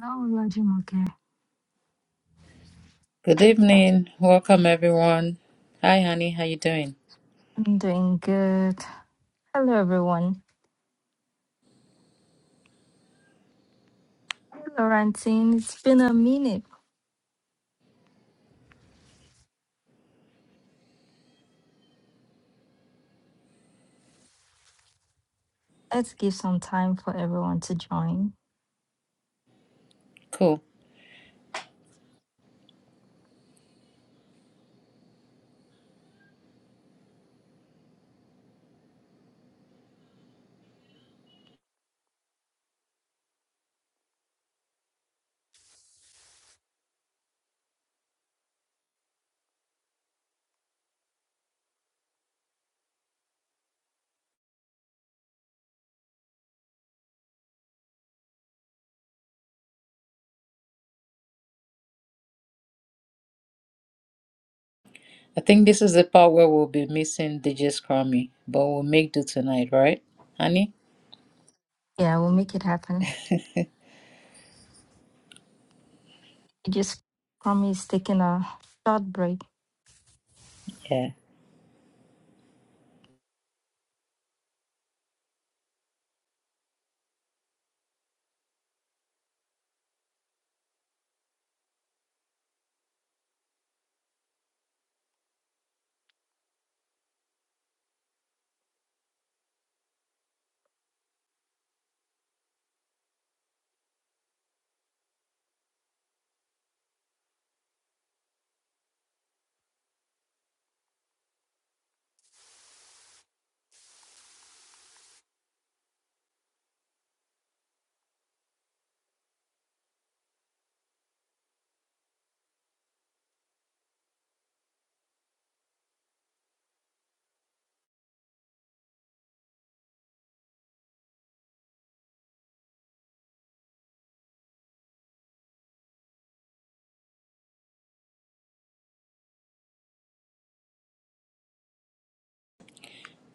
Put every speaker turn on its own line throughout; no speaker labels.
How Hello, you, Okay.
Good evening. Welcome everyone. Hi honey, how you doing?
I'm doing good. Hello, everyone. Hey, Laurentine. It's been a minute. Let's give some time for everyone to join.
Cool. I think this is the part where we'll be missing DJ Scrummy, but we'll make do tonight, right? Honey?
Yeah, we'll make it happen. I just promise taking a short break.
Yeah.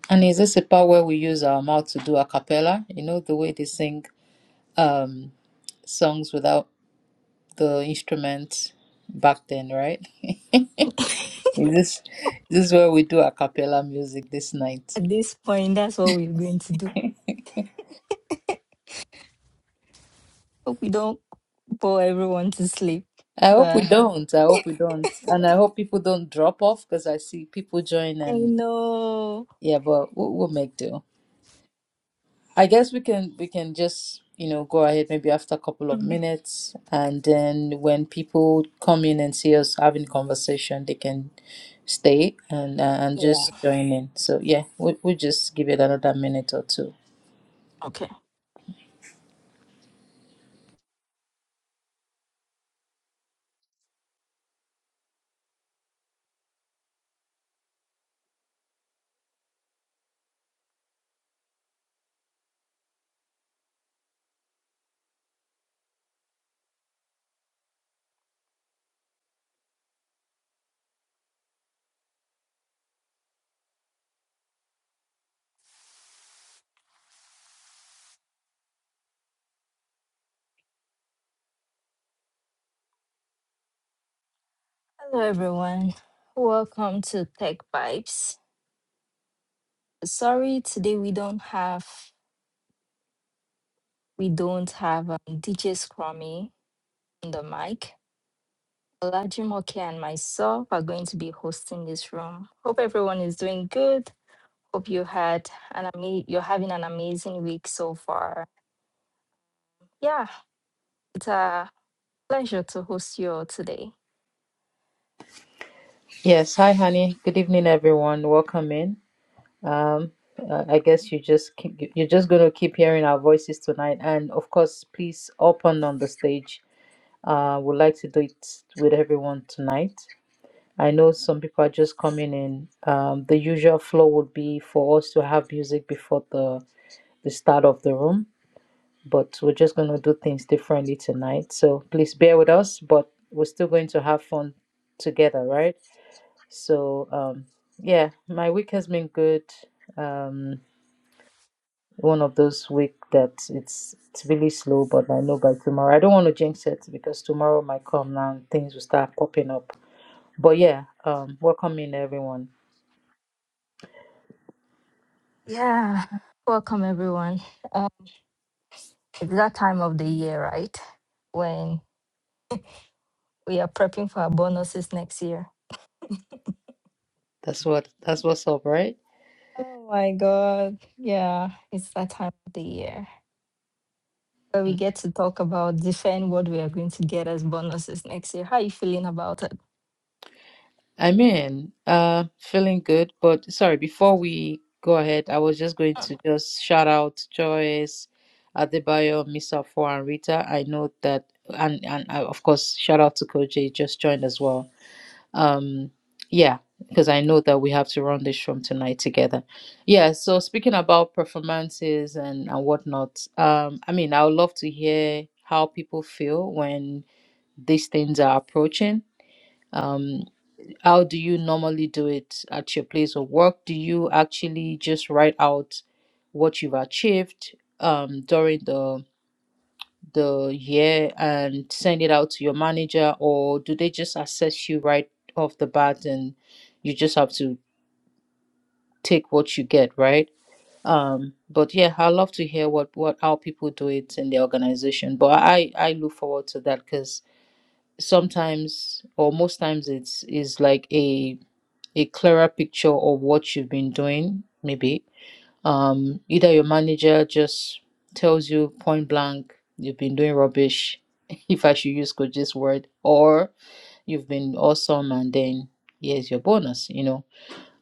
And is this the part where we use our mouth to do a cappella? You know the way they sing um songs without the instruments back then, right? is this this is where we do a cappella music this night.
At this point, that's what we're going to do. Hope we don't bore everyone to sleep.
I hope we
But
don't. I hope we don't. And I hope people don't drop off because I see people join
I
and
know.
Yeah, but we'll, we'll make do. I guess we can we can just you know go ahead maybe after a couple of
Mm,
minutes, and then when people come in and see us having conversation, they can stay and uh, and
Yeah.
just join in. So yeah, we we'll just give it another minute or two.
Okay. Hello, everyone. Welcome to Tech Vibes. Sorry, today we don't have we don't have um, DJ Scrummy on the mic. Olajimoke and myself are going to be hosting this room. Hope everyone is doing good. Hope you had an ama- you're having an amazing week so far. Yeah, it's a pleasure to host you all today.
Yes, hi honey. Good evening, everyone. Welcome in. Um, uh, I guess you just keep, you're just gonna keep hearing our voices tonight, and of course, please open on the stage. Uh, we'd like to do it with everyone tonight. I know some people are just coming in. Um, the usual flow would be for us to have music before the the start of the room, but we're just going to do things differently tonight. So please bear with us, but we're still going to have fun together, right? So um, yeah, my week has been good. Um, one of those week that it's it's really slow, but I know by tomorrow. I don't want to jinx it because tomorrow might come now and things will start popping up. But yeah, um, welcome in everyone.
Yeah, welcome everyone. Um, it's that time of the year, right? When we are prepping for our bonuses next year.
That's what that's what's up, right?
Oh my God. Yeah, it's that time of the year. where we get to talk about defend what we are going to get as bonuses next year. How are you feeling about it?
I mean, uh feeling good, but sorry, before we go ahead, I was just going to just shout out Joyce, Adebayo, Misa Four and Rita. I know that and and uh, of course shout out to Coach J just joined as well. Um yeah, because I know that we have to run this from tonight together. Yeah, so speaking about performances and, and whatnot, um, I mean I would love to hear how people feel when these things are approaching um how do you normally do it at your place of work do you actually just write out what you've achieved um during the the year and send it out to your manager or do they just assess you right off the bat and you just have to take what you get right um but yeah i love to hear what what how people do it in the organization but i i look forward to that because sometimes or most times it's is like a a clearer picture of what you've been doing, maybe. Um, either your manager just tells you point blank, you've been doing rubbish, if I should use Koji's word, or you've been awesome and then here's your bonus, you know.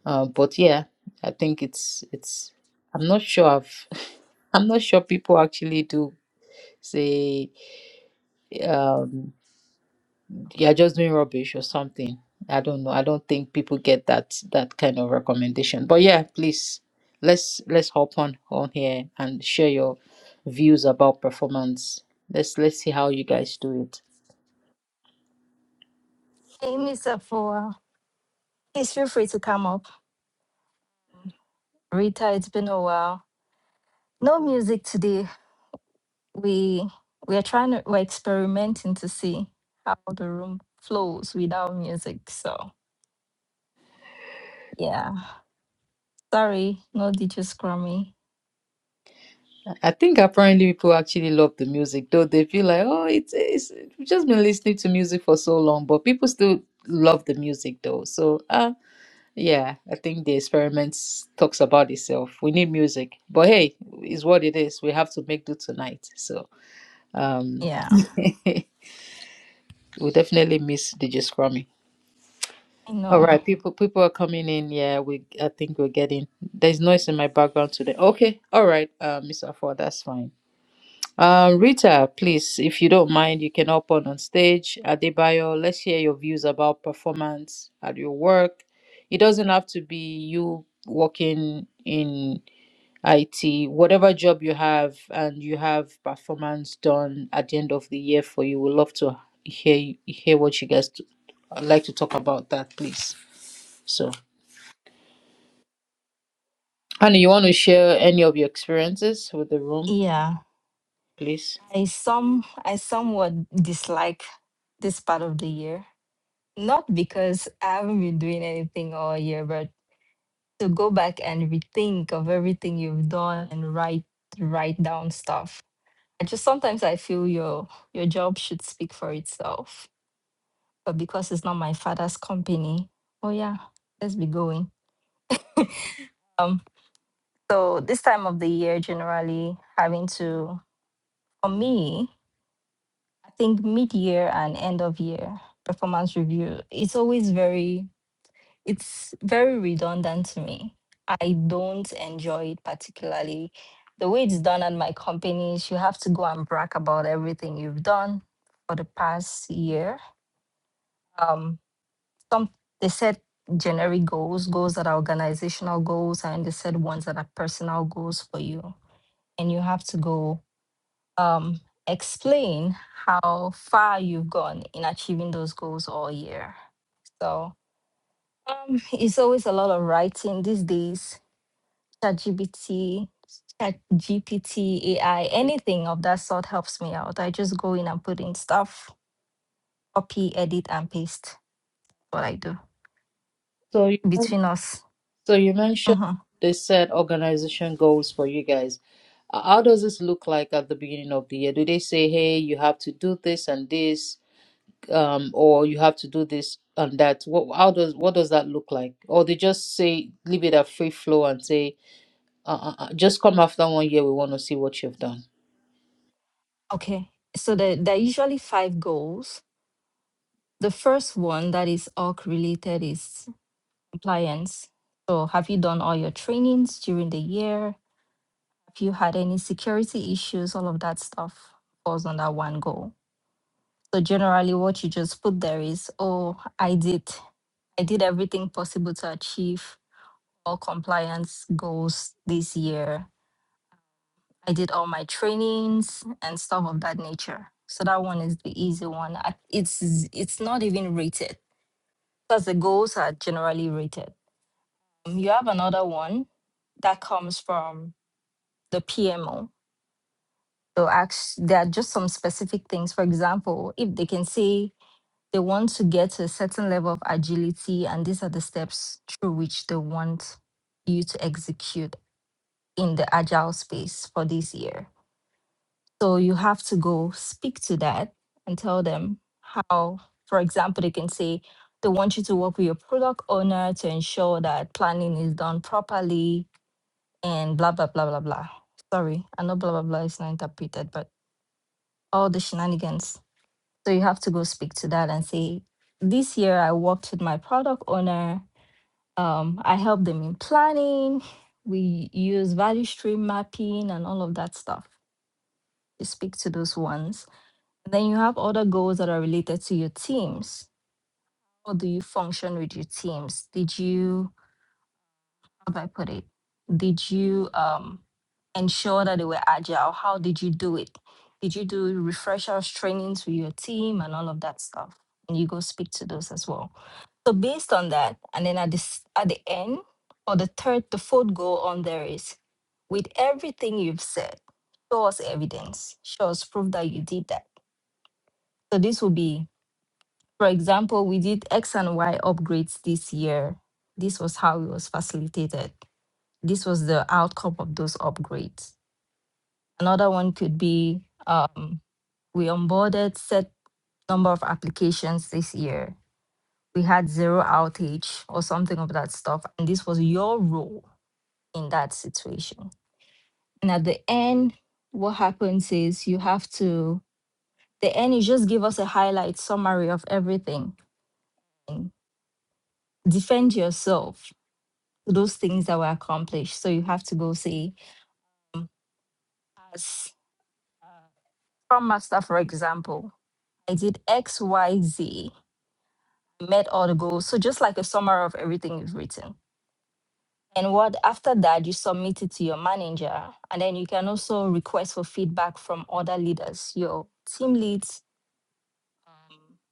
Uh, but yeah, I think it's it's I'm not sure I've I'm not sure people actually do say um you're just doing rubbish or something. I don't know. I don't think people get that that kind of recommendation. But yeah, please let's let's hop on on here and share your views about performance. Let's let's see how you guys do it.
Hey, Miss Afua, please feel free to come up. Rita, it's been a while. No music today. We we are trying to we're experimenting to see how the room flows without music. So yeah, sorry, no DJ Scrummy.
I think apparently people actually love the music, though they feel like oh it's it's we've just been listening to music for so long, but people still love the music though. So ah. Yeah, I think the experiments talks about itself. We need music, but hey, is what it is. We have to make do tonight. So um,
Yeah,
we definitely miss DJ Scrummy.
I
All
know.
right, people, people are coming in. Yeah, we. I think we're getting. There's noise in my background today. Okay, all right, uh, Mr. Ford, that's fine. Um, Rita, please, if you don't mind, you can hop on on stage. Adebayo, let's hear your views about performance at your work. It doesn't have to be you working in IT, whatever job you have, and you have performance done at the end of the year for you. We'd love to hear hear what you guys t- like to talk about that, please. So, Annie, you want to share any of your experiences with the room,
Yeah,
please?
I some I somewhat dislike this part of the year Not because I haven't been doing anything all year, but to go back and rethink of everything you've done and write write down stuff. I just sometimes I feel your your job should speak for itself. But because it's not my father's company, oh yeah, let's be going. Um, so this time of the year, generally having to, for me, I think mid year and end of year performance review, it's always very It's very redundant to me. I don't enjoy it particularly. The way it's done at my company is you have to go and brag about everything you've done for the past year. Um, some they set generic goals, goals that are organizational goals, and they set ones that are personal goals for you. And you have to go um, explain how far you've gone in achieving those goals all year. So um, it's always a lot of writing these days ChatGPT, ChatGPT, AI, anything of that sort helps me out. I just go in and put in stuff, copy, edit, and paste. What I do
So, you,
between us.
so you mentioned
Mhm.
they set organization goals for you guys. Uh, How does this look like at the beginning of the year? Do they say, "Hey, you have to do this and this"? um, or you have to do this and that. What how does what does that look like? Or they just say leave it at free flow and say uh, uh, uh, just come after one year. We want to see what you've done.
Okay. So there, there are usually five goals. The first one that is org related is compliance. So have you done all your trainings during the year? Have you had any security issues? All of that stuff falls under one goal. So generally, what you just put there is, oh, I did, I did everything possible to achieve all compliance goals this year. I did all my trainings and stuff of that nature. So that one is the easy one. I- It's it's not even rated because the goals are generally rated. Um, You have another one that comes from the PMO. So actually, there are just some specific things. For example, if they can say They want to get to a certain level of agility, and these are the steps through which they want you to execute in the agile space for this year. So you have to go speak to that and tell them how, for example, they can say they want you to work with your product owner to ensure that planning is done properly and blah, blah, blah, blah, blah. Sorry, I know blah, blah, blah is not interpreted, but all the shenanigans. So you have to go speak to that and say, this year I worked with my product owner. Um, I helped them in planning. We use value stream mapping and all of that stuff. You speak to those ones. Then you have other goals that are related to your teams. How do you function with your teams? Did you if I put it, did you um, ensure that they were agile? How did you do it? Did you do refreshers trainings with your team and all of that stuff? And you go speak to those as well. So based on that, and then at this at the end or the third, the fourth goal on there is with everything you've said, show us evidence, show us proof that you did that. So this will be, for example, we did X and Y upgrades this year. This was how it was facilitated this was the outcome of those upgrades. Another one could be um, we onboarded set number of applications this year. We had zero outage or something of that stuff. And this was your role in that situation. And at the end, what happens is you have to, the end, you just give us a highlight summary of everything and defend yourself, those things that were accomplished. So you have to go say, as uh, Scrum Master, for example, I did X, Y, Z, met all the goals. So just like a summary of everything you've written. And what after that you submit it to your manager. And then you can also request for feedback from other leaders, your team leads,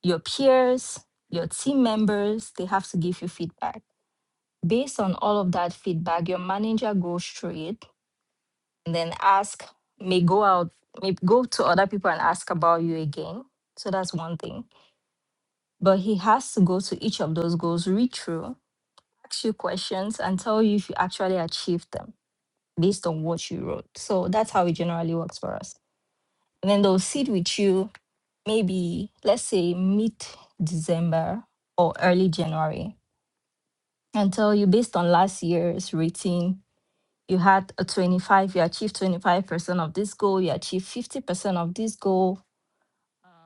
your peers, your team members, they have to give you feedback. Based on all of that feedback, your manager goes through it and then ask, may go out, may go to other people and ask about you again. So that's one thing. But he has to go to each of those goals, read through, ask you questions, and tell you if you actually achieved them based on what you wrote. So that's how it generally works for us. And then they'll sit with you maybe, let's say, mid December or early January and tell you based on last year's rating, you had a 25, you achieved 25% of this goal, you achieved 50% of this goal.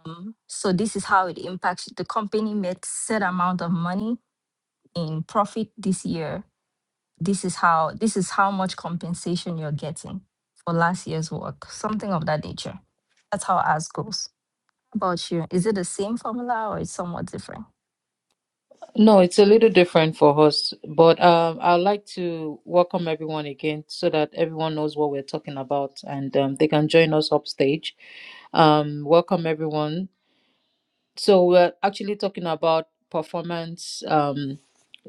Um, so this is how it impacts you. the company made set amount of money in profit this year this is how this is how much compensation you're getting for last year's work something of that nature that's how ours goes How about you is it the same formula or it's somewhat different
No, it's a little different for us, but um, I'd like to welcome everyone again so that everyone knows what we're talking about and um, they can join us upstage. Um, welcome everyone. So we're actually talking about performance. Um,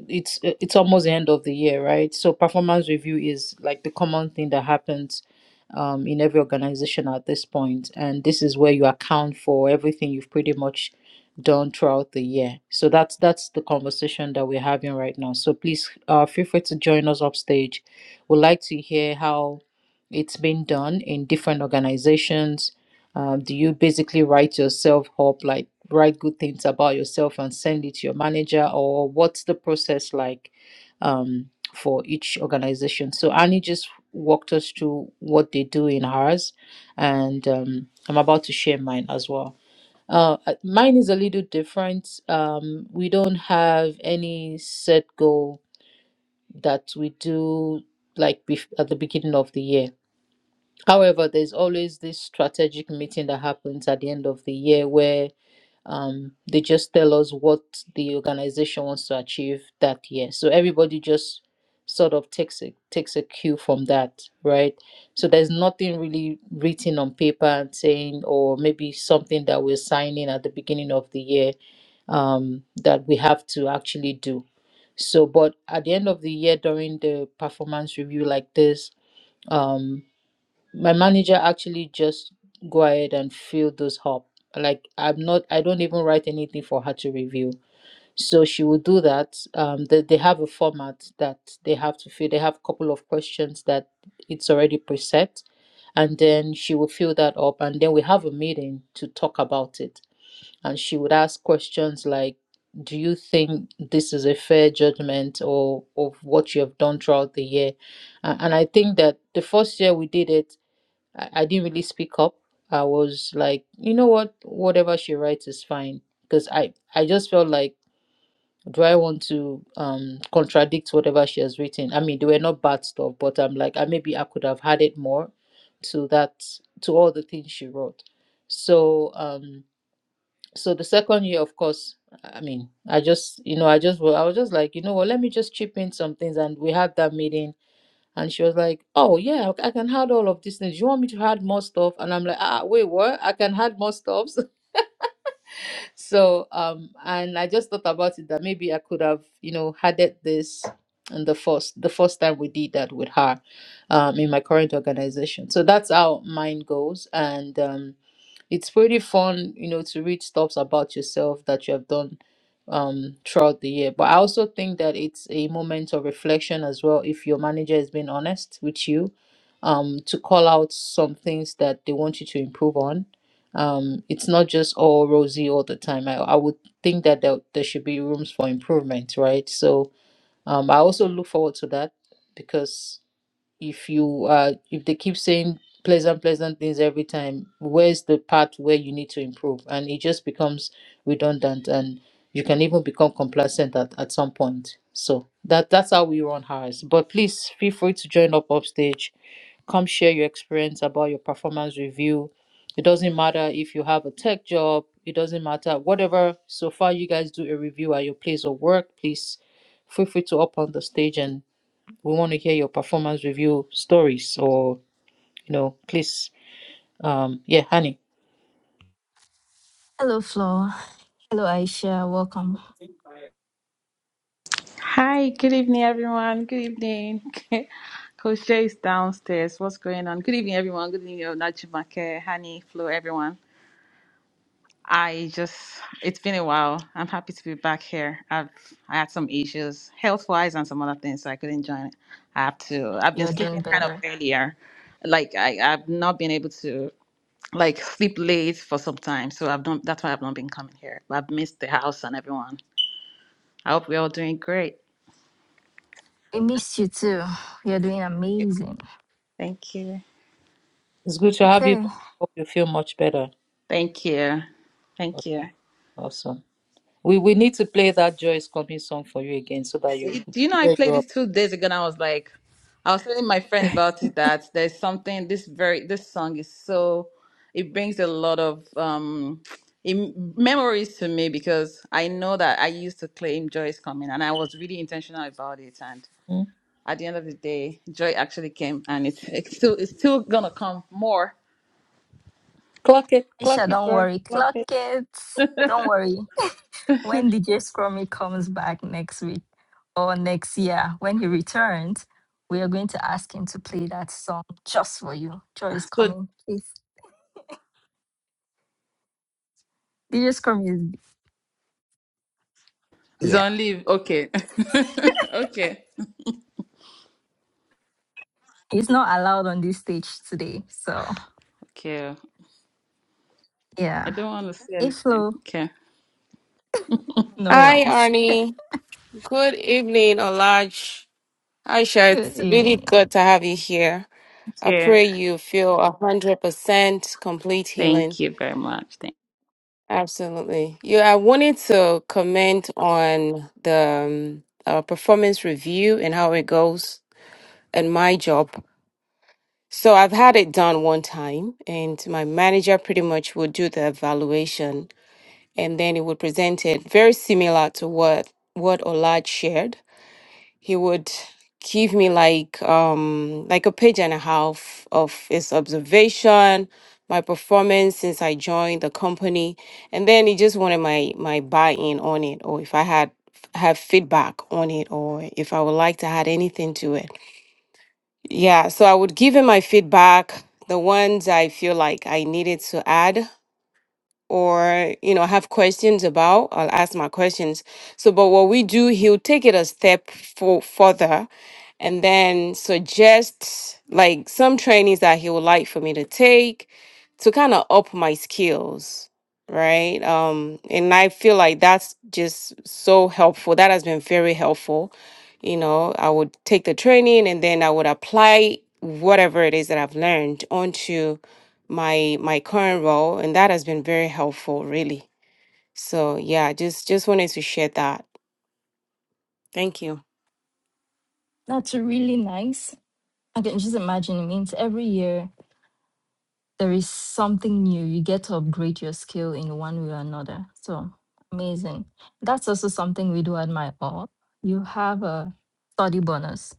it's uh, it's almost the end of the year right so performance review is like the common thing that happens um, in every organization at this point and this is where you account for everything you've pretty much done throughout the year so that's that's the conversation that we're having right now so please uh, feel free to join us upstage we'd like to hear how it's been done in different organizations um, do you basically write yourself up like write good things about yourself and send it to your manager or what's the process like um, for each organization so annie just walked us through what they do in hers and um, i'm about to share mine as well uh, uh, mine is a little different um, we don't have any set goal that we do like bef- at the beginning of the year however there's always this strategic meeting that happens at the end of the year where um they just tell us what the organization wants to achieve that year so everybody just sort of takes a takes a cue from that right so there's nothing really written on paper and saying or maybe something that we're signing at the beginning of the year um that we have to actually do so but at the end of the year during the performance review like this um, my manager actually just go ahead and fill those up like i'm not i don't even write anything for her to review so she will do that um they, they have a format that they have to fill they have a couple of questions that it's already preset and then she will fill that up and then we have a meeting to talk about it and she would ask questions like do you think this is a fair judgment or of what you have done throughout the year A- and i think that the first year we did it I, I didn't really speak up. I was like, you know what, whatever she writes is fine. Because I, I just felt like, do I want to um contradict whatever she has written? I mean, they were not bad stuff, but I'm like, I maybe I could have added more to that to all the things she wrote. So um so the second year, of course, I mean, I just you know, I just I was just like, you know what, let me just chip in some things and we had that meeting and she was like, "Oh yeah, I I can add all of these things. You want me to add more stuff?" And I'm like, "Ah, ah, wait, what? I can add more stuffs." so, um, and I just thought about it that maybe I could have, you know, added this in the first the first time we did that with her, um, in my current organization. So that's how mine goes, and um it's pretty fun, you know, to read stuffs about yourself that you have done um throughout the year. But I also think that it's a moment of reflection as well if your manager is being honest with you, um, to call out some things that they want you to improve on. Um, it's not just all rosy all the time. I, I would think that there, there should be rooms for improvement, right? So um, I also look forward to that because if you uh if they keep saying pleasant pleasant things every time where's the part where you need to improve and it just becomes redundant and you can even become complacent at, at some point so that that's how we run ours but please feel free to join up upstage come share your experience about your performance review it doesn't matter if you have a tech job it doesn't matter whatever so far you guys do a review at your place of work please feel free to up on the stage and. We want to hear your performance review stories or, you know, please, um, yeah, honey,
hello flo hello aisha welcome
Hi, good evening, everyone. Good evening. Coach Jay is downstairs. What's going on? Good evening, everyone. Good evening, Najimake, Hani, Flo, everyone. I just, it's been a while. I'm happy to be back here. I've I had some issues, health wise, and some other things, so I couldn't join. I have to, I've been
you're
sleeping
doing
kind of
better
earlier. Like, I, I've not been able to like sleep late for some time, so I've not, that's why I've not been coming here. But I've missed the house and everyone. I hope we're all doing great.
we missed you too you're doing amazing
Thank you.
it's good to have you
okay
back. Hope you feel much better.
Thank you.
Aw-
Thank you.
Awesome. We we need to play that Joy is Coming song for you again so that you
It, do you know, I
clear you
played
up.
this two days ago and I was like, I was telling my friend about it that there's something, this very, this song is so, it brings a lot of um, em- memories to me because I know that I used to claim joy is coming and I was really intentional about it. And
Mm.
at the end of the day, joy actually came and it's, it's still, it's still gonna come more.
Clock it, clock
aisha
it,
don't
girl,
worry
clock
clock
it.
it don't worry when DJ Scrummy comes back next week or next year, when he returns, we are going to ask him to play that song just for you. Joy is
So
coming, please. DJ Scrummy is
it's
yeah.
on leave. Okay. okay.
He's not allowed on this stage today. So
Okay. I
yeah.
don't want to say
Hey
anything.
Flo,
Okay.
no
Hi,
worries.
Arnie. Good evening, Olaj. Aisha,
Good
it's really
evening.
good to have you here. I
Yeah.
pray you feel 100% complete healing.
Thank you very much. Thank
Absolutely. Yeah, I wanted to comment on the um, uh, performance review and how it goes and my job. So I've had it done one time, and my manager pretty much would do the evaluation, and then he would present it very similar to what what Olaj shared he would give me like um like a page and a half of his observation my performance since i joined the company and then he just wanted my my buy-in on it or if i had have feedback on it or if i would like to add anything to it yeah so i would give him my feedback the ones i feel like i needed to add or you know have questions about i'll ask my questions so but what we do he'll take it a step for further and then suggest like some trainings that he would like for me to take to kind of up my skills right um and i feel like that's just so helpful that has been very helpful you know i would take the training and then i would apply whatever it is that i've learned onto my my current role and that has been very helpful really so yeah just just wanted to share that thank you
That's really nice. I can just imagine it means every year there is something new. You get to upgrade your skill in one way or another. So amazing. That's also something we do at my org. You have a study bonus.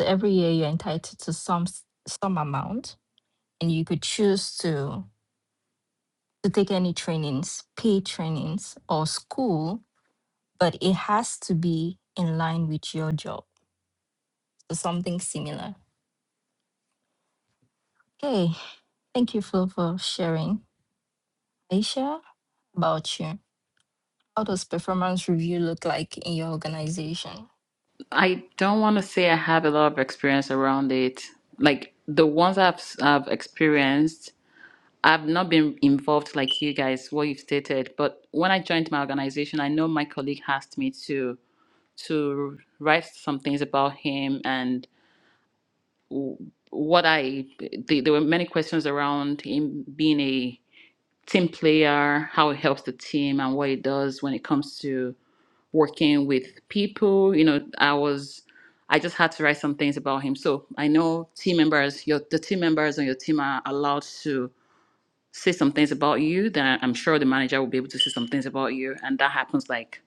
So every year you're entitled to some s- some amount, and you could choose to to take any trainings, paid trainings or school, but it has to be in line with your job. So something similar. Okay. Thank you, Phil, for sharing. Aisha, about you. How does performance review look like in your organization?
I don't want to say I have a lot of experience around it. Like the ones I've I've experienced, I've not been involved like you guys, what you've stated. But when I joined my organization, I know my colleague asked me to to write some things about him and w- what I. th there were many questions around him being a team player, how he helps the team, and what he does when it comes to working with people. You know, I was I just had to write some things about him. So I know team members, your the team members on your team are allowed to say some things about you. Then I'm sure the manager will be able to say some things about you, and that happens like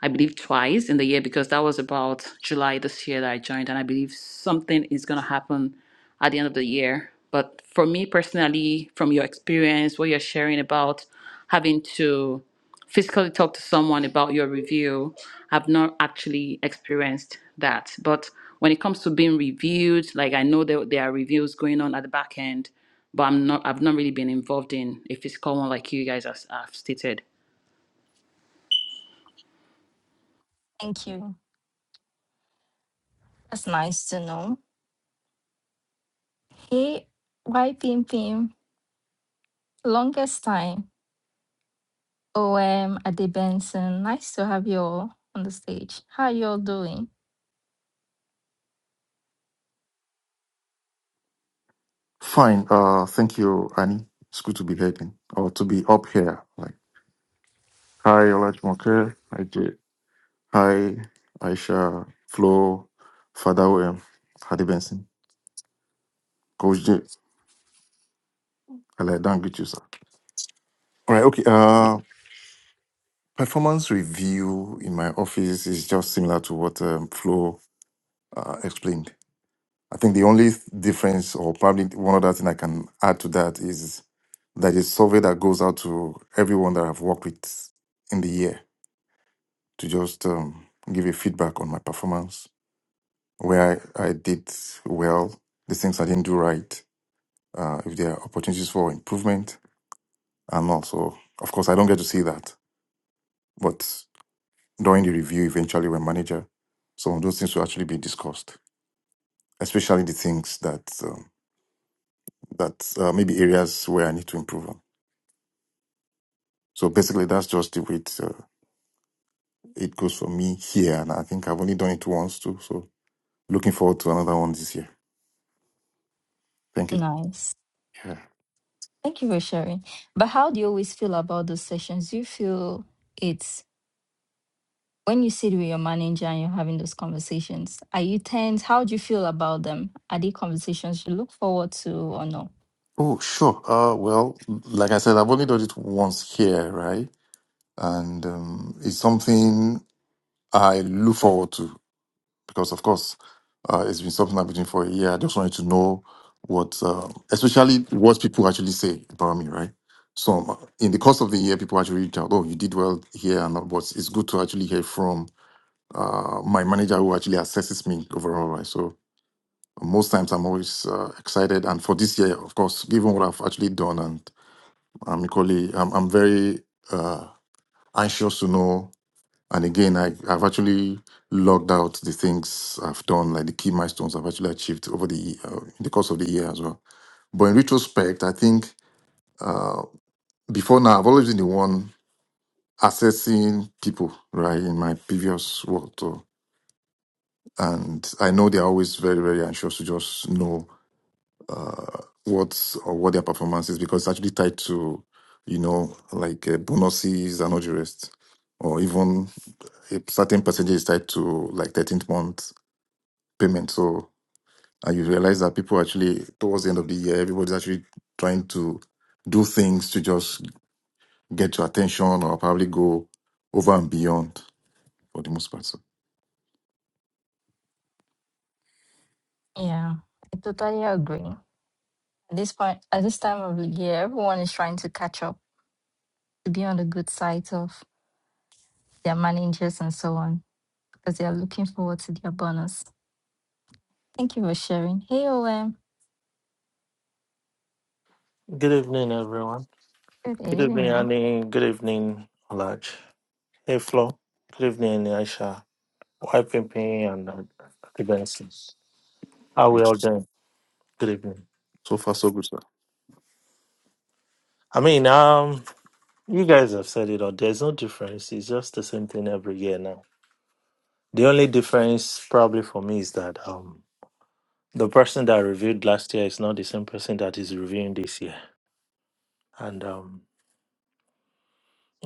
I believe twice in the year because that was about July this year that I joined, and I believe something is going to happen at the end of the year. But for me personally, from your experience, what you're sharing about having to physically talk to someone about your review, I've not actually experienced that. But when it comes to being reviewed, like I know that there are reviews going on at the back end, but I'm not. I've not really been involved in a physical one like you guys have, have stated.
Thank you. That's nice to know. Hey, Y Pim Pim? Longest time. OM Ade Benson. Nice to have you all on the stage. How are you all doing?
Fine. Uh, thank you, Annie. It's good to be heading or to be up here. Like, hi, Olajmoke. Hi, Jay. Hi, Aisha, Flo, Father William, Hadi Benson, Coach J. I like don't get you, sir. All right. Okay. Uh, performance review in my office is just similar to what um, Flo uh, explained. I think the only difference, or probably one other thing I can add to that, is that is survey that goes out to everyone that I've worked with in the year. to just um, give a feedback on my performance, where I, I did well, the things I didn't do right, uh, if there are opportunities for improvement, and also, of course, I don't get to see that, but during the review, eventually, when manager, some of those things will actually be discussed, especially the things that um, that uh, maybe areas where I need to improve on. So basically, that's just the way it, uh, it goes for me here, and I think I've only done it once too. So looking forward to another one this year. Thank you.
Nice.
Yeah.
Thank you for sharing. But how do you always feel about those sessions? Do you feel it's when you sit with your manager and you're having those conversations, are you tense? How do you feel about them? Are they conversations you look forward to or no?
Oh, sure. Uh, well, like I said, I've only done it once here, right? And um, it's something I look forward to because, of course, uh, it's been something I've been doing for a year. I just wanted to know what, uh, especially what people actually say about me, right? So um, in the course of the year, people actually reach out, oh, you did well here, and all, but it's good to actually hear from uh, my manager who actually assesses me overall, right? So most times I'm always uh, excited. And for this year, of course, given what I've actually done I'm equally, I'm, I'm very uh, anxious to know. And again, I, I've actually logged out the things I've done, like the key milestones I've actually achieved over the uh, in the course of the year as well. But in retrospect, I think uh, before now, I've always been the one assessing people, right, in my previous work. Too. And I know they're always very, very anxious to just know uh, what or what their performance is because it's actually tied to you know like uh, bonuses and all the rest, or even a certain percentage is tied to like 13th month payment. So and you realize that people actually towards the end of the year, everybody's actually trying to do things to just get your attention or probably go over and beyond for the most part. So,
Yeah, I totally agree. At this point, at this time of the year, everyone is trying to catch up to be on the good side of their managers and so on because they are looking forward to their bonus. Thank you for sharing. Hey, OM.
Good evening, everyone.
Good
Good evening,
evening.
Annie. Good evening, Olaj. Hey, Flo. Good evening, Aisha. YPP and uh, the Benson. How
agree
we all
to you.
doing? Good evening.
so far, so good, sir.
I mean, um, you guys have said it all. There's no difference. It's just the same thing every year now. The only difference, probably for me, is that um, the person that reviewed last year is not the same person that is reviewing this year. And um,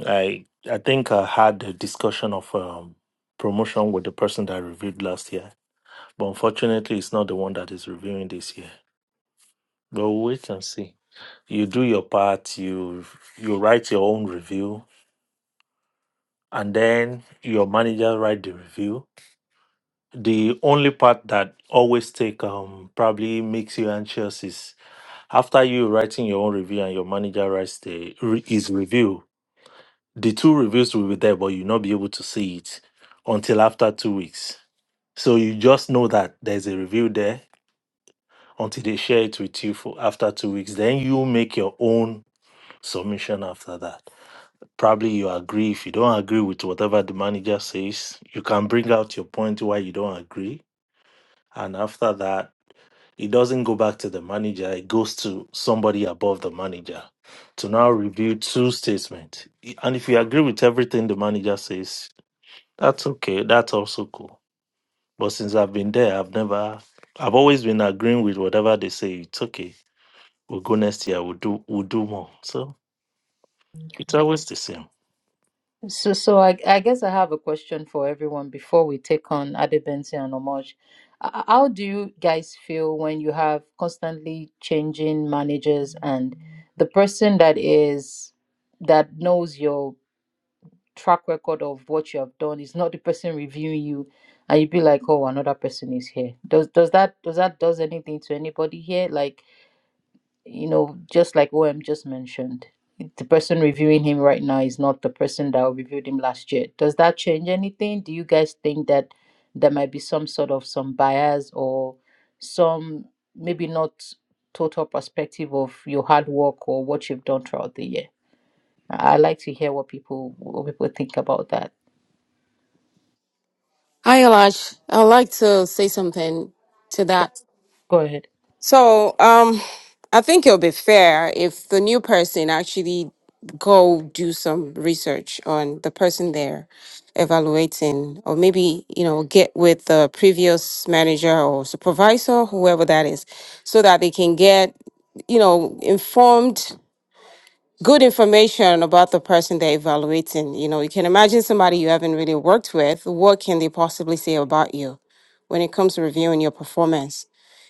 I, I think I had a discussion of um, promotion with the person that reviewed last year But unfortunately, it's not the one that is reviewing this year. But we'll wait and see. You do your part, you you write your own review, and then your manager write the review. The only part that always take um probably makes you anxious is after you writing your own review and your manager writes the re- his review. The two reviews will be there, but you'll not be able to see it until after two weeks. So you just know that there's a review there until they share it with you for after two weeks. Then you make your own submission after that. Probably you agree. If you don't agree with whatever the manager says, you can bring out your point why you don't agree. And after that, it doesn't go back to the manager, it goes to somebody above the manager to now review two statements. And if you agree with everything the manager says, that's okay. That's also cool. But since I've been there, I've never, I've always been agreeing with whatever they say. It's okay We'll go next year. We'll do we'll do more. So it's always the same.
So, so I, I guess I have a question for everyone before we take on Adebensi and Omoj. H- How do you guys feel when you have constantly changing managers and the person that is that knows your track record of what you have done. It's not the person reviewing you, and you be like, oh, another person is here. Does does that does that does anything to anybody here? Like you know, just like OM just mentioned, the person reviewing him right now is not the person that reviewed him last year. Does that change anything? Do you guys think that there might be some sort of some bias or some maybe not total perspective of your hard work or what you've done throughout the year? I I like to hear what people what people think about that.
Hi, Elash. I'd like to say something to that.
Go ahead.
So, um, I think it'll be fair if the new person actually go do some research on the person they're evaluating, or maybe you know get with the previous manager or supervisor, whoever that is, so that they can get you know informed good information about the person they're evaluating. You know, you can imagine somebody you haven't really worked with. What can they possibly say about you when it comes to reviewing your performance?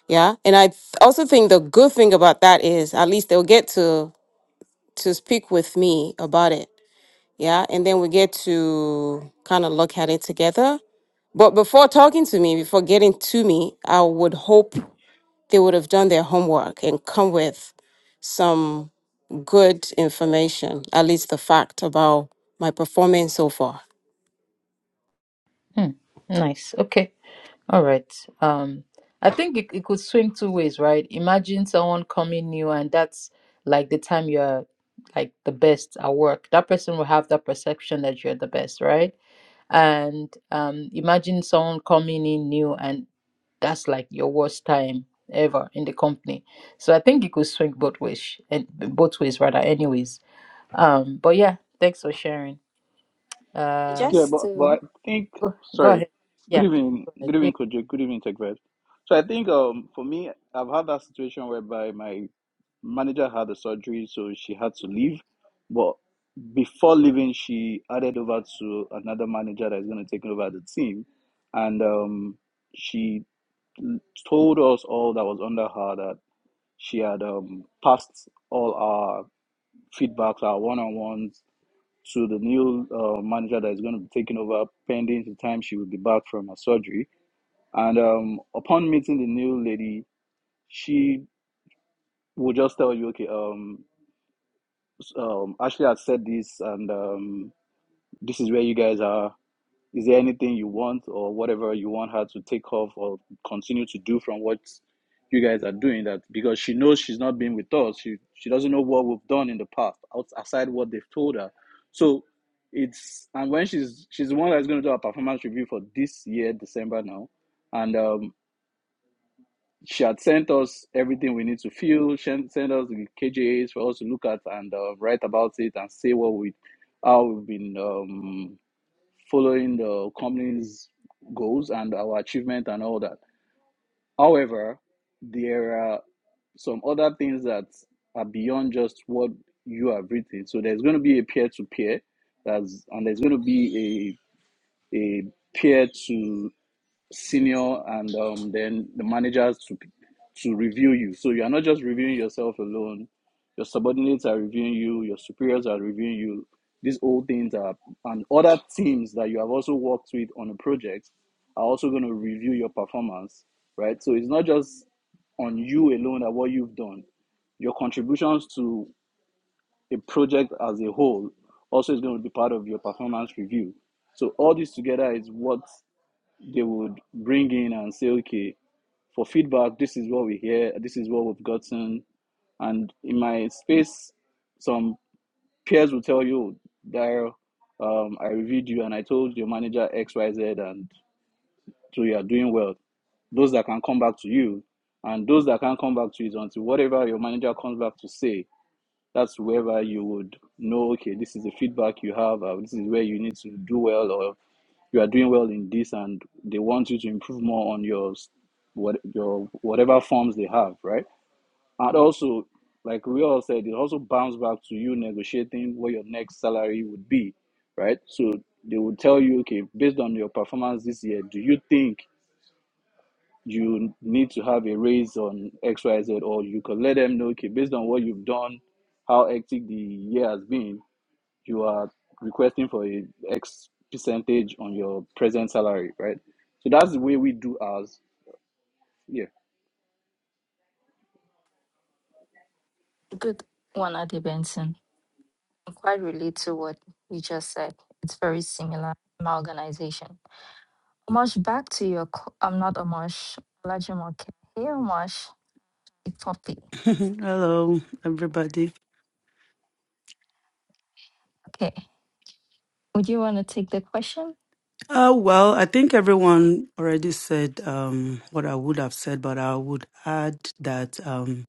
Yeah. And I th- also think the good thing about that is at least they'll get to to speak with me about it. Yeah. And then we get to kind of look at it together. But before talking to me, before getting to me, I would hope they would have done their homework and come with some good information, at least the fact about my performance so far.
Hmm. Nice. Okay. All right. Um, I think it, it could swing two ways, right? Imagine someone coming new and that's like the time you're like the best at work. That person will have that perception that you're the best, right? And um, imagine someone coming in new and that's like your worst time ever in the company. So I think it could swing both ways and both ways rather anyways. Um, but yeah, thanks for sharing. Um,
Yeah,
Just
but but
to
I think
go go
sorry.
ahead. Yeah,
Good
please
evening,
go ahead.
good evening, Kojo. Good evening, TechVed. So I think um for me, I've had that situation whereby my manager had a surgery, so she had to leave. But before leaving, she added over to another manager that is going to take over the team, and um she told us all that was under her that she had um passed all our feedbacks, our one on ones, to the new uh, manager that is going to be taking over pending the time she will be back from her surgery. And um, upon meeting the new lady, she will just tell you, okay, um, s- um, Ashley has said this, and um, this is where you guys are. Is there anything you want or whatever you want her to take off or continue to do from what you guys are doing that because she knows she's not been with us. She she doesn't know what we've done in the past outside what they've told her. So it's and when she's she's the one that's going to do our performance review for this year December now, and um, she had sent us everything we need to fill. She had sent us the KJAs for us to look at and uh, write about it and say what we how we've been. Um, following the company's goals and our achievement and all that. However, there are some other things that are beyond just what you have written. So there's going to be a peer to peer, that's and there's going to be a a peer to senior and um, then the managers to to review you. So you are not just reviewing yourself alone. Your subordinates are reviewing you. Your superiors are reviewing you. These old things are and other teams that you have also worked with on a project are also going to review your performance, right? So it's not just on you alone at what you've done. Your contributions to a project as a whole also is going to be part of your performance review. So all this together is what they would bring in and say, okay, for feedback, this is what we hear, this is what we've gotten. And in my space, some peers will tell you, Daryl, um, I reviewed you and I told your manager XYZ, and so you are doing well. Those that can come back to you, and those that can't come back to you is until whatever your manager comes back to say, that's wherever you would know, okay, this is the feedback you have, uh, this is where you need to do well, or you are doing well in this and they want you to improve more on your what your whatever forms they have right and also like we all said it also bounce back to you negotiating what your next salary would be right so they will tell you okay based on your performance this year do you think you need to have a raise on xyz or you could let them know okay based on what you've done how hectic the year has been you are requesting for a X percentage on your present salary, right? So that's the way we do ours. Yeah.
good one, Adi Benson. I quite relate to what you just said. It's very similar. in My organization. Omosh, back to your. co- I'm not Omosh. Olajumoke. Hey, Omosh. It's Poppy.
Hello, everybody.
Okay. Would you want to take the question?
Uh, well, I think everyone already said um, what I would have said, but I would add that um,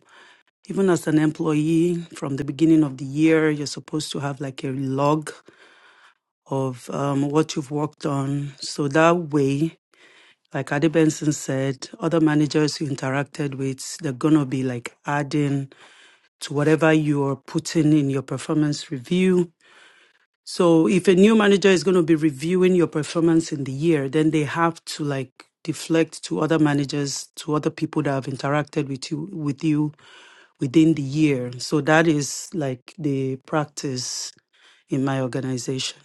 even as an employee, from the beginning of the year, you're supposed to have like a log of um, what you've worked on. So that way, like Adi Benson said, other managers you interacted with, they're going to be like adding to whatever you're putting in your performance review So if a new manager is going to be reviewing your performance in the year, then they have to like deflect to other managers, to other people that have interacted with you with you within the year. So that is like the practice in my organization.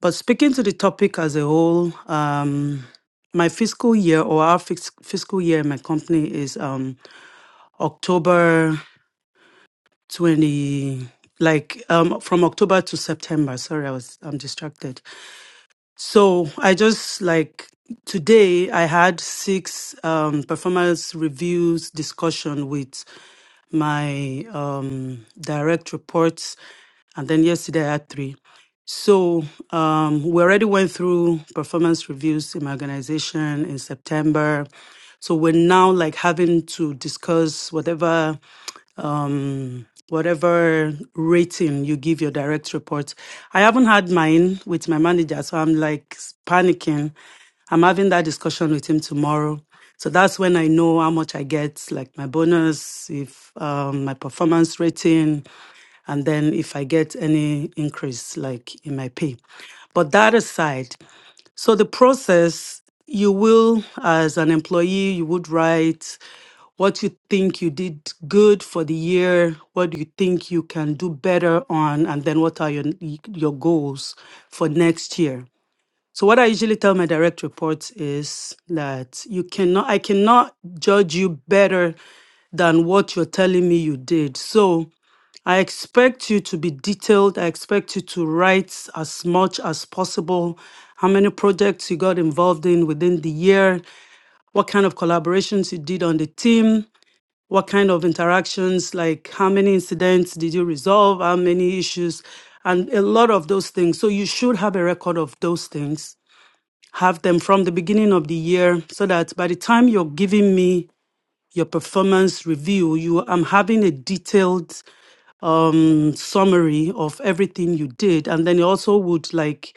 But speaking to the topic as a whole, um, my fiscal year or our fis- fiscal year in my company is um, October 20, like um, from October to September. Sorry, I was I'm distracted. So I just like today I had six um, performance reviews discussion with my um, direct reports, and then yesterday I had three. So um, we already went through performance reviews in my organization in September. So we're now like having to discuss whatever um, whatever rating you give your direct report. I haven't had mine with my manager, so I'm like panicking. I'm having that discussion with him tomorrow. So that's when I know how much I get, like my bonus, if um, my performance rating, and then if I get any increase, like in my pay. But that aside, so the process, you will, as an employee, you would write what you think you did good for the year, what do you think you can do better on, and then what are your your goals for next year. So what I usually tell my direct reports is that you cannot I cannot judge you better than what you're telling me you did. So I expect you to be detailed. I expect you to write as much as possible. How many projects you got involved in within the year? What kind of collaborations you did on the team? What kind of interactions, like how many incidents did you resolve? How many issues? And a lot of those things. So you should have a record of those things. Have them from the beginning of the year so that by the time you're giving me your performance review, you I'm having a detailed summary of everything you did and then it also would like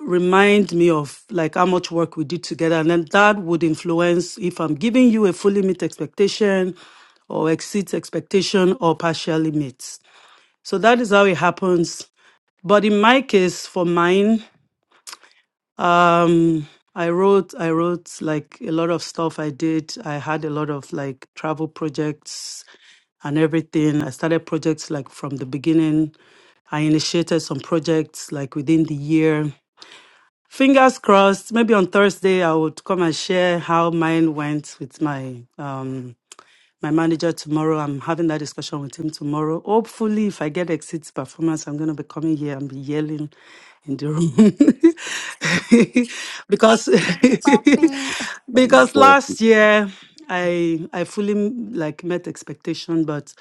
remind me of like how much work we did together and then that would influence if i'm giving you a fully meet expectation or exceeds expectation or partially meets so that is how it happens but in my case for mine um i wrote i wrote like a lot of stuff i did i had a lot of like travel projects and everything. I started projects like from the beginning. I initiated some projects like within the year. Fingers crossed, maybe on Thursday I would come and share how mine went with my um my manager tomorrow. I'm having that discussion with him tomorrow. Hopefully, if I get exit performance, I'm going to be coming here and be yelling in the room because
Hey, Poppy.
because last year I I fully like met expectation, but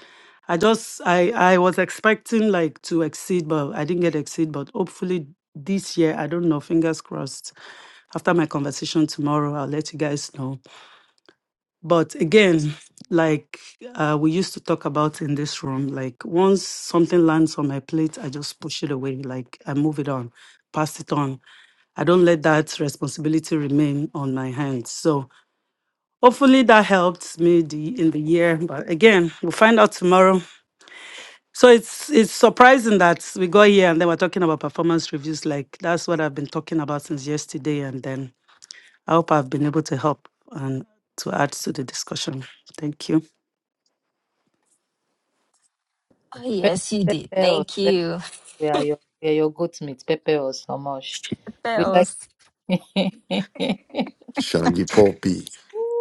I just I I was expecting like to exceed, but I didn't get exceed. But hopefully this year, I don't know. Fingers crossed. After my conversation tomorrow, I'll let you guys know. But again, like uh, we used to talk about in this room, like once something lands on my plate, I just push it away. Like I move it on, pass it on. I don't let that responsibility remain on my hands. So hopefully that helped me the, in the year. But again, we'll find out tomorrow. So it's it's surprising that we got here and then we're talking about performance reviews. Like that's what I've been talking about since yesterday. And then I hope I've been able to help and to add to the discussion. Thank you.
Oh,
Pepper,
yes, you did.
pepper us.
Thank
Pepper,
you.
we are your we are your goat meat. Pepper us so much. We like.
Theos,
Shall be poppy.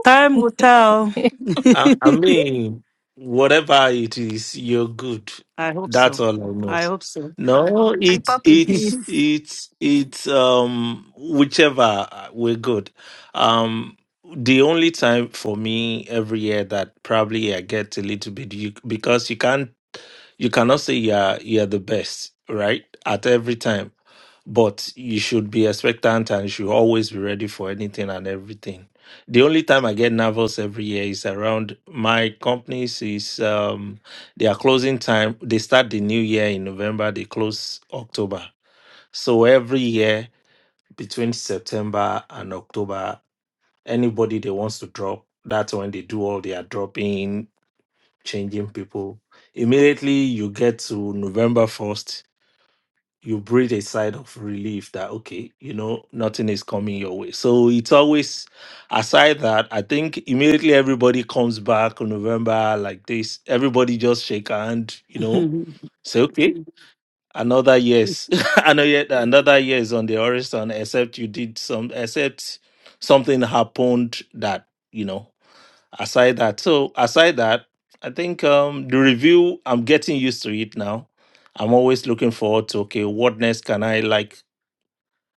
Time will tell.
I, I mean, whatever it is, you're good.
I hope so.
That's all I know.
I hope so.
No, it's
Papi,
Year
please.
it's it's it's um whichever uh, we're good. Um, the only time for me every year that probably I get a little bit you because you can't You cannot say you're you're the best, right? At every time. But you should be expectant and you should always be ready for anything and everything. The only time I get nervous every year is around my companies is um their closing time. They start the new year in November, they close October. So every year between September and October, anybody they wants to drop, that's when they do all their dropping, changing people. Immediately you get to November 1st, you breathe a sigh of relief that, okay, you know, nothing is coming your way. So it's always, aside that, I think immediately everybody comes back on November like this. Everybody just shake hand, you know, say, okay, Mhm. another yes. another, year- another year is on the horizon, except you did some, except something happened that, you know aside that so aside that i think um the review i'm getting used to it now i'm always looking forward to okay what next can i like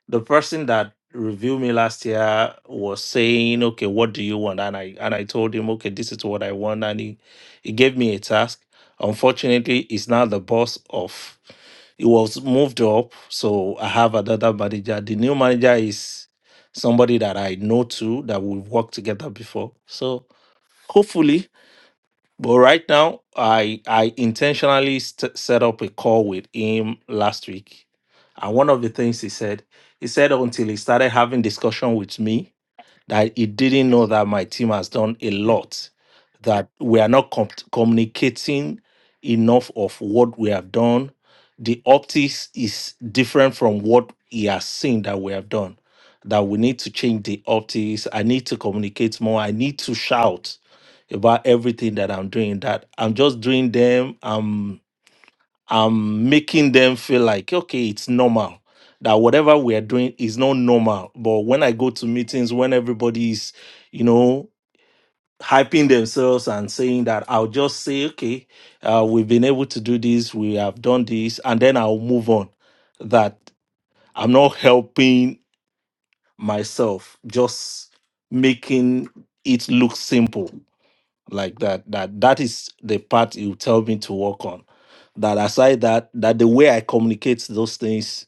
the person that reviewed me last year was saying okay what do you want and i and i told him okay this is what i want and he he gave me a task unfortunately he's now the boss of he was moved up so i have another manager the new manager is somebody that i know too that we've worked together before so hopefully but right now, I I intentionally st- set up a call with him last week, and one of the things he said, he said until he started having discussion with me I, he didn't know that my team has done a lot, that we are not com- communicating enough of what we have done. The optics is different from what he has seen that we have done. That we need to change the optics. I need to communicate more. I need to shout about everything that I'm doing. That I'm just doing them. Um I'm making them feel like, okay, it's normal. That whatever we are doing is not normal. But when I go to meetings, when everybody's, you know, hyping themselves and saying that, I'll just say, okay, uh, we've been able to do this, we have done this, and then I'll move on. That I'm not helping myself, just making it look simple like that. That that is the part you tell me to work on that aside that that the way I communicate those things,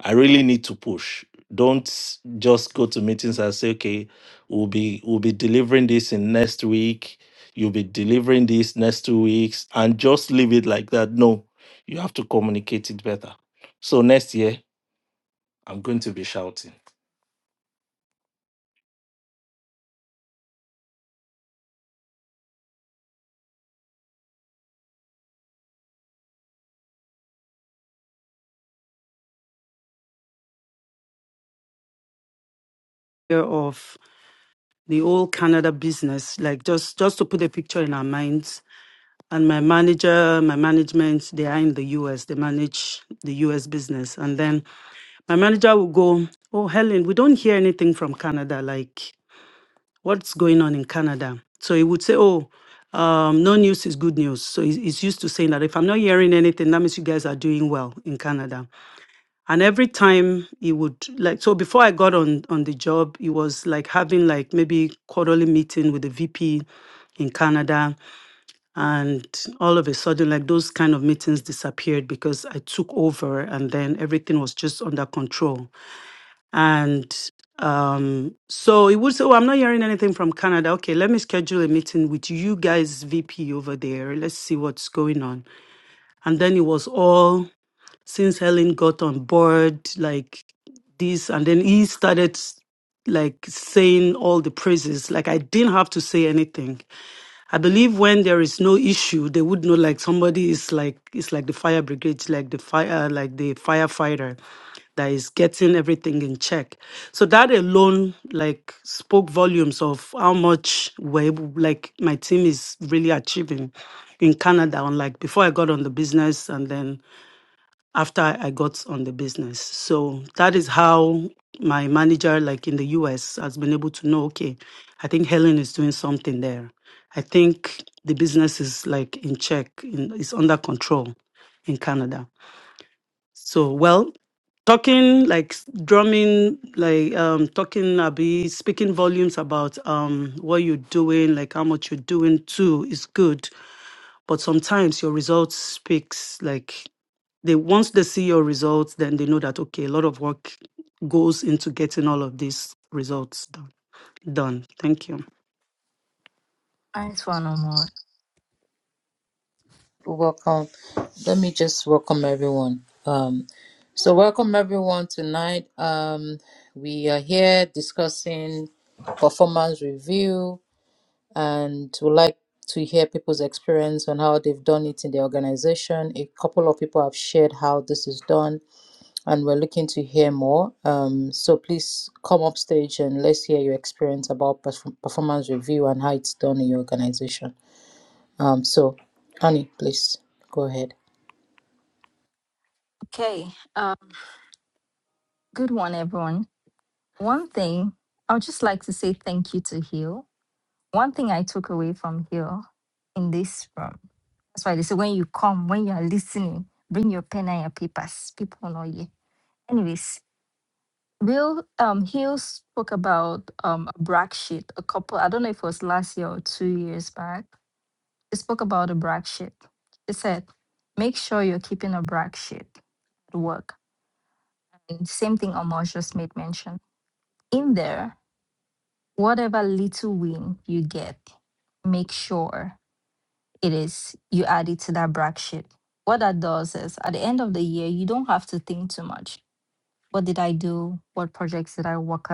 I really need to push. Don't just go to meetings and say, okay, we'll be we'll be delivering this in next week. You'll be delivering this next two weeks, and just leave it like that. No, you have to communicate it better. So next year, I'm going to be shouting.
of the whole Canada business, like just just to put a picture in our minds. And my manager, my management, they are in the US. They manage the US business. And then my manager will go, Oh, Helen, we don't hear anything from Canada. Like, what's going on in Canada? So he would say, Oh, um, no news is good news. So he's, he's used to saying that if I'm not hearing anything, that means you guys are doing well in Canada. and every time he would like so before i got on on the job he was like having like maybe quarterly meeting with the vp in canada and all of a sudden like those kind of meetings disappeared because i took over and then everything was just under control and um so he would say oh i'm not hearing anything from canada okay let me schedule a meeting with you guys vp over there let's see what's going on and then it was all since helen got on board like this and then he started like saying all the praises like i didn't have to say anything i believe when there is no issue they would know like somebody is like it's like the fire brigade like the fire like the firefighter that is getting everything in check so that alone like spoke volumes of how much we're able, like my team is really achieving in canada unlike before i got on the business and then after I got on the business. So that is how my manager, like in the US, has been able to know okay, I think Helen is doing something there. I think the business is like in check, in, it's under control in Canada. So, well, talking like s- drumming, like um, talking, I'll be speaking volumes about um, what you're doing, like how much you're doing too, is good but sometimes your results speaks like they once they see your results, then they know that okay, a lot of work goes into getting all of these results done. Done. Thank you.
Thanks for no more.
welcome. Let me just welcome everyone. Um, so welcome everyone tonight. Um, we are here discussing performance review, and we like to hear people's experience on how they've done it in the organization. A couple of people have shared how this is done and we're looking to hear more. Um, so please come up stage and let's hear your experience about perf- performance review and how it's done in your organization. Um, so, Annie, please go ahead.
Okay. Um, good one, everyone. One thing, I would just like to say thank you to Hill. One thing I took away from Hill in this room. That's why they say when you come, when you are listening, bring your pen and your papers. People know you. Anyways, Will um Hill spoke about um a brag sheet a couple I don't know if it was last year or two years back They spoke about a brag sheet. She said, make sure you're keeping a brag sheet at work. And same thing Amos just made mention. In there, whatever little win you get, make sure it is you add it to that brag sheet. What that does is at the end of the year, you don't have to think too much. What did I do? What projects did I work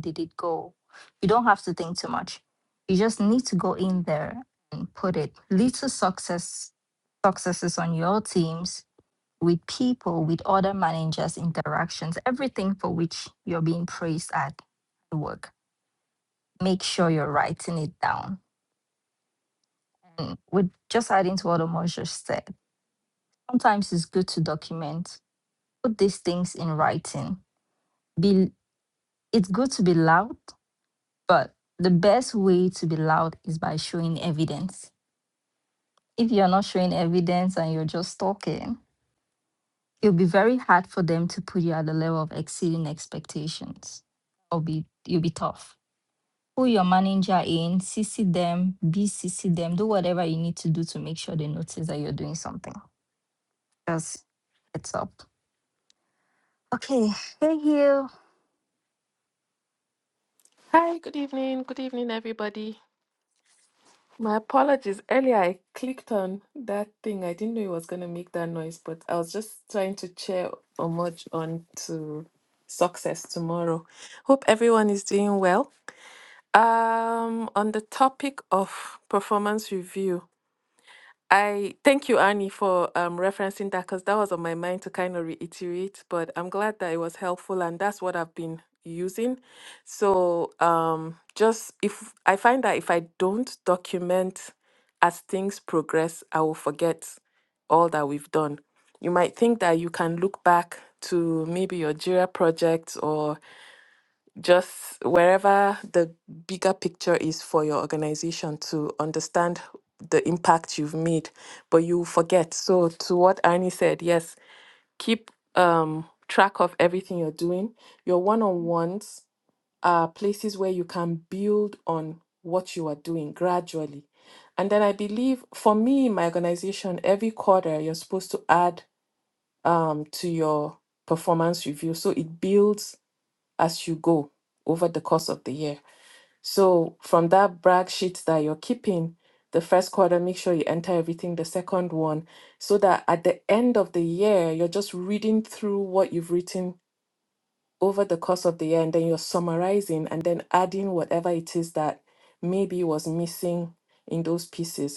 did it go? You don't have to think too much. You just need to go in there and put it little success successes on your teams with people, with other managers, interactions, everything for which you're being praised at work. Make sure you're writing it down. And with just adding to what Omar just said, sometimes it's good to document, put these things in writing. Be it's good to be loud, but the best way to be loud is by showing evidence. if you're not showing evidence and you're just talking, it'll be very hard for them to put you at the level of exceeding expectations. It'll be you'll be tough. Pull your manager in, CC them, BCC them, do whatever you need to do to make sure they notice that you're doing something. Just heads up. Okay, hey you.
Hi, good evening. Good evening, everybody. My apologies. Earlier, I clicked on that thing. I didn't know it was going to make that noise, but I was just trying to cheer Omoj on to success tomorrow. Hope everyone is doing well. Um, on the topic of performance review, I thank you, Annie, for um, referencing that because that was on my mind to kind of reiterate. But I'm glad that it was helpful, and that's what I've been using. So, um, just if I find that if I don't document as things progress, I will forget all that we've done. You might think that you can look back to maybe your JIRA project or just wherever the bigger picture is for your organization to understand the impact you've made, but you forget. So, to what Arnie said, yes, keep um, track of everything you're doing. Your one on ones are places where you can build on what you are doing gradually. And then I believe for me, my organization, every quarter you're supposed to add um, to your performance review. So it builds as you go over the course of the year. So from that brag sheet that you're keeping, the first quarter, make sure you enter everything, the second one, so that at the end of the year, you're just reading through what you've written over the course of the year and then you're summarizing and then adding whatever it is that maybe was missing in those pieces.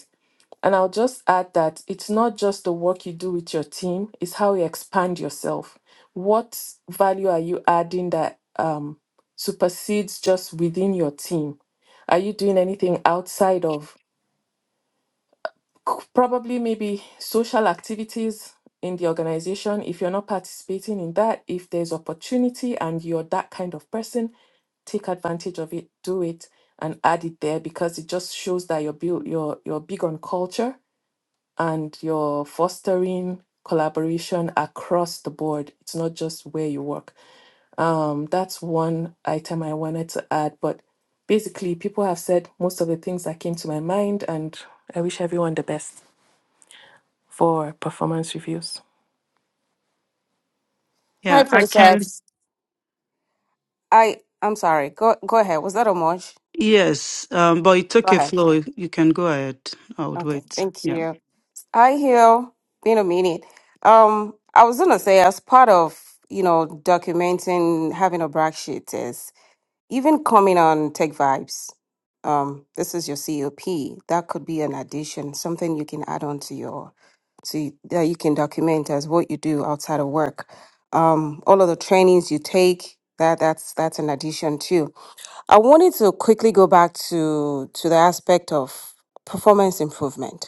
And I'll just add that it's not just the work you do with your team, it's how you expand yourself. What value are you adding that um, supersedes just within your team? Are you doing anything outside of c- probably maybe social activities in the organization? If you're not participating in that, if there's opportunity and you're that kind of person, take advantage of it, do it, and add it there because it just shows that you're, built, you're, you're big on culture and you're fostering collaboration across the board. It's not just where you work. Um, that's one item I wanted to add, but basically, people have said most of the things that came to my mind, and I wish everyone the best for performance reviews.
Hi,
Yeah, I can.
Princess. I I'm sorry. Go go ahead. Was that a
Yes, um, but it
Go
took a
ahead.
flow. You can go ahead. I would
Okay.
wait.
Thank
Yeah,
you. Hi, Hill. Been a minute. Um, I was gonna say, as part of you know documenting having a brag sheet is even coming on Tech Vibes. Um, this is your COP. That could be an addition, something you can add on to your to that you can document as what you do outside of work. Um, all of the trainings you take. That that's that's an addition too. I wanted to quickly go back to to the aspect of performance improvement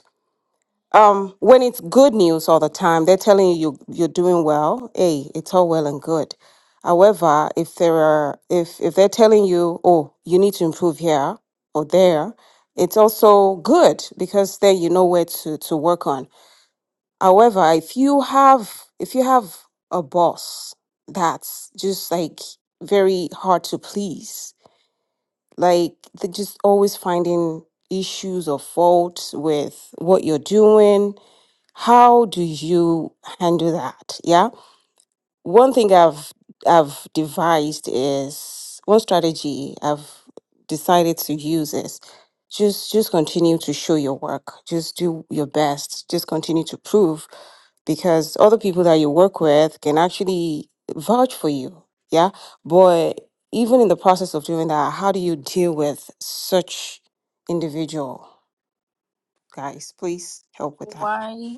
um, when it's good news all the time, they're telling you you- you're doing well. Hey, it's all well and good. However, if there are if if they're telling you, oh, you need to improve here or there, it's also good because then you know where to to work on. However, if you have if you have a boss that's just like very hard to please, like they're just always finding issues or faults with what you're doing how do you handle that yeah one thing i've i've devised is one strategy i've decided to use is just just continue to show your work just do your best just continue to prove because other people that you work with can actually vouch for you yeah but even in the process of doing that how do you deal with such individual guys please help with that
Why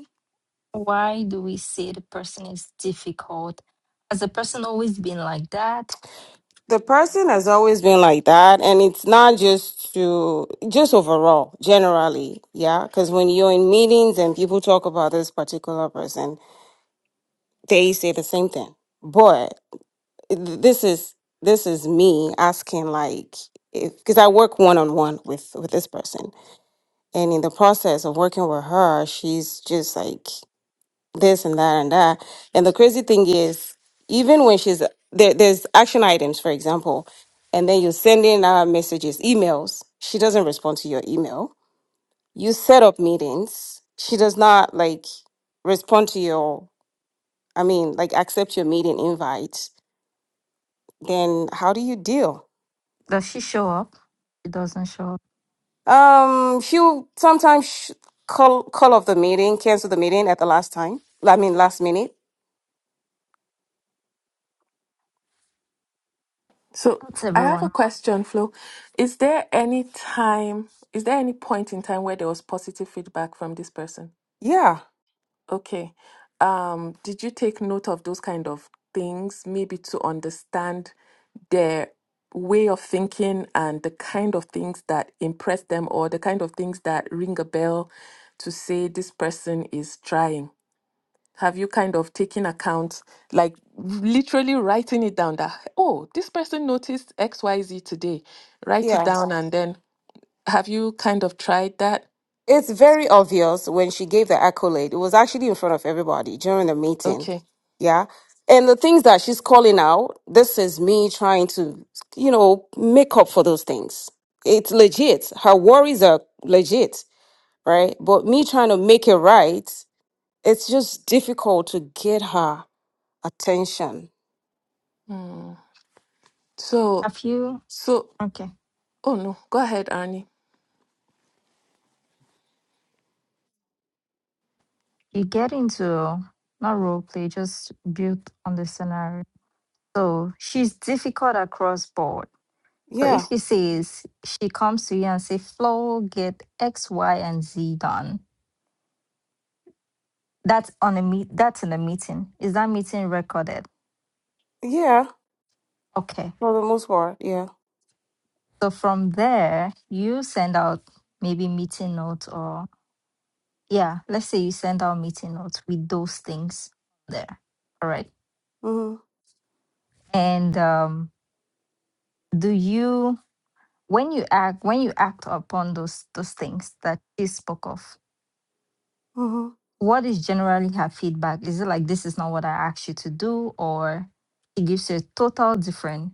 why do we say the person is difficult? Has the person always been like that?
the person has always been like that and it's not just to just overall generally yeah because when you're in meetings and people talk about this particular person they say the same thing but th- this is this is me asking like if because i work one-on-one with with this person and in the process of working with her she's just like this and that and that. And the crazy thing is, even when she's there, there's action items, for example, and then you send in uh, messages, emails. She doesn't respond to your email. You set up meetings. She does not like respond to your, I mean, like accept your meeting invite. Then how do you deal?
Does she show up? She doesn't show up.
Um, she'll sometimes sh- call call off the meeting, cancel the meeting at the last time. I mean, last minute
So,
That's
f- I have a
everyone.
question, Flo. Is there any time, is there any point in time where there was positive feedback from this person?
Yeah,
Okay. Um, did you take note of those kind of things, maybe to understand their way of thinking and the kind of things that impress them or the kind of things that ring a bell to say this person is trying? Have you kind of taken account, like literally writing it down that, oh, this person noticed XYZ today? Write it
yeah.
down and then have you kind of tried that?
It's very obvious when she gave the accolade. It was actually in front of everybody during the meeting.
Okay.
Yeah. And the things that she's calling out, this is me trying to, you know, make up for those things. It's legit. Her worries are legit, right? But me trying to make it right, it's just difficult to get her. attention.
Hmm. So,
Have you
so
okay.
Oh no, go ahead, Annie.
you get into not role play, just build on the scenario. So she's difficult across board. So if
Yeah,
she says she comes to you and say, Flo, get X, Y, and Z done. That's on a meet that's in a meeting. Is that meeting recorded?
yeah,
Okay.
for the most part, yeah.
So from there, you send out maybe meeting notes or yeah, let's say you send out meeting notes with those things there. All right.
hmm
And um do you when you act when you act upon those those things that she spoke of
hmm
what is generally her feedback is it like this is not what i asked you to do or she gives you a total different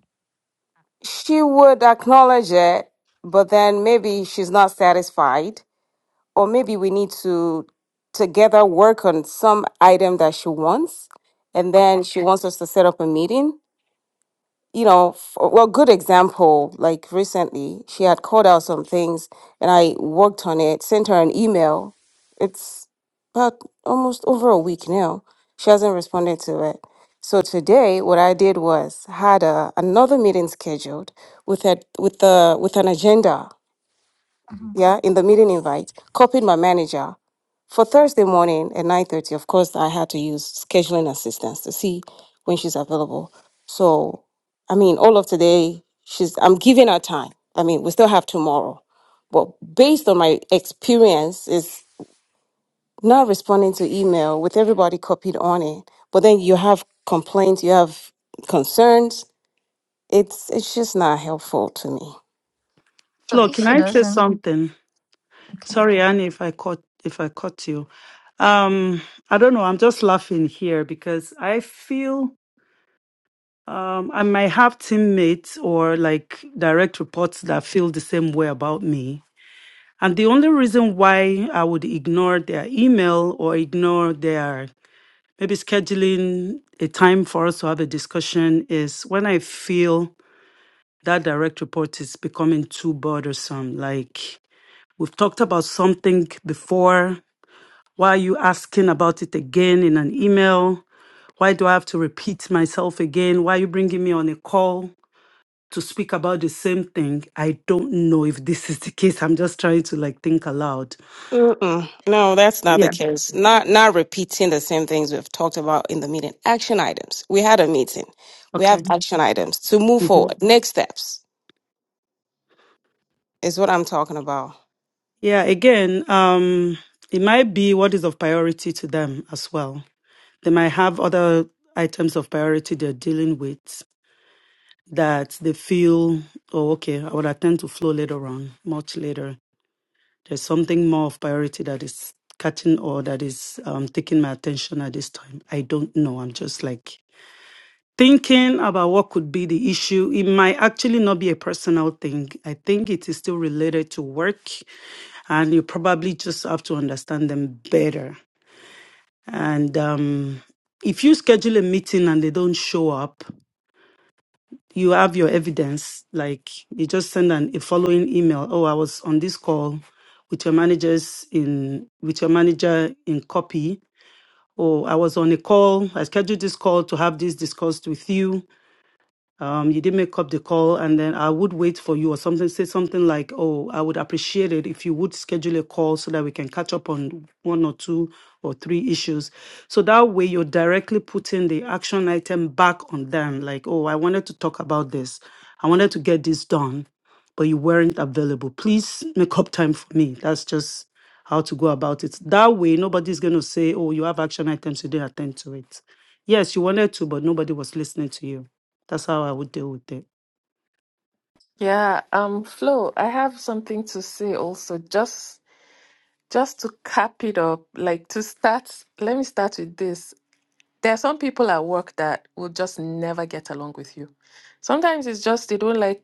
She would acknowledge it, but then maybe she's not satisfied, or maybe we need to together work on some item that she wants, and then
okay
she wants us to set up a meeting. you know, f- well, good example, like recently, she had called out some things and I worked on it, sent her an email. It's about almost over a week now. She hasn't responded to it. So today, what I did was had a, another meeting scheduled with a, with the with an agenda
Mhm.
yeah, in the meeting invite, copied my manager. For Thursday morning at 9.30, of course, I had to use scheduling assistance to see when she's available. So, I mean, all of today, she's I'm giving her time. I mean, we still have tomorrow. But based on my experience, is not responding to email with everybody copied on it. But then you have complaints, you have concerns. It's it's just not helpful to me.
so
Flo,
if
can
she
I say
doesn't
something?
okay
Sorry, Annie, if I caught if I caught you. Um, I don't know. I'm just laughing here because I feel Um, I might have teammates or like direct reports that feel the same way about me. And the only reason why I would ignore their email or ignore their maybe scheduling a time for us to have a discussion is when I feel that direct report is becoming too bothersome. Like we've talked about something before. Why are you asking about it again in an email? Why do I have to repeat myself again? Why are you bringing me on a call? to speak about the same thing. I don't know if this is the case. I'm just trying to like think aloud.
Mm-mm. No, that's not the
Yeah.
case. Not not repeating the same things we've talked about in the meeting. Action items. We had a meeting. We have
Okay.
action items to move
hmm
forward. Next steps is what I'm talking about.
Yeah. Again, um, it might be what is of priority to them as well. They might have other items of priority they're dealing with that they feel, oh, okay, I will attend to flow later on, much later. There's something more of priority that is catching or that is um, taking my attention at this time. I don't know. I'm just like thinking about what could be the issue, it might actually not be a personal thing. I think it is still related to work, and you probably just have to understand them better. And um, if you schedule a meeting and they don't show up, you have your evidence. Like you just send an, a following email. Oh, I was on this call with your managers in with your manager in copy. Oh, I was on a call. I scheduled this call to have this discussed with you um, you did make up the call, and then I would wait for you or something. Say something like, "Oh, I would appreciate it if you would schedule a call so that we can catch up on one or two or three issues." So that way, you're directly putting the action item back on them. Like, "Oh, I wanted to talk about this. I wanted to get this done, but you weren't available. Please make up time for me." That's just how to go about it. That way, nobody's going to say, "Oh, you have action items, you didn't attend to it." Yes, you wanted to, but nobody was listening to you. That's how I would deal with it.
Yeah, um, Flo, I have something to say also. Just just to cap it up, like to start, let me start with this. There are some people at work that will just never get along with you. Sometimes it's just they don't like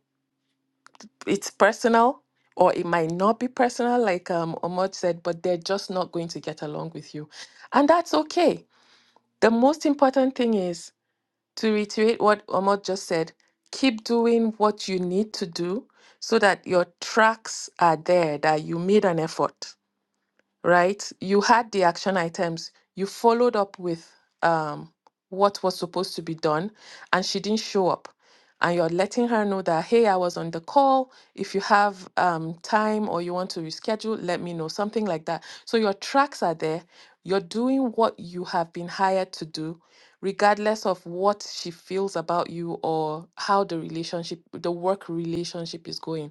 it's personal or it might not be personal, like um Omod said, but they're just not going to get along with you. And that's okay. The most important thing is to reiterate what Omot just said, keep doing what you need to do so that your tracks are there, that you made an effort right? You had the action items, you followed up with um, what was supposed to be done, and she didn't show up. And you're letting her know that, hey, I was on the call. If you have um, time or you want to reschedule, let me know, something like that. So your tracks are there. You're doing what you have been hired to do, regardless of what she feels about you or how the relationship, the work relationship is going.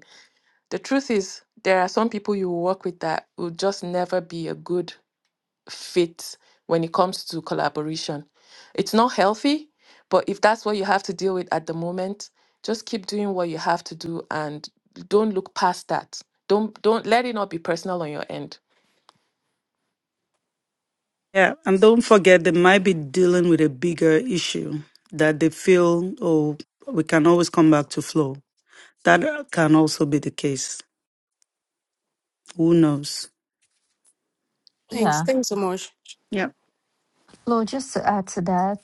The truth is, there are some people you will work with that will just never be a good fit when it comes to collaboration. It's not healthy, but if that's what you have to deal with at the moment, just keep doing what you have to do and don't look past that. Don't don't let it not be personal on your end.
Yeah, and don't forget they might be dealing with a bigger issue that they feel, oh, we can always come back to flow. That can also be the case. Who knows?
Thanks.
yeah
Thanks so much.
Yeah.
Flo, just to add to that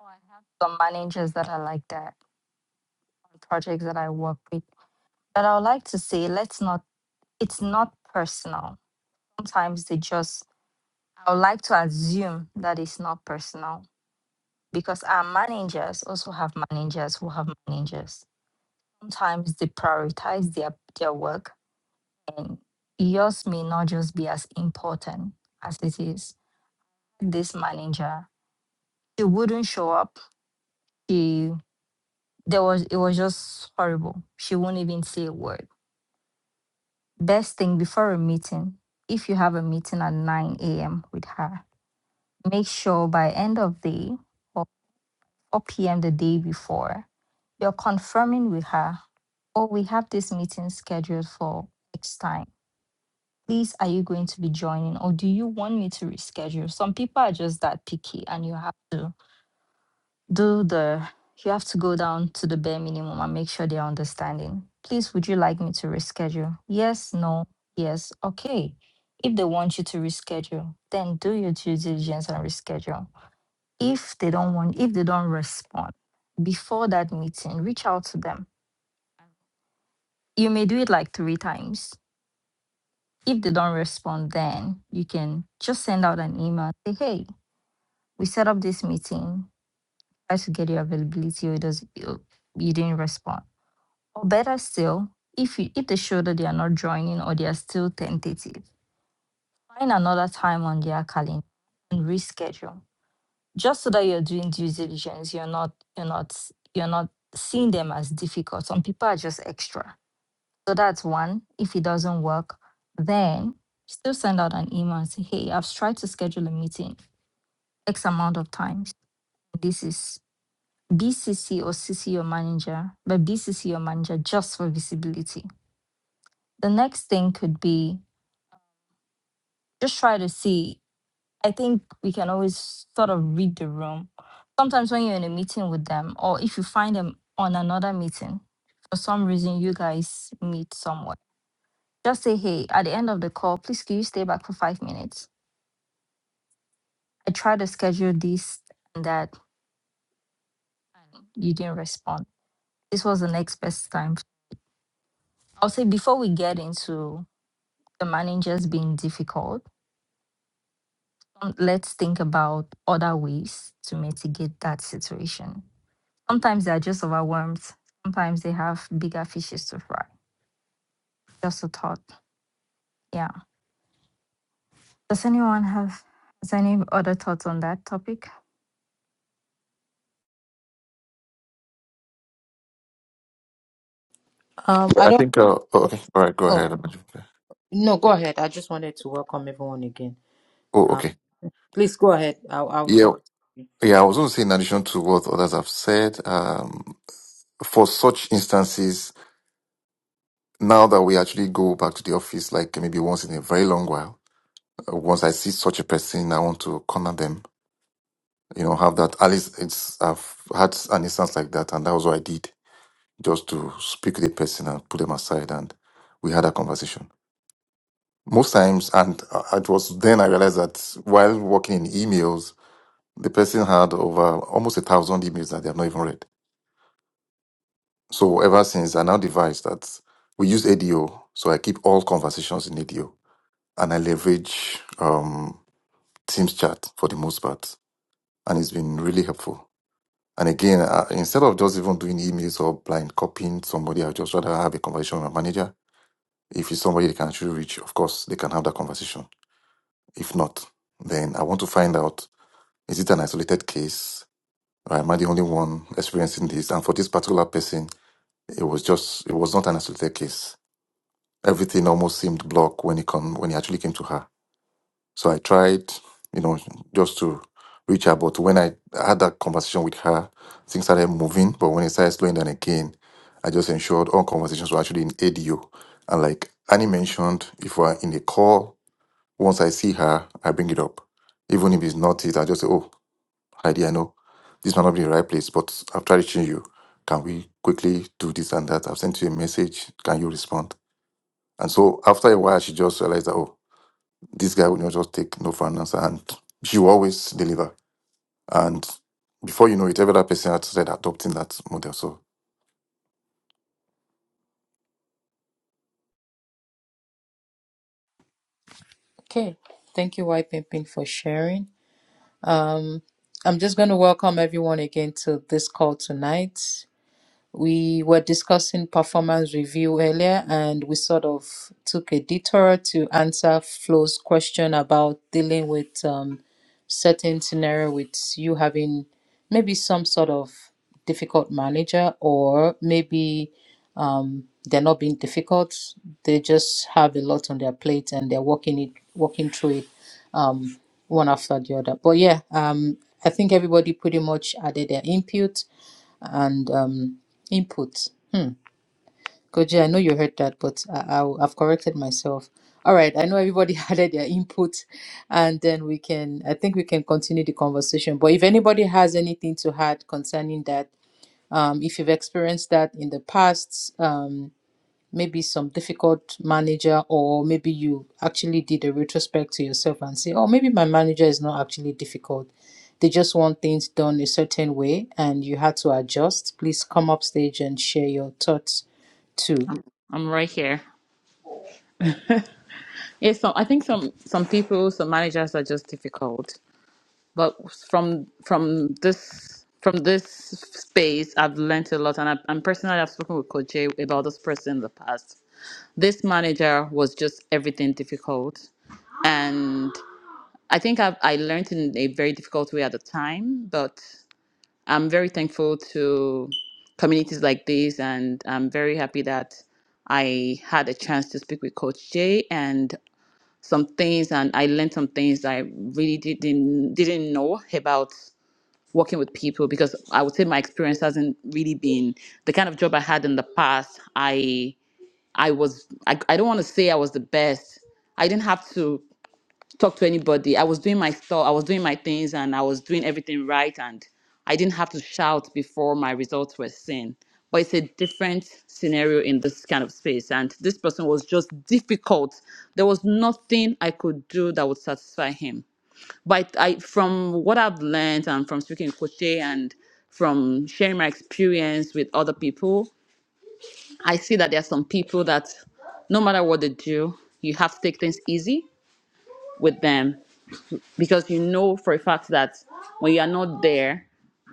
oh, i have some managers that are like that on projects that i work with but i would like to say let's not it's not personal sometimes they just i would like to assume that it's not personal because our managers also have managers who have managers. Sometimes they prioritize their, their work and yours may not just be as important as it is. This manager, she wouldn't show up. She there was it was just horrible. She won't even say a word. Best thing before a meeting, if you have a meeting at 9 a.m. with her, make sure by end of day or or p.m. the day before. You're confirming with her, oh, we have this meeting scheduled for X time. Please, are you going to be joining or do you want me to reschedule? Some people are just that picky and you have to do the, you have to go down to the bare minimum and make sure they're understanding. Please, would you like me to reschedule? Yes, no, yes, okay. If they want you to reschedule, then do your due diligence and reschedule if they don't want if they don't respond before that meeting reach out to them you may do it like three times if they don't respond then you can just send out an email say hey we set up this meeting try to get your availability or it does you, you didn't respond or better still if you if they show that they are not joining or they are still tentative find another time on their calendar and reschedule just so that you're doing due diligence you're not you're not you're not seeing them as difficult some people are just extra so that's one if it doesn't work then still send out an email and say hey i've tried to schedule a meeting x amount of times this is bcc or cc your manager but bcc your manager just for visibility the next thing could be just try to see I think we can always sort of read the room. Sometimes when you're in a meeting with them, or if you find them on another meeting, for some reason you guys meet somewhere, just say, hey, at the end of the call, please can you stay back for five minutes? I tried to schedule this and that, and you didn't respond. This was the next best time. I'll say before we get into the managers being difficult, um, let's think about other ways to mitigate that situation Sometimes they are just overwhelmed. Sometimes they have bigger fishes to fry. Just a thought. Yeah. Does anyone have has any other thoughts on that topic?
Um,
Yeah,
I
I
don't.
think. Uh, oh, okay. All right. Go
Oh
ahead. Amaju.
no, go ahead. I just wanted to welcome everyone again.
Oh,
Uh,
okay.
please go ahead. I'll, I'll
Yeah,
talk.
yeah, I was going to say, in addition to what others have said, um, for such instances, now that we actually go back to the office, like maybe once in a very long while, uh, once I see such a person, I want to corner them, you know, have that. At least it's, I've had an instance like that, and that was what I did, just to speak to the person and put them aside, and we had a conversation. Most times, and uh, it was then I realized that while working in emails, the person had over almost a thousand emails that they have not even read So ever since I now devised that we use ADO, so I keep all conversations in ADO and I leverage um, Teams chat for the most part, and it's been really helpful. And again, uh, instead of just even doing emails or blind copying somebody, I just rather have a conversation with my manager. If it's somebody they can actually reach, of course they can have that conversation. If not, then I want to find out is it an isolated case? Or am I the only one experiencing this? And for this particular person, it was just it was not an isolated case everything almost seemed blocked when it come when it actually came to her. So I tried, you know, just to reach her. But when I had that conversation with her, things started moving. But when it started slowing down again, I just ensured all conversations were actually in audio. And like Annie mentioned, if we're in a call, once I see her, I bring it up. Even if it's not it, I just say, Oh, Heidi, I know this might not be the right place, but I've tried reaching you. Can we quickly do this and that? I've sent you a message. Can you respond? And so after a while, she just realized that, oh, this guy will not just take no for an answer. And she will always deliver. And before you know it, every other person had started adopting that model. So
Okay. Thank you, White Pimpin, for sharing. Um, I'm just going to welcome everyone again to this call tonight. We were discussing performance review earlier, and we sort of took a detour to answer Flo's question about dealing with um, certain scenario with you having maybe some sort of difficult manager, or maybe um, they're not being difficult. They just have a lot on their plate, and they're working it, working through it um, one after the other. But yeah, um, I think everybody pretty much added their input and um, input. Hmm. Koji, I know you heard that, but I, I, I've corrected myself. All right, I know everybody added their input, and then we can, I think we can continue the conversation. But if anybody has anything to add concerning that, um, if you've experienced that in the past, um, maybe some difficult manager or maybe you actually did a retrospect to yourself and say oh maybe my manager is not actually difficult they just want things done a certain way and you had to adjust please come up stage and share your thoughts too
I'm, I'm right here. Yeah, so I think some some people, some managers are just difficult. But from from this from this space, I've learned a lot, and I, and personally, I've spoken with Coach Jay about this person in the past. This manager was just everything difficult, and I think I've, I learned in a very difficult way at the time. But I'm very thankful to communities like this, and I'm very happy that I had a chance to speak with Coach Jay, and some things and I learned some things that I really didn't didn't know about working with people because I would say my experience hasn't really been the kind of job I had in the past. I I was I, I don't want to say I was the best. I didn't have to talk to anybody. I was doing my stuff, I was doing my things, and I was doing everything right, and I didn't have to shout before my results were seen. But it's a different scenario in this kind of space, and this person was just difficult. There was nothing I could do that would satisfy him. But I, from what I've learned and from speaking with Koche and from sharing my experience with other people, I see that there are some people that no matter what they do, you have to take things easy with them because you know for a fact that when you are not there,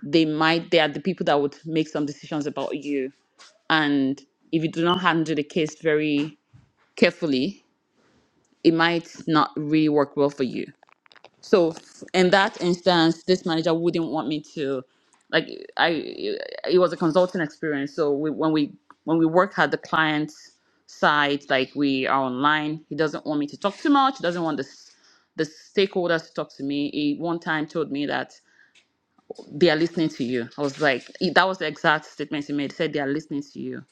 they might they are the people that would make some decisions about you. And if you do not handle the case very carefully, it might not really work well for you. So f- in that instance, this manager wouldn't want me to like I it was a consulting experience. So we, when we when we work at the client's side, like we are online, he doesn't want me to talk too much. He doesn't want this the stakeholders to talk to me. He one time told me that they are listening to you. I was like, that was the exact statement he made. He said, they are listening to you.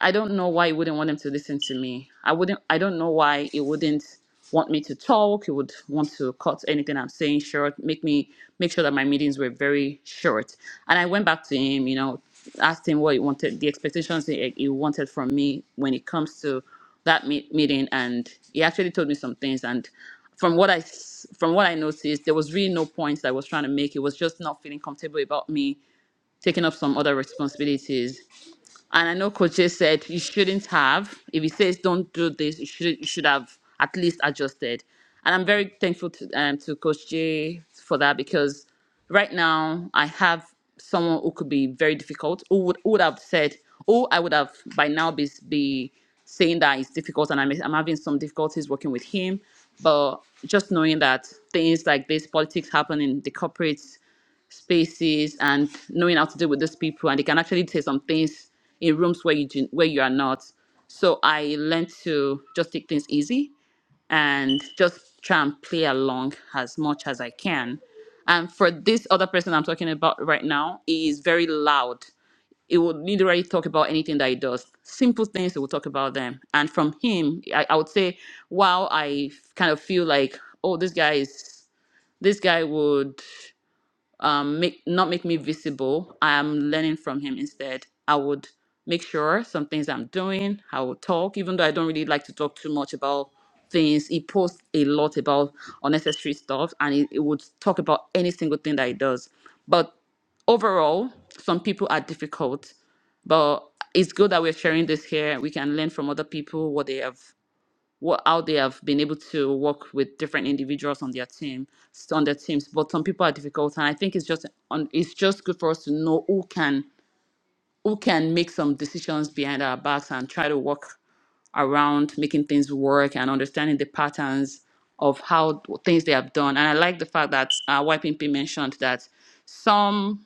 I don't know why it wouldn't want him to listen to me. I wouldn't I don't know why it wouldn't want me to talk. It would want to cut anything I'm saying short, make me make sure that my meetings were very short. And I went back to him, you know, asked him what he wanted, the expectations he, he wanted from me when it comes to that meet, meeting and he actually told me some things and from what I s- from what I noticed, there was really no point I was trying to make. It was just not feeling comfortable about me taking up some other responsibilities and I know Coach Jay said you shouldn't have. If he says don't do this, you should you should have at least adjusted. And I'm very thankful to um, to Coach Jay for that because right now I have someone who could be very difficult, who would, who would have said, oh, I would have by now be be saying that it's difficult and I'm, I'm having some difficulties working with him. But just knowing that things like this, politics happen in the corporate spaces and knowing how to deal with these people and they can actually say some things in rooms where you do- where you are not so i learned to just take things easy and just try and play along as much as i can and for this other person i'm talking about right now he is very loud he would literally talk about anything that he does simple things he will talk about them and from him i, I would say wow i kind of feel like oh this guy is this guy would um, make not make me visible. I am learning from him instead. I would make sure some things I'm doing. I will talk, even though I don't really like to talk too much about things. He posts a lot about unnecessary stuff, and he, he would talk about any single thing that he does. But overall, some people are difficult, but it's good that we're sharing this here. We can learn from other people what they have what how they have been able to work with different individuals on their team on their teams but some people are difficult and i think it's just on it's just good for us to know who can who can make some decisions behind our backs and try to work around making things work and understanding the patterns of how things they have done and i like the fact that uh, ypp mentioned that some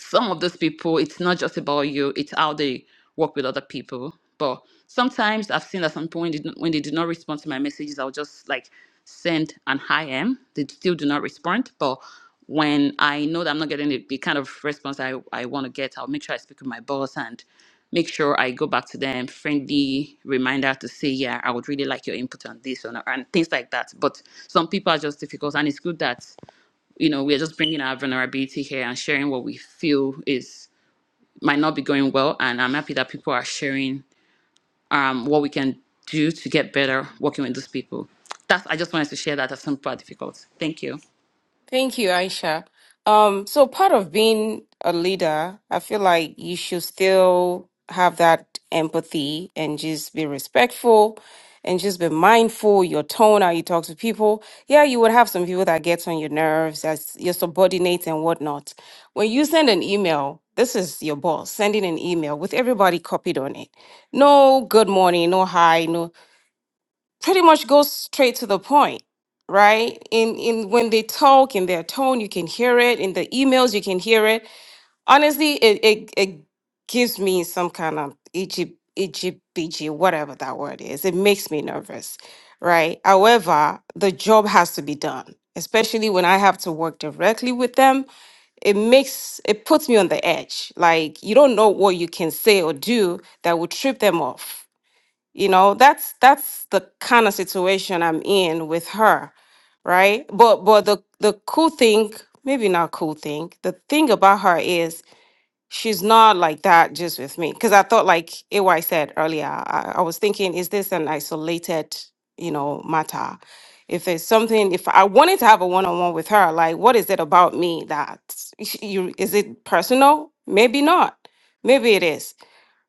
some of those people, it's not just about you, it's how they work with other people. But sometimes I've seen at some point they don't- when they do not respond to my messages, I'll just like send an hi am. They still do not respond. But when I know that I'm not getting the, the kind of response I, I want to get, I'll make sure I speak with my boss and make sure I go back to them, friendly reminder to say, yeah, I would really like your input on this or not, and things like that. But some people are just difficult, and it's good that you know, we're just bringing our vulnerability here and sharing what we feel is might not be going well. And I'm happy that people are sharing um, what we can do to get better working with those people. That's, I just wanted to share that as some people are difficult. Thank you.
Thank you, Aisha. Um, so part of being a leader, I feel like you should still have that empathy and just be respectful and just be mindful your tone how you talk to people. Yeah, you would have some people that gets on your nerves as your subordinates and whatnot. When you send an email, this is your boss sending an email with everybody copied on it. No good morning, no hi, no. pretty much goes straight to the point right in in when they talk in their tone you can hear it in the emails you can hear it honestly it it, it gives me some kind of egypt Egypt, whatever that word is it makes me nervous right however the job has to be done especially when i have to work directly with them it makes it puts me on the edge like you don't know what you can say or do that will trip them off you know that's that's the kind of situation i'm in with her right but but the the cool thing maybe not cool thing the thing about her is she's not like that just with me because i thought like ay said earlier I, I was thinking is this an isolated you know matter if there's something if i wanted to have a one-on-one with her like what is it about me that you is it personal maybe not maybe it is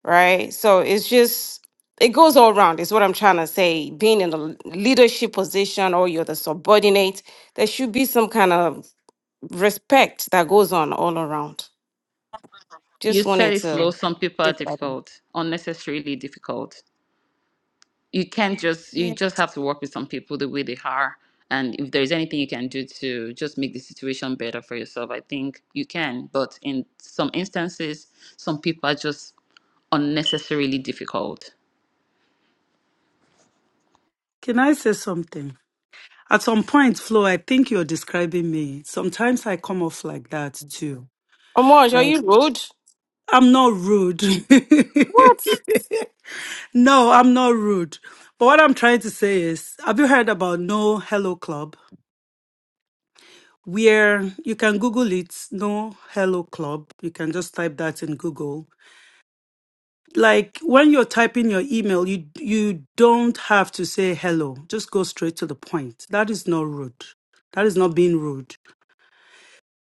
right so it's just it goes all around is what i'm trying to say being in a l- leadership position or you're the subordinate there should be some kind of respect that goes on all around
You
just
said
wanted
it
to.
flows. Some people are difficult, unnecessarily difficult. You can't just,
Yeah.
you just have to work with some people the way they are. And if there's anything you can do to just make the situation better for yourself, I think you can. But in some instances, some people are just unnecessarily difficult.
Can I say something? At some point, Flo, I think you're describing me. Sometimes I come off like that too.
Amoj, are you
Yes.
rude?
I'm not rude.
What?
no, I'm not rude. But what I'm trying to say is, have you heard about No Hello Club? where you can Google it, no Hello Club. You can just type that in Google. Like when you're typing your email, you you don't have to say hello. Just go straight to the point. That is not rude. That is not being rude.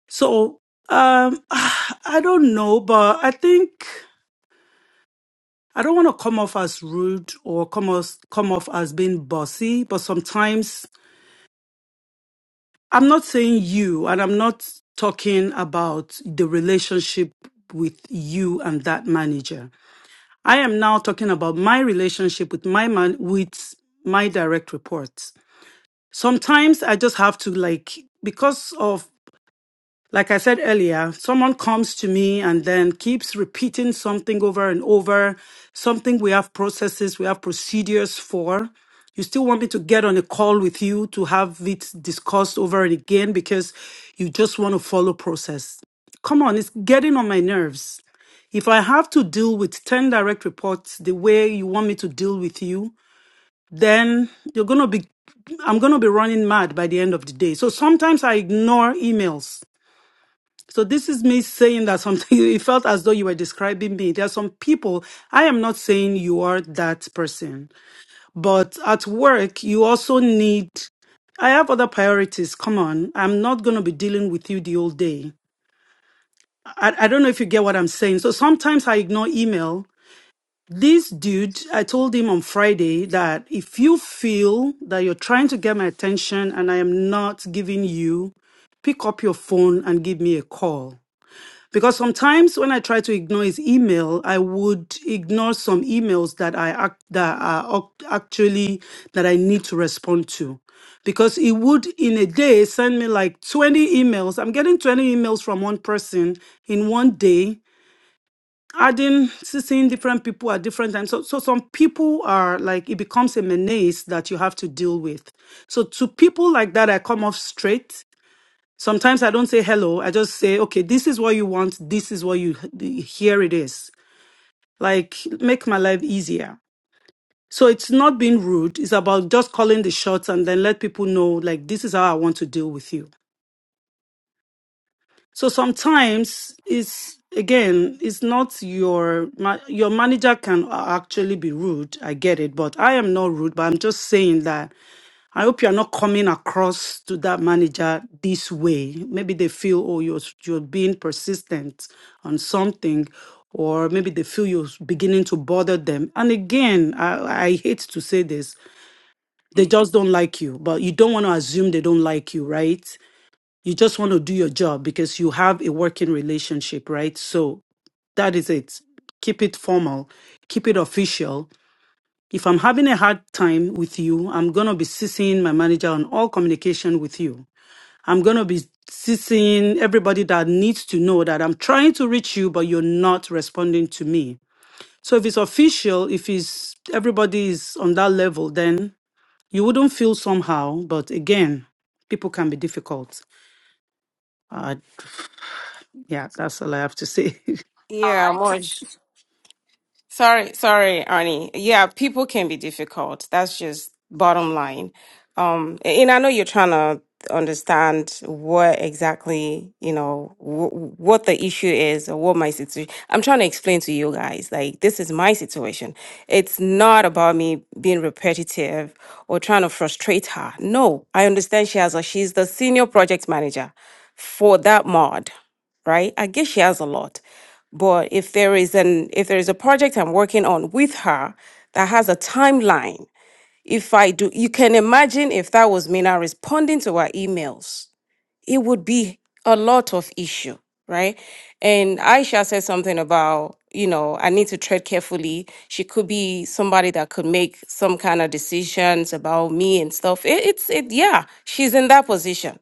So um I don't know, but I think I don't want to come off as rude or come off come off as being bossy, but sometimes I'm not saying you, and I'm not talking about the relationship with you and that manager. I am now talking about my relationship with my man with my direct reports. Sometimes I just have to like because of like I said earlier, someone comes to me and then keeps repeating something over and over, something we have processes, we have procedures for. You still want me to get on a call with you to have it discussed over and again because you just want to follow process. Come on, it's getting on my nerves. If I have to deal with 10 direct reports the way you want me to deal with you, then you're going to be I'm going to be running mad by the end of the day. So sometimes I ignore emails so this is me saying that something it felt as though you were describing me. There are some people, I am not saying you are that person, but at work you also need I have other priorities. Come on. I'm not going to be dealing with you the whole day. I, I don't know if you get what I'm saying. So sometimes I ignore email. This dude, I told him on Friday that if you feel that you're trying to get my attention and I am not giving you, pick up your phone and give me a call because sometimes when I try to ignore his email, I would ignore some emails that I act, that are ac- actually that I need to respond to. Because he would in a day send me like 20 emails. I'm getting 20 emails from one person in one day, adding seeing different people at different times. So so some people are like it becomes a menace that you have to deal with. So to people like that, I come off straight Sometimes I don't say hello. I just say, okay, this is what you want. This is what you, here it is. Like, make my life easier. So it's not being rude. It's about just calling the shots and then let people know, like, this is how I want to deal with you. So sometimes it's, again, it's not your, ma- your manager can actually be rude. I get it, but I am not rude, but I'm just saying that I hope you're not coming across to that manager this way. Maybe they feel, oh, you're, you're being persistent on something, or maybe they feel you're beginning to bother them. And again, I, I hate to say this, they just don't like you, but you don't want to assume they don't like you, right? You just want to do your job because you have a working relationship, right? So that is it. Keep it formal, keep it official, if I'm having a hard time with you, I'm going to be ceasing my manager on all communication with you. I'm going to be ceasing everybody that needs to know that I'm trying to reach you, but you're not responding to me. So if it's official, if it's everybody is on that level, then you wouldn't feel somehow. But again, people can be difficult. Uh, yeah, that's all I have to say.
I'd
Yeah,
like to
Amoj.
see
Sorry, sorry, Arnie. Yeah, people can be difficult. That's just bottom line. Um, and I know you're trying to understand what exactly, you know, wh- what the issue is or what my situation. I'm trying to explain to you guys, like, this is my situation. It's not about me being repetitive or trying to frustrate her. No, I understand she has a, she's the senior project manager for that mod, right? I guess she has a lot. But if there is an if there is a project I'm working on with her that has a timeline, if I do, you can imagine if that was me now responding to her emails, it would be a lot of issue, right? And Aisha said something about, you know, I need to tread carefully. She could be somebody that could make some kind of decisions about me and stuff. It, it's it, yeah, she's in that position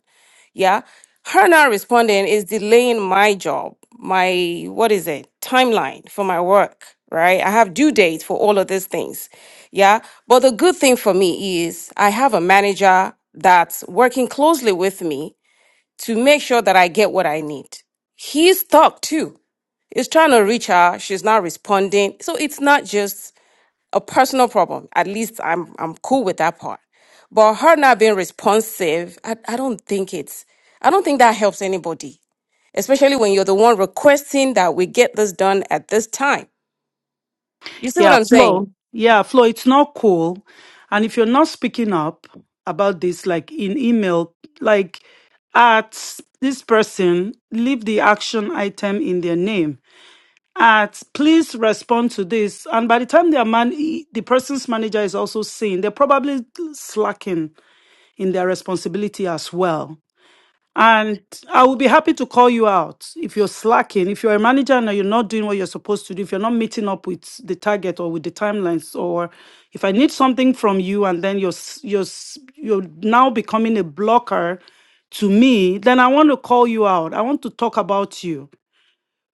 yeah. Her not responding is delaying my job, my, what is it, timeline for my work, right? I have due dates for all of these things. Yeah. But the good thing for me is I have a manager that's working closely with me to make sure that I get what I need. He's stuck too. He's trying to reach her. She's not responding. So it's not just a personal problem. At least I'm I'm cool with that part. But her not being responsive, I, I don't think it's I don't think that helps anybody. Especially when you're the one requesting that we get this done at this time. You see what
Yeah,
I'm saying?
Flo. Yeah, Flo, it's not cool. And if you're not speaking up about this, like in email, like at this person, leave the action item in their name. At please respond to this. And by the time their man, e, the person's manager is also seeing, they're probably slacking in their responsibility as well. And I will be happy to call you out if you're slacking, if you're a manager and you're not doing what you're supposed to do, if you're not meeting up with the target or with the timelines, or if I need something from you and then you're s- you're s- you're now becoming a blocker to me, then I want to call you out. I want to talk about you.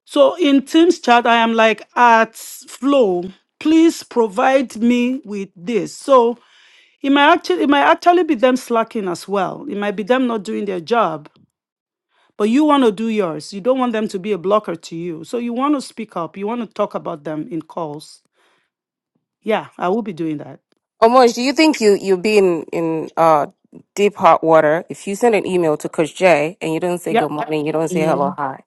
So in Teams chat, I am like at flow. Please provide me with this. So it might actually it might actually be them slacking as well. It might be them not doing their job. But you want to do yours. You don't want them to be a blocker to you. So you want to speak up. You want to talk about them in calls. Yeah, I will be doing that.
Omoj, do you think you you'll be in in uh deep hot water if you send an email to Coach Jay and you don't say
Yeah.
good morning, you don't say hello,
you.
hi,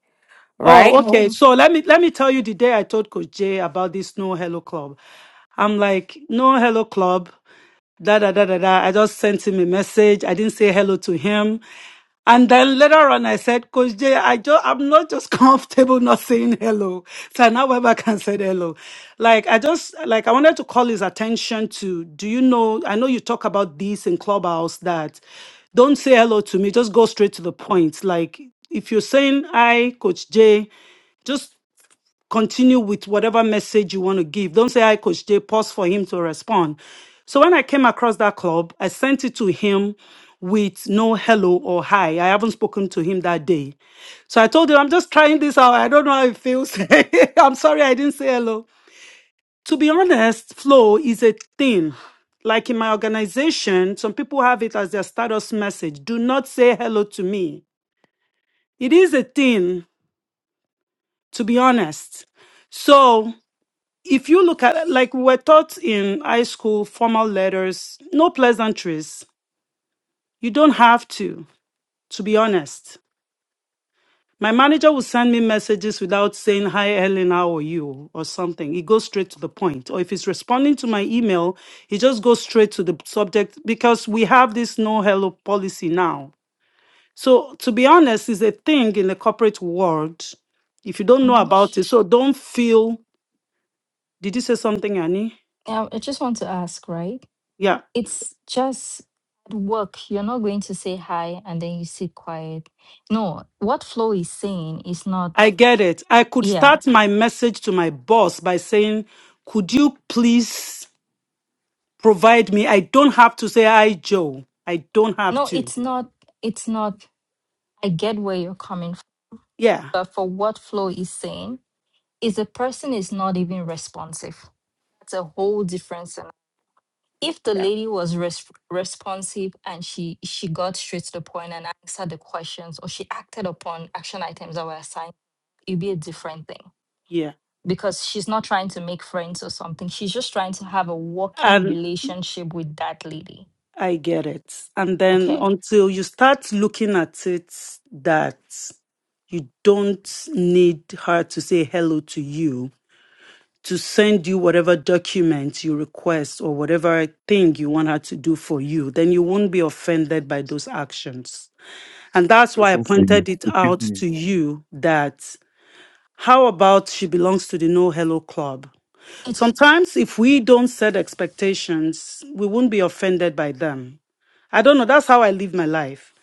right?
Oh,
Mhm.
okay.
Um,
So let me let me tell you the day I told Coach Jay about this No Hello Club. I'm like, no hello club. Da da da da da. I just sent him a message. I didn't say hello to him. And then later on, I said, Coach Jay, I just, I'm not just comfortable not saying hello. So now Weber can say hello. Like, I just, like, I wanted to call his attention to, do you know, I know you talk about this in Clubhouse that don't say hello to me, just go straight to the point. Like, if you're saying hi, Coach Jay, just continue with whatever message you want to give. Don't say, Hi, Coach Jay, pause for him to respond. So when I came across that club, I sent it to him with no hello or hi. I haven't spoken to him that day. So I told him, I'm just trying this out. I don't know how it feels. I'm sorry I didn't say hello. To be honest, flow is a thing. Like in my organization, some people have it as their status message do not say hello to me. It is a thing, to be honest. So if you look at like we were taught in high school formal letters no pleasantries you don't have to to be honest my manager will send me messages without saying hi helen how are you or something he goes straight to the point or if he's responding to my email he just goes straight to the subject because we have this no hello policy now so to be honest is a thing in the corporate world if you don't know about
Marsh?
it so don't feel did you say something annie
Yeah, I just want to ask, right?
Yeah.
It's just at work. You're not going to say hi and then you sit quiet. No, what Flo is saying is not,
I get it. I could
yeah.
start my message to my boss by saying, Could you please provide me? I don't have to say, Hi, Joe. I don't have
No,
to.
it's not, it's not, I get where you're coming from.
Yeah,
But for what Flo is saying, If the person is not even responsive. That's a whole different scenario. If the lady was res- responsive and she she got straight to the point and answered the questions or she acted upon action items that were assigned, it'd be a different thing
yeah.
because she's not trying to make friends or something. She's just trying to have a working
And
relationship with that lady.
I get it. And then
Okay,
until you start looking at it that you don't need her to say hello to you to send you whatever document you request or whatever thing you want her to do for you, then you won't be offended by those actions. And that's why I
question for you.
pointed it
Excuse
out
me.
to you that how about she belongs to the No Hello Club?
it's
Sometimes if we don't set expectations, we won't be offended by them. I don't know. That's how I live my life.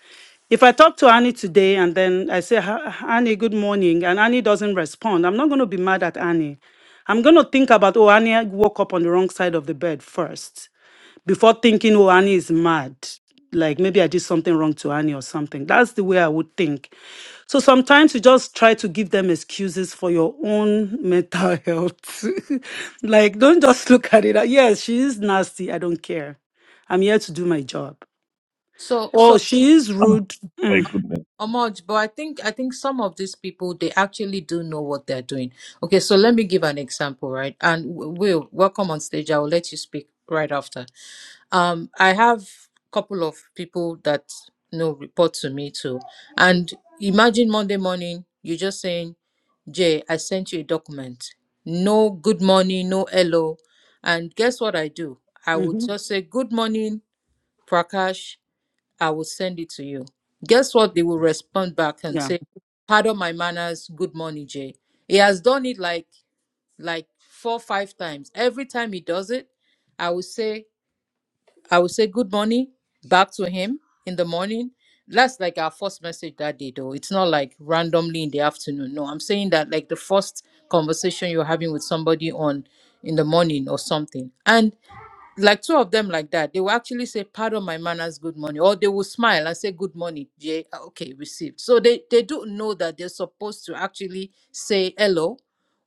If I talk to Annie today and then I say, "Ha- Annie, good morning, and Annie doesn't respond, I'm not going to be mad at Annie. I'm going to think about, oh, Annie woke up on the wrong side of the bed first before thinking, oh, Annie is mad. Like maybe I did something wrong to Annie or something. That's the way I would think. So sometimes you just try to give them excuses for your own mental health. like, don't just look at it. like, Yes, she is nasty. I don't care. I'm here to do my job.
so
Oh,
so
she is
Ah,
rude.
my
Mm,
goodness.
Amoj, but I think I think some of these people they actually do know what they're doing. Okay, so let me give an example, right? And Will, welcome on stage. I will let you speak right after. Um, I have a couple of people that you know report to me too. And imagine Monday morning, you're just saying, Jay, I sent you a document. No good morning, no hello. And guess what I do? I would
mhm.
just say, Good morning, Prakash. I will send it to you. Guess what? They will respond back and say, Pardon my manners, good morning, Jay. He has done it like like four, five times. Every time he does it, I will say I will say good morning back to him in the morning. That's like our first message that day, though. It's not like randomly in the afternoon. No, I'm saying that like the first conversation you're having with somebody on in the morning or something. And like two of them like that they will actually say pardon my manners good morning or they will smile and say good morning yeah okay received so they they do know that they're supposed to actually say hello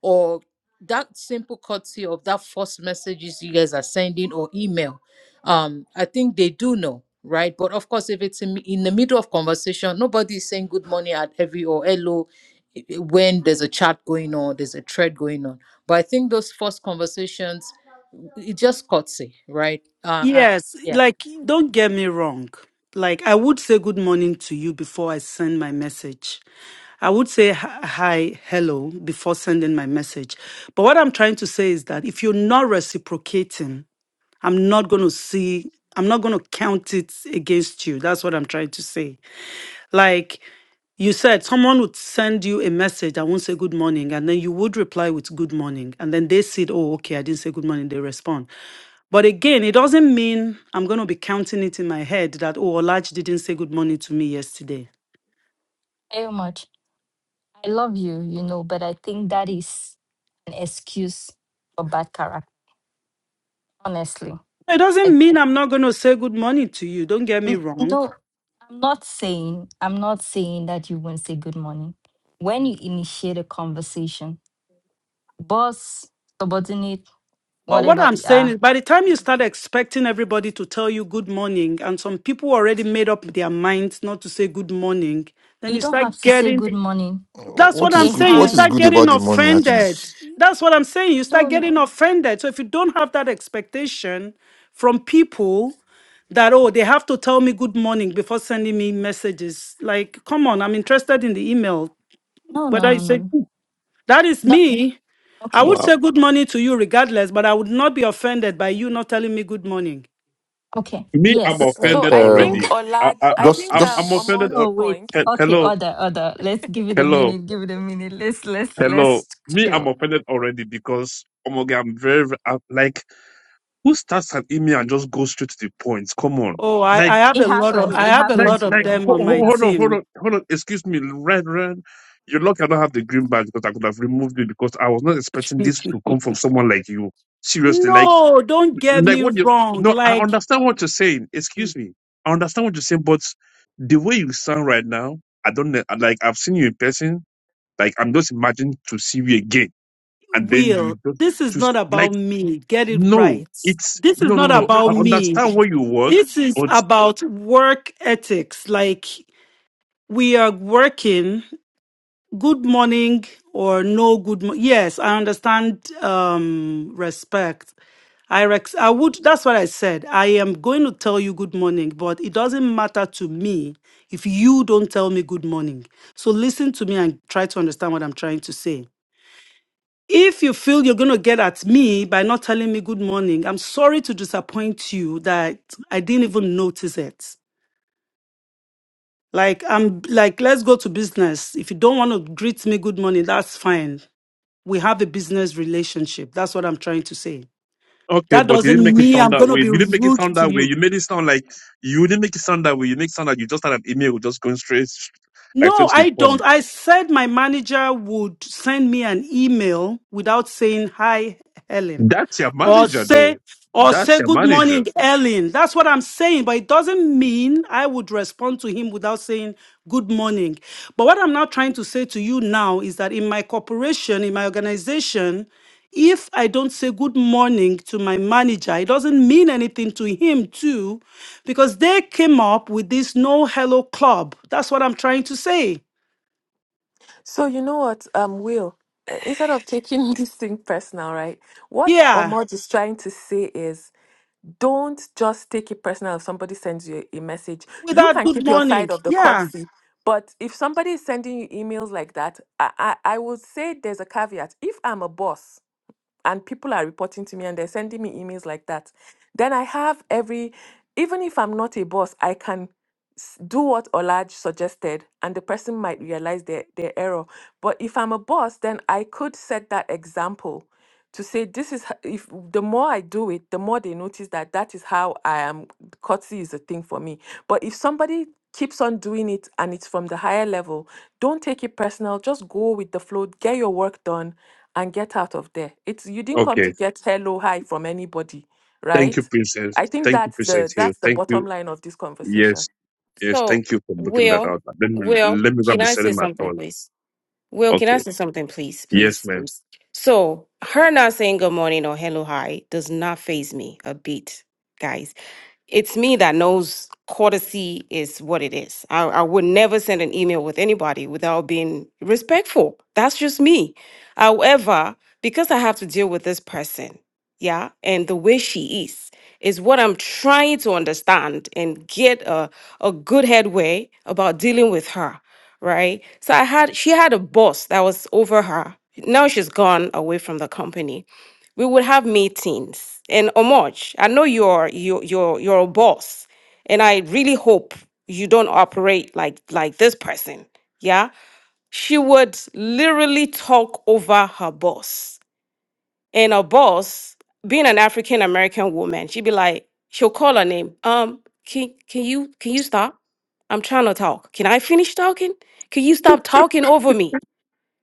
or that simple courtesy of that first messages you guys are sending or email um i think they do know right but of course if it's in, in the middle of conversation nobody is saying good morning at every or hello i- i- when there's a chat going on there's a thread going on but i think those first conversations it's just courtesy, right? Uh, uh
Yes,
yeah.
like don't get me wrong. Like I would say good morning to you before I send my message. I would say h- hi, hello before sending my message. But what I'm trying to say is that if you're not reciprocating, I'm not going to see I'm not going to count it against you. That's what I'm trying to say. Like you said someone would send you a message that won't say good morning, and then you would reply with good morning. And then they said, Oh, okay, I didn't say good morning. They respond. But again, it doesn't mean I'm going to be counting it in my head that, oh, Olaj didn't say good morning to me yesterday.
very much. I love you, you know, but I think that is an excuse for bad character. Honestly,
It
like
doesn't mean I'm not going to say good morning to you. Don't get me
N-
wrong.
No, I'm not saying I'm not saying that you won't say good morning. When you initiate a conversation, boss, subordinate,
But what
whatever
I'm
we
saying is,
are,
by the time you start expecting everybody to tell you good morning, and some people already made up their minds not to say good morning, then
you
you
don't have
start
to say good
getting
morning.
uh,
That's what
what
I'm
is
A
good?
saying. You
What
hi.
is
start
good
getting
about the money actually?
offended. That's what I'm saying. You start
No, no,
getting offended. So if you don't have that expectation from people that, oh, they have to tell me good morning before sending me messages, like, come on, I'm interested in the email.
no, no,
Whether you
no, no.
say,
no.
that is
No,
me, I
Okay,
would
Wow.
say good morning to you regardless, but I would not be offended by you not telling me good morning.
okay.
Me, I'm
Yes.
Uh,
So
offended
I
uh,
think
um,
already. I,
Olaj,
I,
I
I
just,
think
I'm,
um
I'm
just,
offended.
Omod's
al-
No, wait.
point.
he-
Okay,
Hello,
order, order. Let's give it a
hello,
minute. Give it a minute. Let's let's
hello.
let's
Me, I'm
chill.
offended already because oh my God, I'm very, very I- like who starts an email and just goes straight to the point? Come on,
Oh, I,
like,
I have
It
a lot of
happens.
I
It
have a
like,
lot
happens,
of
like.
Will.
them
ho-
on
It
my
ho- Hold on,
happens.
hold
team.
on, hold on. Excuse me, Ren, Ren. You're lucky I don't have the green badge because I could have removed it because I was not expecting this to come from someone like you. Seriously, like.
No, don't get
like
me
what you
wrong.
no i
Like
understand what you're saying excuse me i understand what you're saying but the way you sound right now i don't know like i've seen you in person like i'm just imagining to see you again and then you
Will,
just
this is not
to like
about me. Get it
no
right.
it's
This is
no no
not
no
about
i
me.
understand where you work
This is
but
about work ethics. Like we are working. Good morning or no good. Mo- yes, I understand. Um, respect. I rex. I would. That's what I said. I am going to tell you good morning, but it doesn't matter to me if you don't tell me good morning. So listen to me and try to understand what I'm trying to say. If you feel you're going to get at me by not telling me good morning, I'm sorry to disappoint you that I didn't even notice it. Like, I'm like, let's go to business. If you don't want to greet me good morning, that's fine. We have a business relationship. That's what I'm trying to say.
okay
That
but you didn't
doesn't
make it
mean
sound
I'm
that
going to
way you
be
didn't make it
rude
sound
to
that way
you.
you made it sound like you didn't make it sound that way you make it sound like you just had an email just going straight like
No,
straight to the
I don't.
phone
I said my manager would send me an email without saying hi, Helen,
that's your
or
manager
say
though
or
that's
say
your
good
manager
morning, Ellen. That's what I'm saying, but it doesn't mean I would respond to him without saying good morning. But what I'm now trying to say to you now is that in my corporation, in my organization, if I don't say good morning to my manager, it doesn't mean anything to him too because they came up with this no hello club. That's what I'm trying to say.
So you know what, um Will, uh, instead of taking this thing personal, right? What
Yeah,
Omod is trying to say is don't just take it personal if somebody sends you a message. You
without
can
good
keep your
morning.
side of the
Yeah,
courtesy, but if somebody is sending you emails like that, I, I, I would say there's a caveat. If I'm a boss, and people are reporting to me and they're sending me emails like that then i have every even if i'm not a boss i can s- do what olaj suggested and the person might realize their, their error but if i'm a boss then i could set that example to say this is h- if the more i do it the more they notice that that is how i am courtesy is a thing for me but if somebody keeps on doing it and it's from the higher level don't take it personal just go with the flow get your work done and get out of there. It's you didn't come to
okay
get hello hi from anybody,
Thank you,
right?
Princess.
I think
Thank you,
that's the
Princess Hill.
that's the
Thank
bottom
you.
line of this conversation.
Yes, yes.
So,
Thank you for booking that
Will,
out. Let me
Will,
let me
can
grab Be
I say
setting my
something,
thoughts.
please? Will, can I
Okay.
say something, please,
Yes,
please?
ma'am.
please? So, her not saying good morning or hello, hi does not phase me a bit, guys. it's me that knows courtesy is what it is. I, I would never send an email with anybody without being respectful. That's just me. However, because I have to deal with this person, yeah, and the way she is, is what I'm trying to understand and get a, a good headway about dealing with her, right? So I had, she had a boss that was over her. Now she's gone away from the company we would have meetings and Omoj, I know you're you're you're you're a boss and I really hope you don't operate like like this person. Yeah? She would literally talk over her boss. And her boss, being an African American woman, she'd be like, she'll call her name. Um, can can you can you stop? I'm trying to talk. Can I finish talking? Can you stop talking over me?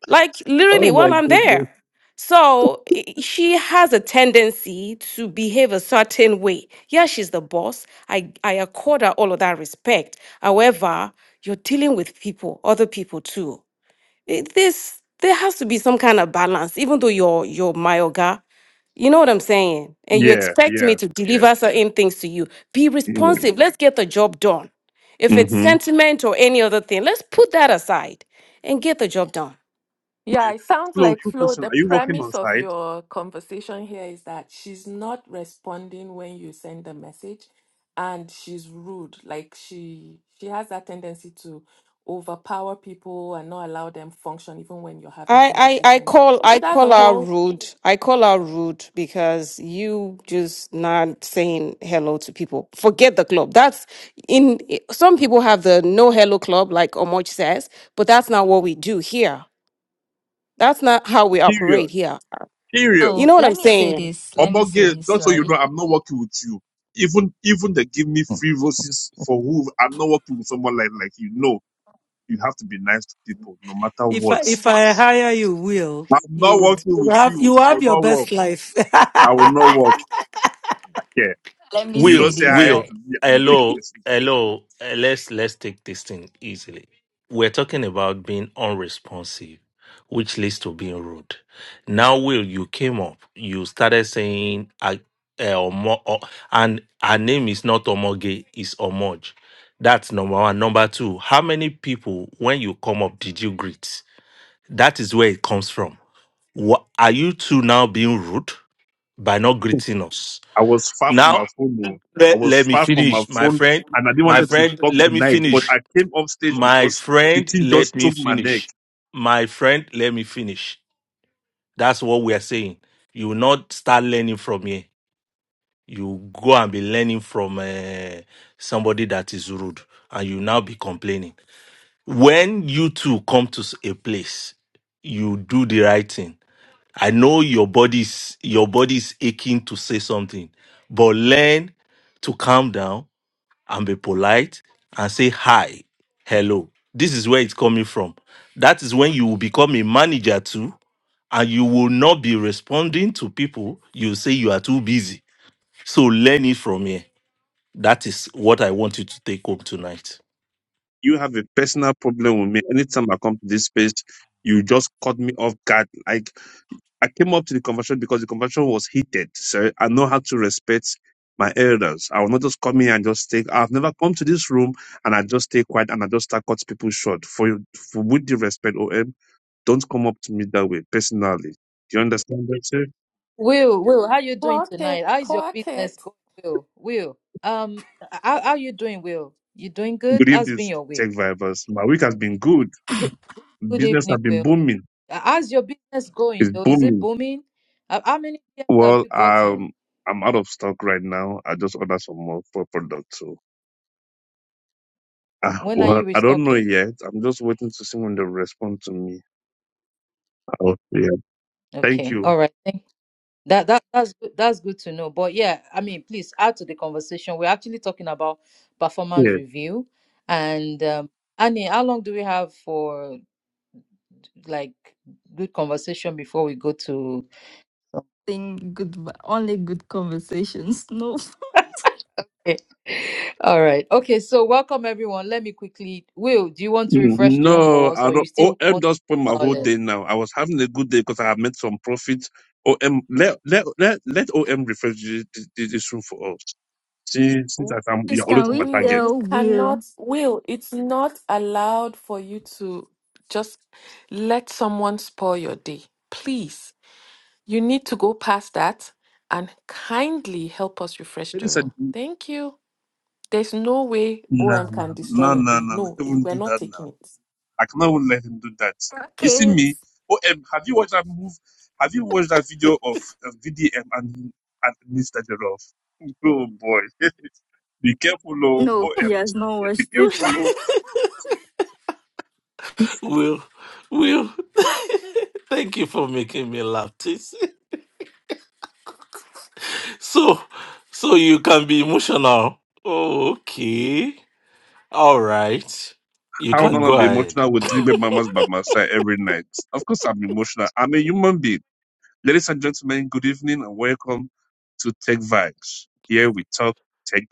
like literally
Oh my
while I'm
goodness.
there. So i- she has a tendency to behave a certain way. Yeah, she's the boss. I, I accord her all of that respect. However, you're dealing with people, other people too. It- This there has to be some kind of balance, even though you're you're my oga. You know what I'm saying? And you
Yeah,
expect me
yeah,
to deliver
yeah.
certain things to you. Be responsive. Let's get the job done. If it's
Mm-hmm.
sentiment or any other thing, let's put that aside and get the job done.
Yeah, it sounds
Flo,
like
quick
Flo,
question.
the
Are you working on
premise of
site?
your conversation here is that she's not responding when you send a message and she's rude. Like she she has that tendency to overpower people and not allow them function even when you're having
I, I I
conversations.
call
So
I
that's
call
a
her
whole
rude. I call her rude because you just not saying hello to people. Forget the club. That's in some people have the no hello club, like Omoch says, but that's not what we do here. That's not how we operate
Period.
here.
Period.
You
So
know what
let
I'm
me say
saying?
this. Let me
About
say
girl,
this,
just so you
right?
know, I'm not working with you. Even even they give me
mm,
free roses for who I'm not working with someone like like you. No, you have to be nice to people no matter
If
what.
I, if I hire you, Will,
I'm
you
not
would
working
you
with
have you
you. I will
have your
not work.
best life.
I will not work. Yeah.
Let me
You
Will,
say
don't say
this
hi
Will,
right.
to me and you take it
hello,
personally.
hello. eh, Let's let's take this thing easily. We're talking about being unresponsive, which leads to being rude. Now, Will, you came up, you started saying, "I, eh, Omo," oh, and her name is not Omoge, it's Omoj. That's number one. Number two, how many people when you come up did you greet? That is where it comes from. Wha are you two now being rude by not greeting us?
I was far from
Now,
my phone. oh. I
let,
was
let me
far from my
finish, my
phone
friend.
and I didn't
My
wanted to
friend,
talk
let me
tonight, but
finish.
I came off stage
My
because the
friend,
thing just
let me
choked my neck.
finish. My friend, let me finish. That's what we are saying. You will not start learning from here. You go and be learning from uh, somebody that is rude, and you now be complaining. When you two come to s- a place, you do the right thing. I know your body's your body is aching to say something, but learn to calm down and be polite and say hi, hello. This is where it's coming from. That is when you will become a manager too, and you will not be responding to people. You say you are too busy. So learn it from here. That is what I want you to take home tonight.
You have a personal problem with me. Anytime I come to this space, you just cut me off guard. Like I came up to the conversation because the conversation was heated. So I know how to respect my elders. I will not just come here and just take. I've never come to this room and I just stay quiet and I just start cut people short for for with the respect, OM. Don't come up to me that way personally. Do you understand that, sir? am
Will, Will, how you doing
clock it,
tonight? How is your
clock
business
it.
going, Will? Will, um, how how you doing, Will? You doing
saying?
good?
Good
How's
evening,
been your
tech
week?
vibers. My week has been good.
Good, good
Business
evening,
has been
Will.
booming.
Uh, How's your business going
It's
though? Is it
booming.
booming? How how many PMs have
Well,
you gotten?
um, I'm out of stock right now. I just ordered some more for product. So, uh,
When are
well,
you
I don't know
restocking?
yet. I'm just waiting to see when they respond to me. Oh, yeah. Thank
Okay,
you.
all right. Thank That that that's good, that's good to know. But yeah, I mean, please add to the conversation. We're actually talking about performance
Yeah.
review, and um, Annie, how long do we have for like good conversation before we go to?
Think good only good conversations. No.
All right. Okay. So welcome everyone. Let me quickly. Will, do you want to
Mm,
refresh the room for
No,
us,
I
or you
don't.
still
OM
want?
just spent my whole
Violent?
day now. I was having a good day because I have made some profit. OM, let, let, let, let OM refresh thi- thi- this room for us. She, since I- I'm,
Please
you're
can
always my
we
Will,
target.
you
tell Will
cannot, Will, it's not allowed for you to just let someone spoil your day. Please, you need to go past that and kindly help us refresh
And he
the
said,
room.
no,
Thank you. There's no way OM can
no,
destroy
no, no,
your day.
no, no.
No,
I
it,
will not
we're
do
not
that
taking
now.
it.
I cannot even let him do that. You see
Rocket?
me? Oh, um, have you watched that move? Have you watched that video of, of VDM and, and me started off? Oh boy. be careful, oh,
No,
oh
he
um,
has not
be
watched it.
careful, oh.
Will, Will, thank you for making me laugh. Tis. So, so you can be emotional. Oh, Okay, all right, you
I would
can go
not be
ahead.
emotional with three baby mamas by my side every night. Of course I'm emotional. I'm a human being. Ladies and gentlemen, good evening and welcome to Tech Vibes. Here we talk tech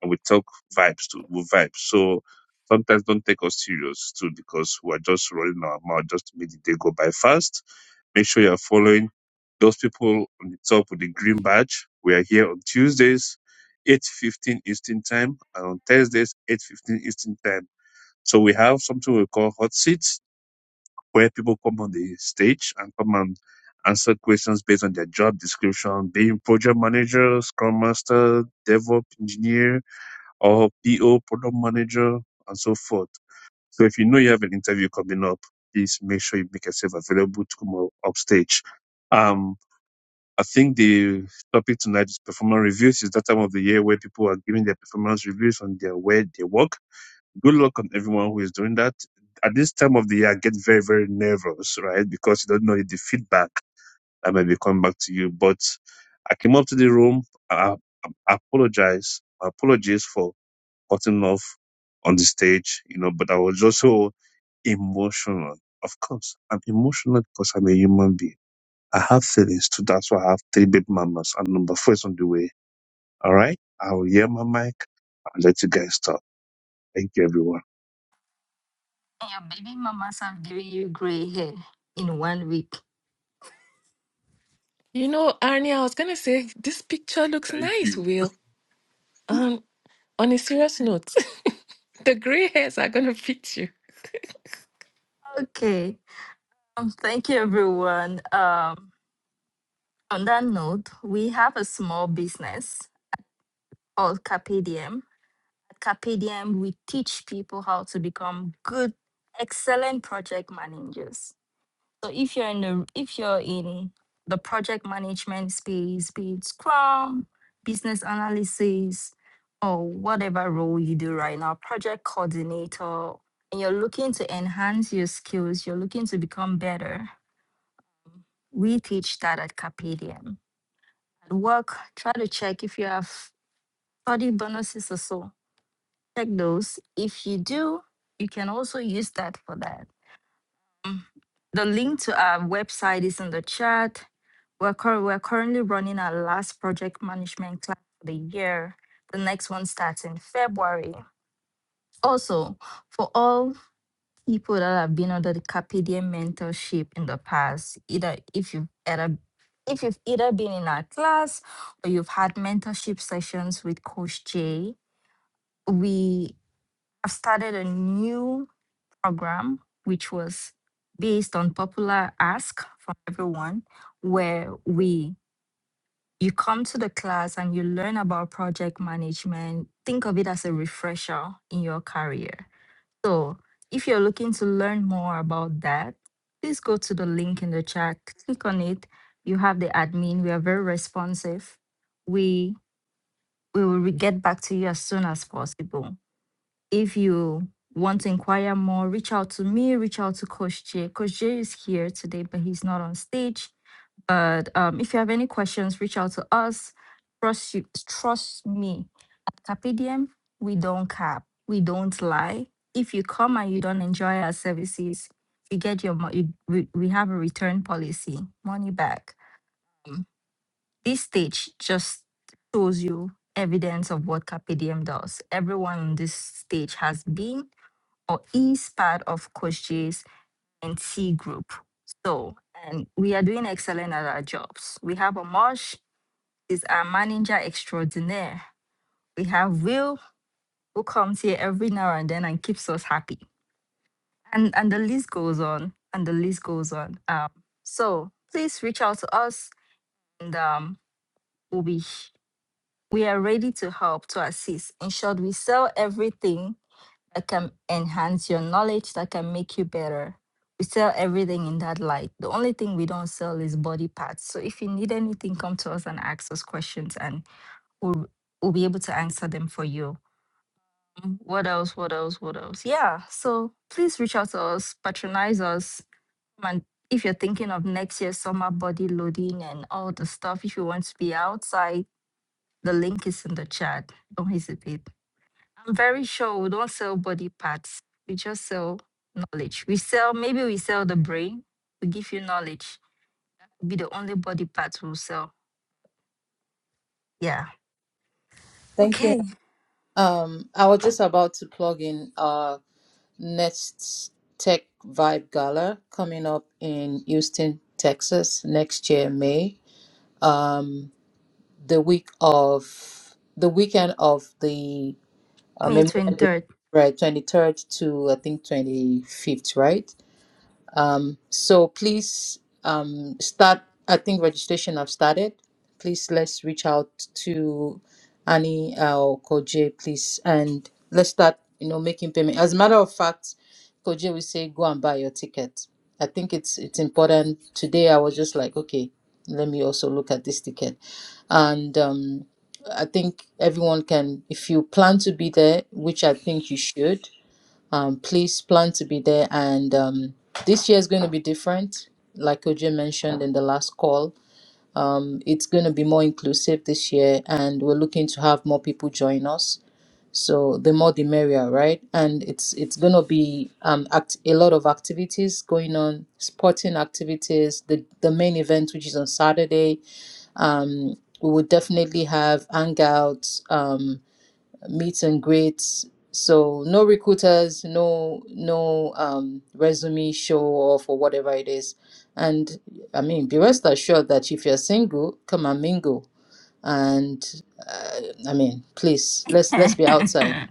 and we talk vibes too. We vibe. So sometimes don't take us serious too because we are just rolling our mouth just to make the day go by fast. Make sure you are following those people on the top with the green badge. We are here on Tuesdays, 8.15 Eastern Time and on Thursdays, 8.15 Eastern Time. So we have something we call hot seat where people come on the stage and come and answer questions based on their job description, being project manager, scrum master, DevOps engineer, or PO, product manager, and so forth. So if you know you have an interview coming up, please make sure you make yourself available to come up upstage. Um, I think the topic tonight is performance reviews. It's that time of the year where people are giving their performance reviews on their where they work good luck on everyone who is doing that. At this time of the year, I get very, very nervous, right? Because you don't know the feedback that may be coming back to you. But I came up to the room. I, I apologize. Apologies for cutting off on the stage, you know, but I was also emotional. Of course, I'm emotional because I'm a human being. I have feelings too. That's why I have three baby mamas and number four is on the way. All right. I'll hear my mic and let you guys talk. Thank you, everyone.
Your baby mamas have given you gray hair in one week.
You know, Arnie, I was gonna say this picture looks
Thank
nice,
you.
Will. Um, on a serious note, the gray hairs are gonna fit you.
Okay. Um, thank you everyone. Um on that note, we have a small business called Capedium. At Capedium, we teach people how to become good, excellent project managers. So if you're in the if you're in the project management space, be it Scrum, business analysis, or whatever role you do right now, project coordinator, and you're looking to enhance your skills, you're looking to become better, we teach that at Capedium. At work, try to check if you have 30 bonuses or so. Check those. If you do, you can also use that for that. The link to our website is in the chat. We're, cur- we're currently running our last project management class for the year. The next one starts in February. Also, for all people that have been under the Carpedia mentorship in the past, either if you've either if you've either been in our class or you've had mentorship sessions with Coach Jay, we have started a new program, which was based on popular ask from everyone, where we you come to the class and you learn about project management. Think of it as a refresher in your career. So if you're looking to learn more about that, please go to the link in the chat, click on it. You have the admin. We are very responsive. We we will re- get back to you as soon as possible. If you want to inquire more, reach out to me, reach out to Coach Jay. Coach Jay is here today, but he's not on stage. But um, if you have any questions, reach out to us. Trust you, trust me. Carpe diem, we don't cap, we don't lie. If you come and you don't enjoy our services, you get your money. We, we have a return policy, money back. Um, This stage just shows you evidence of what Carpe diem does. Everyone on this stage has been or is part of Coach J's and T group. So, and we are doing excellent at our jobs. We have Amosh, is our manager extraordinaire. We have Will, who comes here every now and then and keeps us happy. And and the list goes on, and the list goes on. Um, so please reach out to us, and um, we'll be we are ready to help to assist. In short, we sell everything that can enhance your knowledge, that can make you better. We sell everything in that light. The only thing we don't sell is body parts. So if you need anything, come to us and ask us questions and we'll, we'll be able to answer them for you. Mm, What else? What else? What else? Yeah. So please reach out to us, patronize us. And if you're thinking of next year's summer body loading and all the stuff, if you want to be outside, the link is in the chat. Don't hesitate. I'm very sure we don't sell body parts. We just sell knowledge. We sell, maybe we sell the brain. We give you knowledge. Be the only body parts we'll sell. Yeah.
Thank you.
Okay.
Um, I was just about to plug in. Uh. next Tech Vibe Gala coming up in Houston, Texas next year, May. Um, the week of the weekend of the uh,
May
Memorial Day,
23rd.
right, 23rd to I think 25th, right? Um, so please um, start. I think registration have started. Please let's reach out to Annie uh, or Koje, please, and let's start. You know, making payment. As a matter of fact, Koje will say, "Go and buy your ticket." I think it's it's important. Today, I was just like, okay, let me also look at this ticket, and um, I think everyone can. If you plan to be there, which I think you should, um, please plan to be there. And um, this year is going to be different, like Oje mentioned in the last call. Um, it's going to be more inclusive this year, and we're looking to have more people join us. So the more the merrier, right? And it's it's going to be um, act- a lot of activities going on, sporting activities. The the main event, which is on Saturday, um, we will definitely have hangouts. Um, meet and greets. So no recruiters, no no um, resume show off or whatever it is. And I mean, be rest assured that if you're single, come and mingle. And uh, I mean, please let's let's be outside.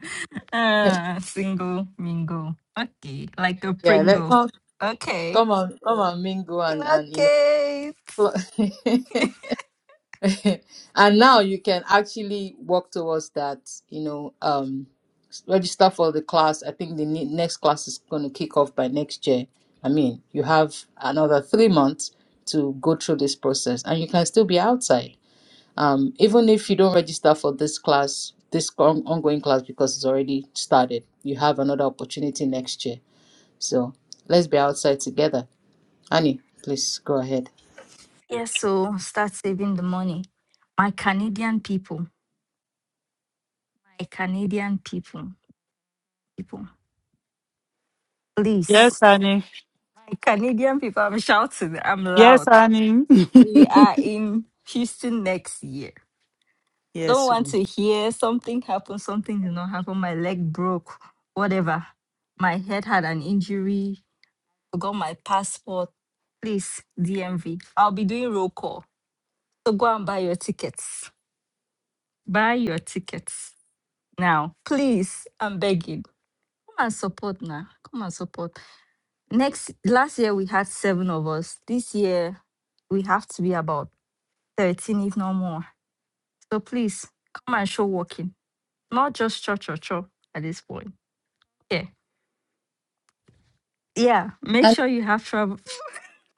Ah, single mingle. Okay. Like a
Yeah, let
Pringle.
come
Okay.
come on come and mingle and and you
Okay.
know. and now you can actually work towards that you know um register for the class i think the ne- next class is going to kick off by next year i mean you have another three months to go through this process and you can still be outside um even if you don't register for this class this on- ongoing class because it's already started you have another opportunity next year so let's be outside together annie please go ahead
Yeah, so start saving the money. My Canadian people, my Canadian people, people, please. Canadian people, I'm shouting, I'm loud. We are in Houston next year. I
yeah.
don't want to hear something happen, something did not happen, my leg broke, whatever. My head had an injury, forgot my passport. Please, DMV. I'll be doing roll call. So go and buy your tickets. Buy your tickets now. Please, I'm begging. Come and support now. Come and support. Next, last year we had seven of us. This year we have to be about 13, if not more. So please come and show walking, not just cho cho cho at this point. Yeah. Yeah. Make sure you have trouble.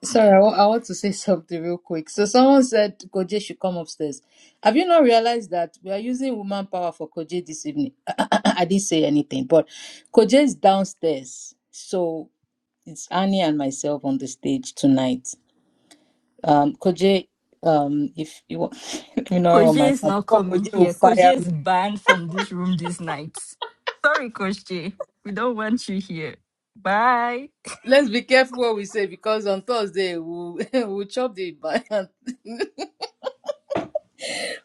Sorry, I wa- I want to say something real quick. So someone said Koje should come upstairs. Have you not realized that we are using woman power for Koje this evening? I didn't say anything, but Koje is downstairs. So it's Annie and myself on the stage tonight. Um, Koje, um, if you want, let me not run
Koje
my
is
mouth.
not
before
coming
Koje will
here.
fire
Koje
me.
is banned from this room this night. Sorry, Coach J. We don't want you here. Bye.
Let's be careful what we say because on Thursday we'll, we'll chop the banana.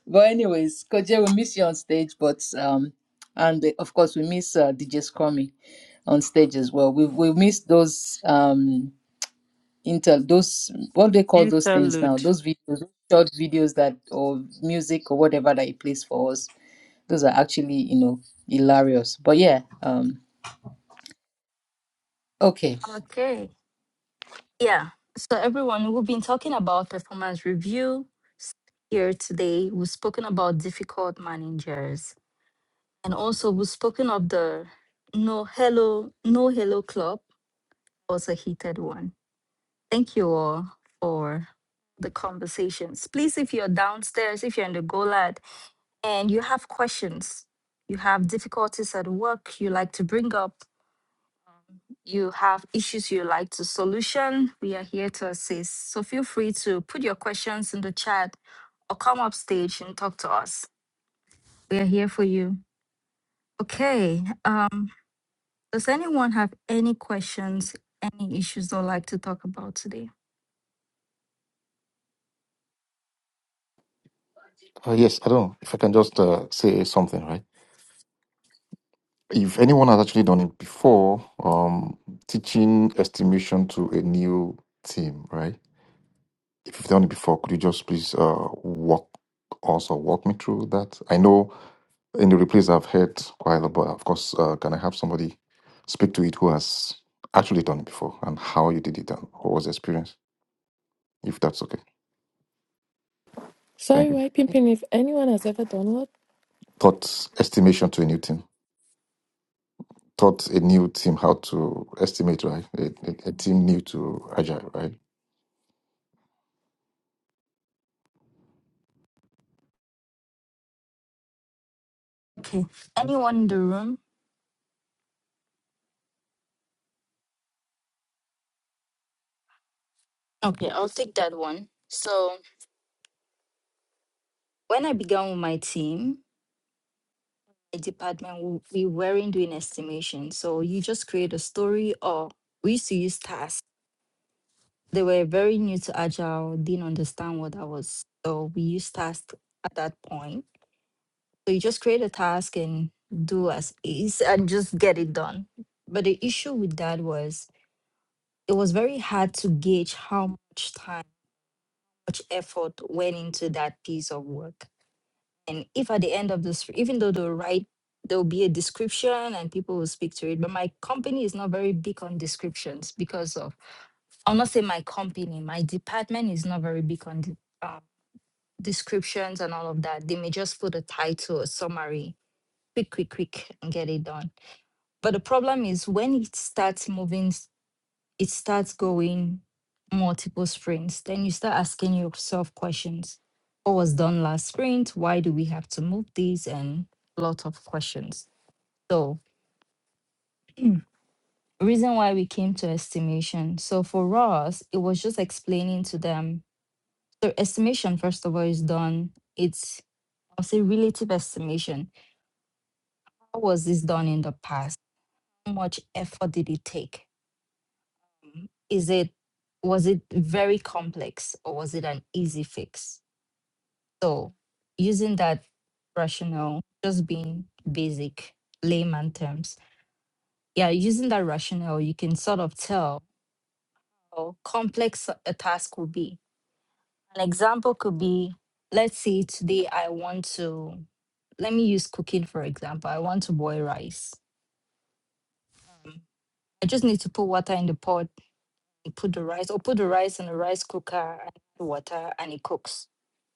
But anyways, Koje, we miss you on stage, but um, and the- of course we miss uh, DJ Scrummy on stage as well. We we miss those um intel those what do they call those things now? Those videos, short videos that or music or whatever that he plays for us. Those are actually you know hilarious. But yeah, um, okay,
Okay. Yeah. So everyone, we've been talking about performance review here today. We've spoken about difficult managers. And also we've spoken of the no hello, no hello club was a heated one. Thank you all for the conversations. Please, if you're downstairs, if you're in the GOLAD and you have questions, you have difficulties at work you like to bring up, you have issues you like to solution, we are here to assist. So feel free to put your questions in the chat or come up stage and talk to us. We are here for you. Okay. Um, does anyone have any questions, any issues they'd like to talk about today?
uh, yes, I don't know if I can just uh, say something, right? if anyone has actually done it before, um, teaching estimation to a new team, right? If you've done it before, could you just please uh, walk also walk me through that? I know in the replays I've heard quite a lot, but of course, uh, can I have somebody speak to it who has actually done it before and how you did it and what was the experience, if that's okay?
Sorry,
Thank you.
White Pimpin, if anyone has ever done what?
Taught estimation to a new team. Taught a new team how to estimate, right? A, a, a team new to Agile, right?
Okay. Anyone in the room? Okay, I'll take that one. So when I began with my team, a department w- we weren't doing estimation. So you just create a story or we used to use tasks. They were very new to Agile, didn't understand what that was. So we used tasks at that point. So you just create a task and do as is and just get it done. But the issue with that was it was very hard to gauge how much time, much effort went into that piece of work And if at the end of this, even though they'll write, there'll be a description and people will speak to it. But my company is not very big on descriptions because of, I'll not say my company, my department is not very big on de- uh, descriptions and all of that. They may just put a title, a summary, quick, quick, quick, and get it done. But the problem is when it starts moving it starts going multiple sprints, then you start asking yourself questions. What was done last sprint? Why do we have to move these? And a lot of questions. So, reason why we came to estimation. So, for us, it was just explaining to them. So, estimation, first of all, is done. It's, I'll say, relative estimation. How was this done in the past? How much effort did it take? Is it, was it very complex or was it an easy fix? So, using that rationale, just being basic layman terms, yeah, using that rationale, you can sort of tell how complex a task will be. An example could be let's say today I want to, let me use cooking for example. I want to boil rice. I just need to put water in the pot and put the rice, or put the rice in the rice cooker and water, and it cooks.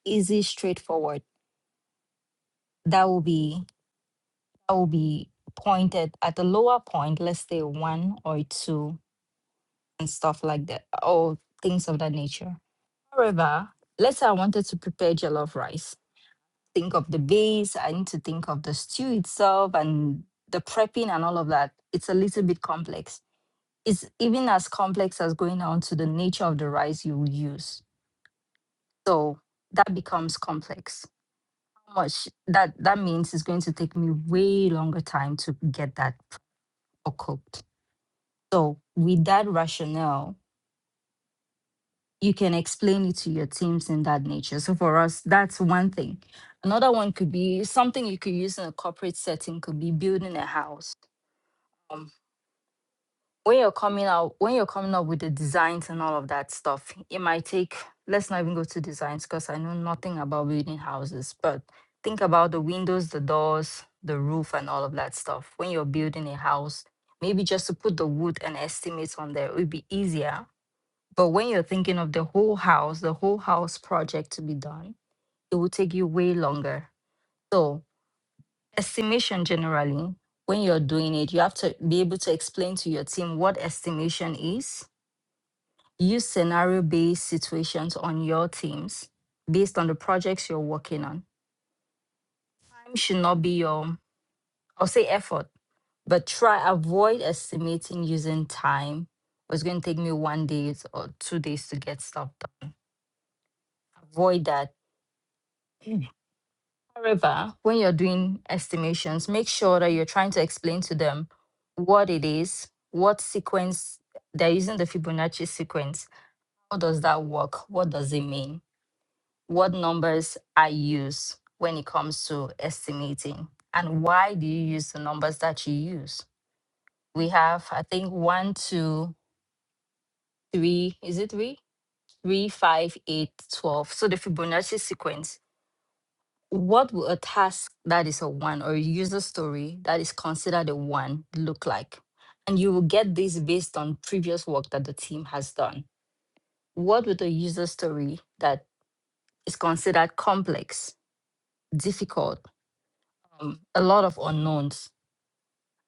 Easy, straightforward. That will be that will be pointed at a lower point, let's say one or two, and stuff like that, or things of that nature. However, let's say I wanted to prepare jollof rice. Think of the base, I need to think of the stew itself and the prepping and all of that. It's a little bit complex. It's even as complex as going down to the nature of the rice you will use. So that becomes complex. How much that that means it's going to take me way longer time to get that or cooked. So, with that rationale, you can explain it to your teams in that nature. So, for us, that's one thing. Another one could be something you could use in a corporate setting, could be building a house. Um, when you're coming out, when you're coming up with the designs and all of that stuff, it might take, let's not even go to designs because I know nothing about building houses, but think about the windows, the doors, the roof, and all of that stuff. When you're building a house, maybe just to put the wood and estimates on there, it would be easier But when you're thinking of the whole house, the whole house project to be done, it will take you way longer. So, estimation generally, when you're doing it, you have to be able to explain to your team what estimation is, use scenario based situations on your teams based on the projects you're working on. Time should not be your, I'll say effort, but try avoid estimating using time. It's going to take me one day or two days to get stuff done. Avoid that However, when you're doing estimations, make sure that you're trying to explain to them what it is, what sequence they're using the Fibonacci sequence. How does that work? What does it mean? What numbers I use when it comes to estimating? And why do you use the numbers that you use? We have, I think, one, two, three, is it three? Three, five, eight, twelve. So the Fibonacci sequence What will a task that is a one or a user story that is considered a one look like? And you will get this based on previous work that the team has done. What would a user story that is considered complex, difficult, um, a lot of unknowns?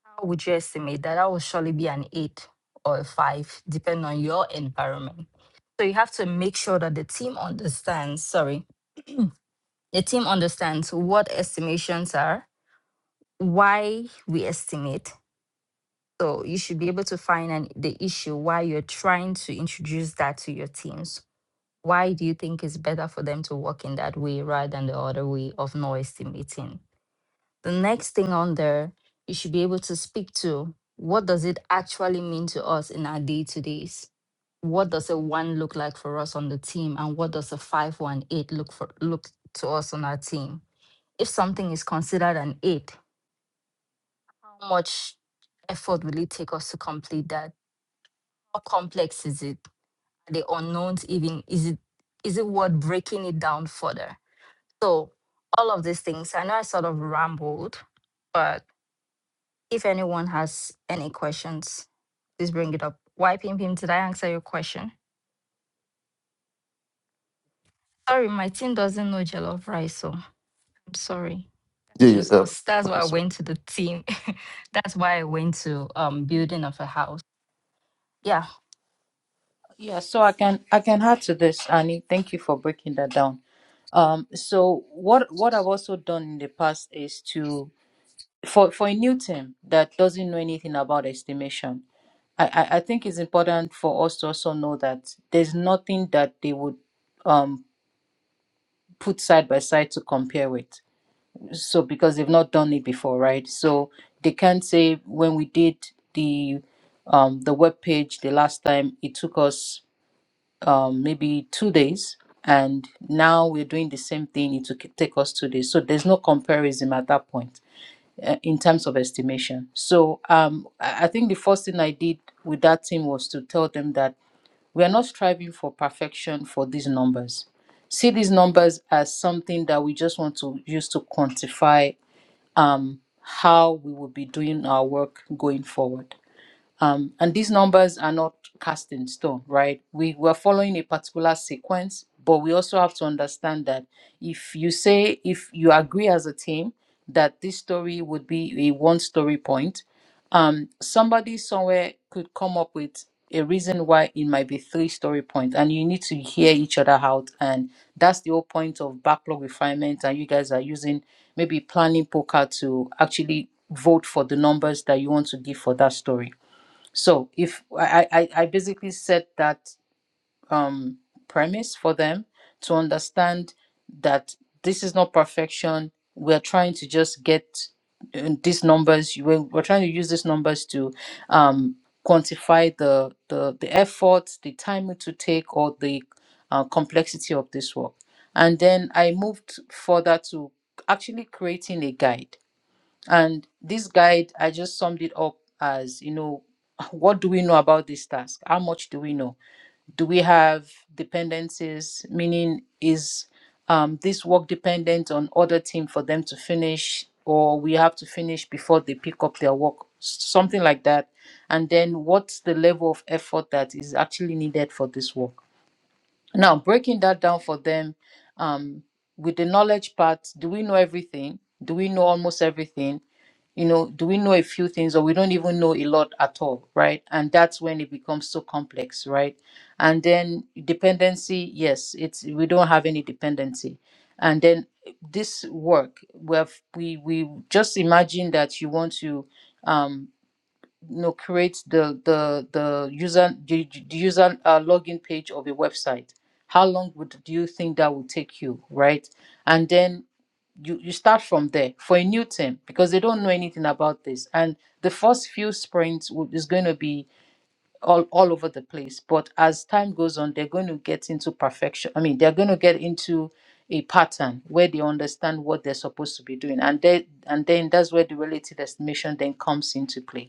How would you estimate that? That will surely be an eight or a five, depending on your environment. So you have to make sure that the team understands, sorry, the team understands what estimations are, why we estimate, So you should be able to find an, the issue why you're trying to introduce that to your teams. Why do you think it's better for them to work in that way rather than the other way of no estimating? The next thing on there, you should be able to speak to what does it actually mean to us in our day to days? What does a one look like for us on the team, and what does a five one eight look for look to us on our team? If something is considered an eight, how much effort will it take us to complete that? how complex is it? Are the unknowns even is it is it worth breaking it down further? So all of these things. I know I sort of rambled, but if anyone has any questions, please bring it up. Why Pim Pim, did I answer your question? Sorry, my team doesn't know jollof rice, so I'm sorry.
Yeah,
That's
yeah,
just
uh,
us. That's
okay,
why I
sorry.
went to the team. That's why I went to um building of a house. Yeah.
yeah. So I can I can add to this, Annie. Thank you for breaking that down. Um, so what what I've also done in the past is to for for a new team that doesn't know anything about estimation, I, I, I think it's important for us to also know that there's nothing that they would um put side by side to compare with. So because they've not done it before, right? So they can't say when we did the um the web page the last time it took us um maybe two days and now we're doing the same thing it took take us two days. So there's no comparison at that point uh, in terms of estimation. So um, I I think the first thing I did with that team was to tell them that we are not striving for perfection for these numbers. See these numbers as something that we just want to use to quantify um, how we will be doing our work going forward. Um, and these numbers are not cast in stone, right? We were following a particular sequence, but we also have to understand that if you say, if you agree as a team that this story would be a one story point, um, somebody somewhere could come up with a reason why it might be three story point, and you need to hear each other out. And that's the whole point of backlog refinement. And you guys are using maybe planning poker to actually vote for the numbers that you want to give for that story so if I, I, I basically set that um, premise for them to understand that this is not perfection. We're trying to just get uh, these numbers. We're, we're trying to use these numbers to um, quantify the, the the effort, the time it to take, or the uh, complexity of this work. And then I moved further to actually creating a guide and this guide, I just summed it up as, you know, what do we know about this task? How much do we know? Do we have dependencies? Meaning, is um, this work dependent on other team for them to finish, or we have to finish before they pick up their work? S- Something like that. And then, what's the level of effort that is actually needed for this work? Now, breaking that down for them, um, with the knowledge part, do we know everything? Do we know almost everything? you know, do we know a few things or we don't even know a lot at all, right? And that's when it becomes so complex, right? And then dependency, yes, it's we don't have any dependency. And then this work, we have, we we just imagine that you want to. um no create the the the user the, the user uh, login page of a website how long would do you think that would take you right and then you you start from there for a new team because they don't know anything about this and the first few sprints will- is going to be all, all over the place but as time goes on they're going to get into perfection i mean they're going to get into a pattern where they understand what they're supposed to be doing and they and then that's where the relative estimation then comes into play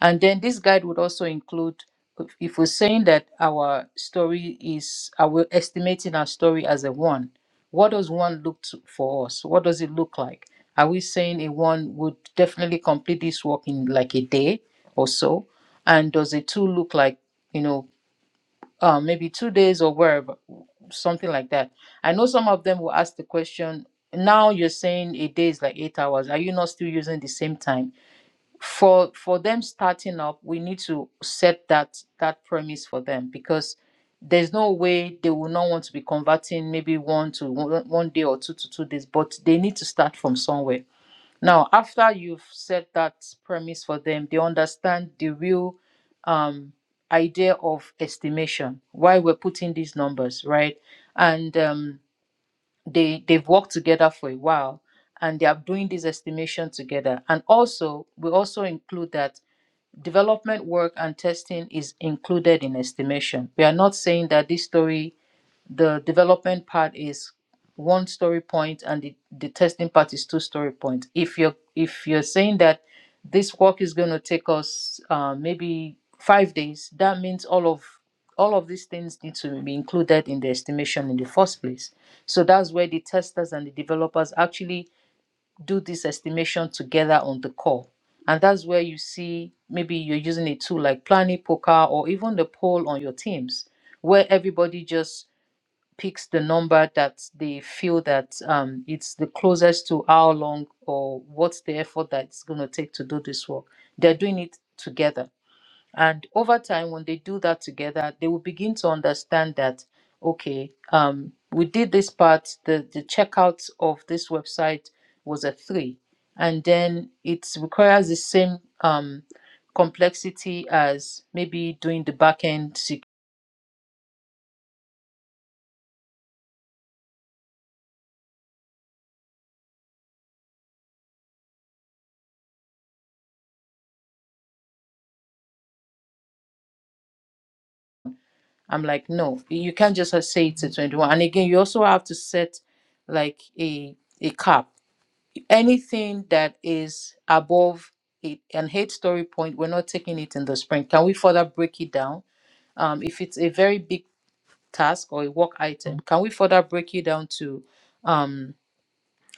and then this guide would also include if if we're saying that our story is, uh, we're estimating our story as a one, what does one look to, for us? What does it look like? Are we saying a one would definitely complete this work in like a day or so? And does a two look like, you know, uh, maybe two days or wherever, something like that? I know some of them will ask the question, now you're saying a day is like eight hours. Are you not still using the same time? for for them starting up we need to set that that premise for them because there's no way they will not want to be converting maybe one to one one day or two to two days but they need to start from somewhere now after you've set that premise for them they understand the real um idea of estimation why we're putting these numbers right and um they they've worked together for a while and they are doing this estimation together and also we also include that development work and testing is included in estimation. We are not saying that this story, the development part is one story point and the, the testing part is two story point. If you're if you're saying that this work is going to take us uh, maybe five days, that means all of all of these things need to be included in the estimation in the first place. So that's where the testers and the developers actually do this estimation together on the call. And that's where you see maybe you're using a tool like Planning Poker or even the poll on your teams, where everybody just picks the number that they feel that um, it's the closest to how long or what's the effort that's going to take to do this work. They're doing it together. And over time, when they do that together, they will begin to understand that, okay, um, we did this part, the, the checkout of this website was a three. And then it requires the same um, complexity as maybe doing the back end. sec- I'm like, no, you can't just say it's a 21. And again, you also have to set like a, a cap Anything that is above it, an eight story point, we're not taking it in the sprint. Can we further break it down? Um, if it's a very big task or a work item, can we further break it down to um,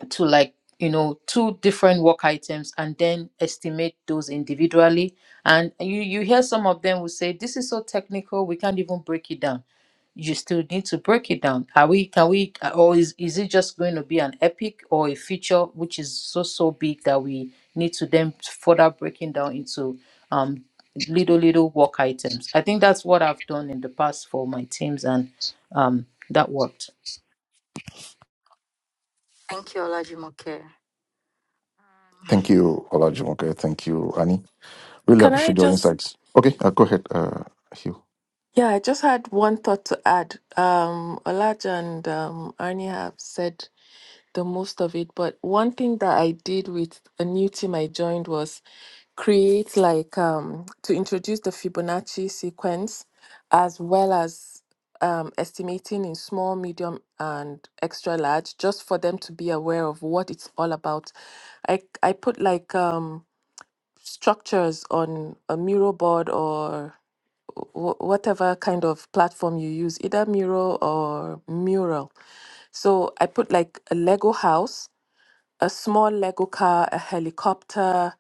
to like you know two different work items and then estimate those individually? And you you hear some of them will say this is so technical, we can't even break it down you still need to break it down. Are we, can we, or is, is it just going to be an epic or a feature which is so, so big that we need to then further breaking down into um, little, little work items? I think that's what I've done in the past for my teams and um, that worked.
Thank you, Olajimoke. Um,
Thank you, Olajumoke. Thank you, Annie. Really
Can I
appreciate your
just,
insights. Okay, uh, go ahead, uh, Hugh.
yeah, I just had one thought to add. Um, Olaja and um, Arnie have said the most of it, but one thing that I did with a new team I joined was create like um, to introduce the Fibonacci sequence as well as um, estimating in small, medium, and extra large, just for them to be aware of what it's all about. I I put like um, structures on a mural board or wh- whatever kind of platform you use, either Miro or Mural. So I put like a Lego house, a small Lego car, a helicopter,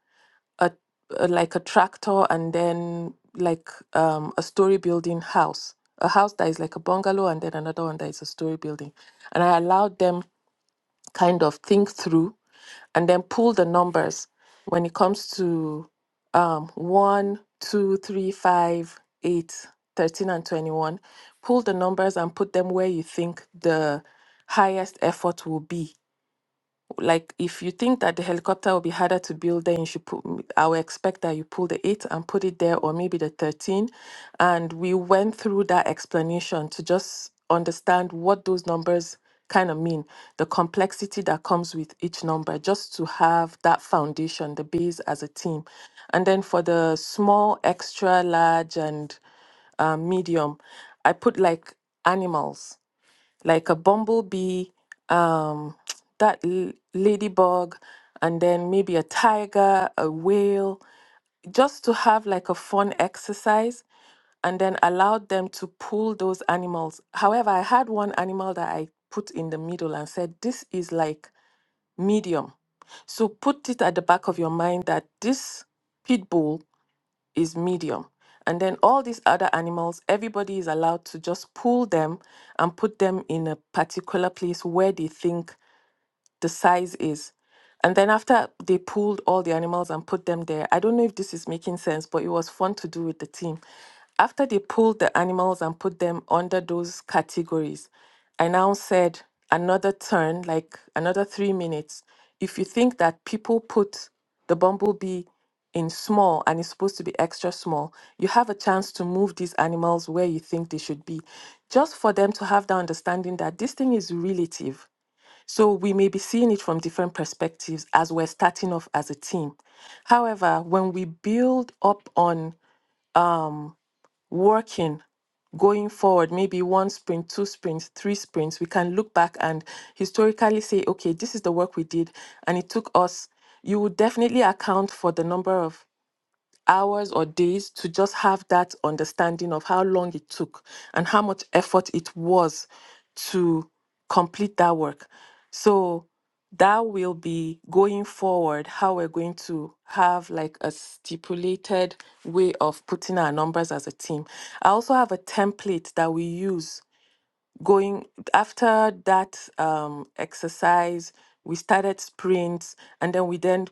a, a like a tractor, and then like um, a story building house, a house that is like a bungalow, and then another one that is a story building. And I allowed them kind of think through and then pull the numbers when it comes to um, 1, two, three, five, eight, thirteen, and 21. Pull the numbers and put them where you think the highest effort will be like, if you think that the helicopter will be harder to build, then you should put, m- I would expect that you pull the 8 and put it there, or maybe the 13. And we went through that explanation to just understand what those numbers kind of mean, the complexity that comes with each number, just to have that foundation, the base as a team. And then for the small, extra large, and um, medium, I put like animals like a bumblebee, um, that l- ladybug, and then maybe a tiger, a whale, just to have like a fun exercise and then allowed them to pull those animals. However, I had one animal that I put in the middle and said, This is like medium. So put it at the back of your mind that this pit bull." is medium. And then all these other animals, everybody is allowed to just pull them and put them in a particular place where they think the size is. And then after they pulled all the animals and put them there, I don't know if this is making sense, but it was fun to do with the team. After they pulled the animals and put them under those categories, I now said another turn, like another three minutes. If you think that people put the bumblebee in small and it's supposed to be extra small, you have a chance to move these animals where you think they should be, just for them to have the understanding that this thing is relative so we may be seeing it from different perspectives as we're starting off as a team. However, when we build up on um, working going forward, maybe one sprint, two sprints, three sprints, we can look back and historically say, okay, this is the work we did, and it took us. You would definitely account for the number of hours or days to just have that understanding of how long it took and how much effort it was to complete that work. So that will be going forward how we're going to have like a stipulated way of putting our numbers as a team. I also have a template that we use going after that um, exercise. We started sprints and then we then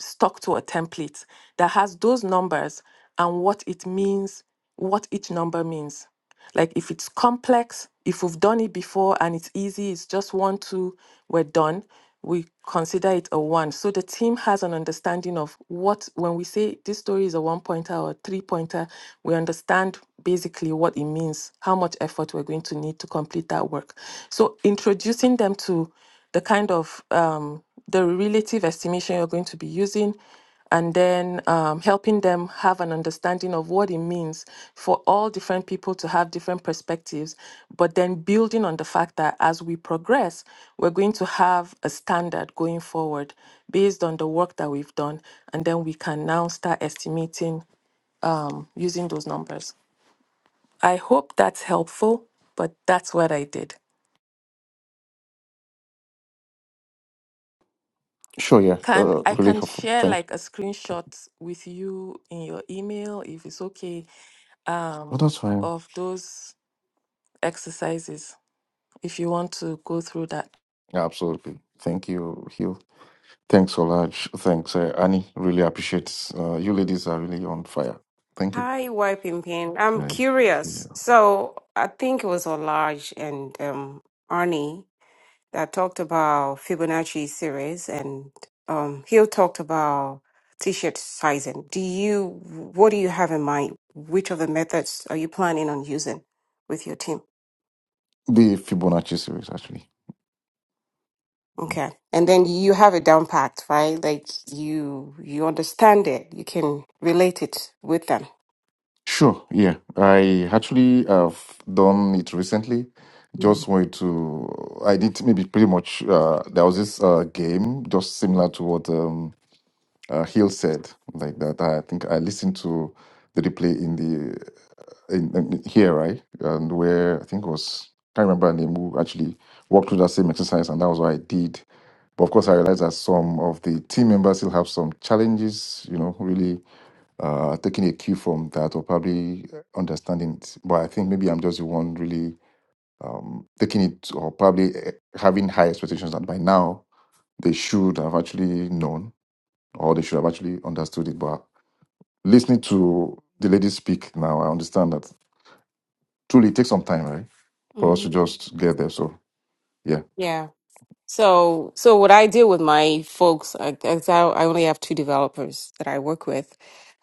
stuck to a template that has those numbers and what it means, what each number means. Like if it's complex, if we've done it before and it's easy, it's just one, two, we're done, we consider it a one. So the team has an understanding of what, when we say this story is a one pointer or a three pointer, we understand basically what it means, how much effort we're going to need to complete that work. So introducing them to the kind of um, the relative estimation you're going to be using, and then um, helping them have an understanding of what it means for all different people to have different perspectives, but then building on the fact that as we progress, we're going to have a standard going forward based on the work that we've done, and then we can now start estimating um, using those numbers. I hope that's helpful, but that's what I did.
Sure, yeah,
Can
uh,
I
really
can
helpful.
share
Thank.
like a screenshot with you in your email if it's okay,
Oh,
um,
that's fine.
of those exercises if you want to go through that.
Yeah, absolutely. Thank you, Hugh. Thanks, Olaj. Thanks, uh, Annie. Really appreciate. Uh, you ladies are really on fire. Thank you.
Hi, wiping pain. I'm
Yeah. yeah.
curious. So I think it was Olaj and um, Arnie. that talked about Fibonacci series, and um, Hill talked about t-shirt sizing. Do you, what do you have in mind? Which of the methods are you planning on using with your team?
The Fibonacci series, actually.
Okay, and then you have it down packed, right? Like you, you understand it. You can relate it with them.
Sure, yeah. I actually have done it recently. Just wanted to, I did maybe pretty much, uh, there was this uh, game just similar to what um, uh, Hill said, like that. I think I listened to the replay in the, in, in here, right? And where I think it was, can't remember her name, who actually walked through that same exercise, and that was what I did. But of course, I realized that some of the team members still have some challenges, you know, really uh, taking a cue from that or probably understanding it. But I think maybe I'm just the one really um, taking it or probably eh, having high expectations that by now they should have actually known or they should have actually understood it. But listening to the lady speak now, I understand that truly it takes some time, right, for us
hmm
to just get there. So, yeah.
Yeah. So, so what I do with my folks, I, I so I only have two developers that I work with.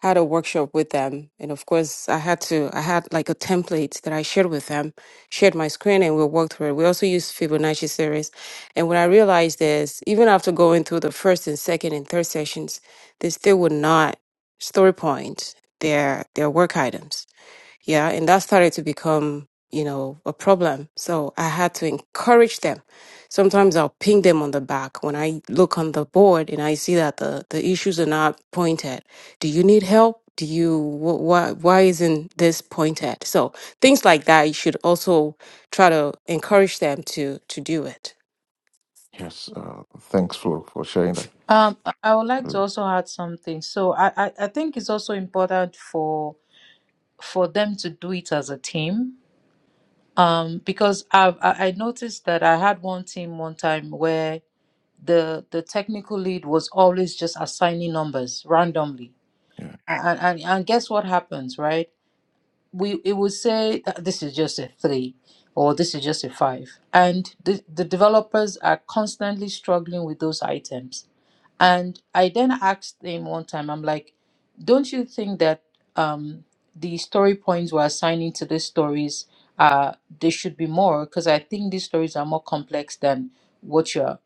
had a workshop with them, and of course, I had to. I had like a template that I shared with them, shared my screen, and we worked through it. We also used Fibonacci series, and what I realized is, even after going through the first and second and third sessions, they still would not story point their their work items. Yeah, and that started to become, you know, a problem. So I had to encourage them. Sometimes I'll ping them on the back when I look on the board and I see that the, the issues are not pointed. Do you need help? Do you, wh- why, why isn't this pointed? So things like that, you should also try to encourage them to, to do it.
Yes. Uh, thanks for, for sharing that.
Um, I I would like
Uh,
to also add something. So I, I, I think it's also important for for them to do it as a team. Um, because I've, I I noticed that I had one team one time where the the technical lead was always just assigning numbers randomly
Yeah.
and and, and guess what happens right we it would say "Uh, this is just a three or this is just a five and the, the developers are constantly struggling with those items and i then asked him one time i'm like don't you think that um the story points we're assigning to these stories uh there should be more because i think these stories are more complex than what you're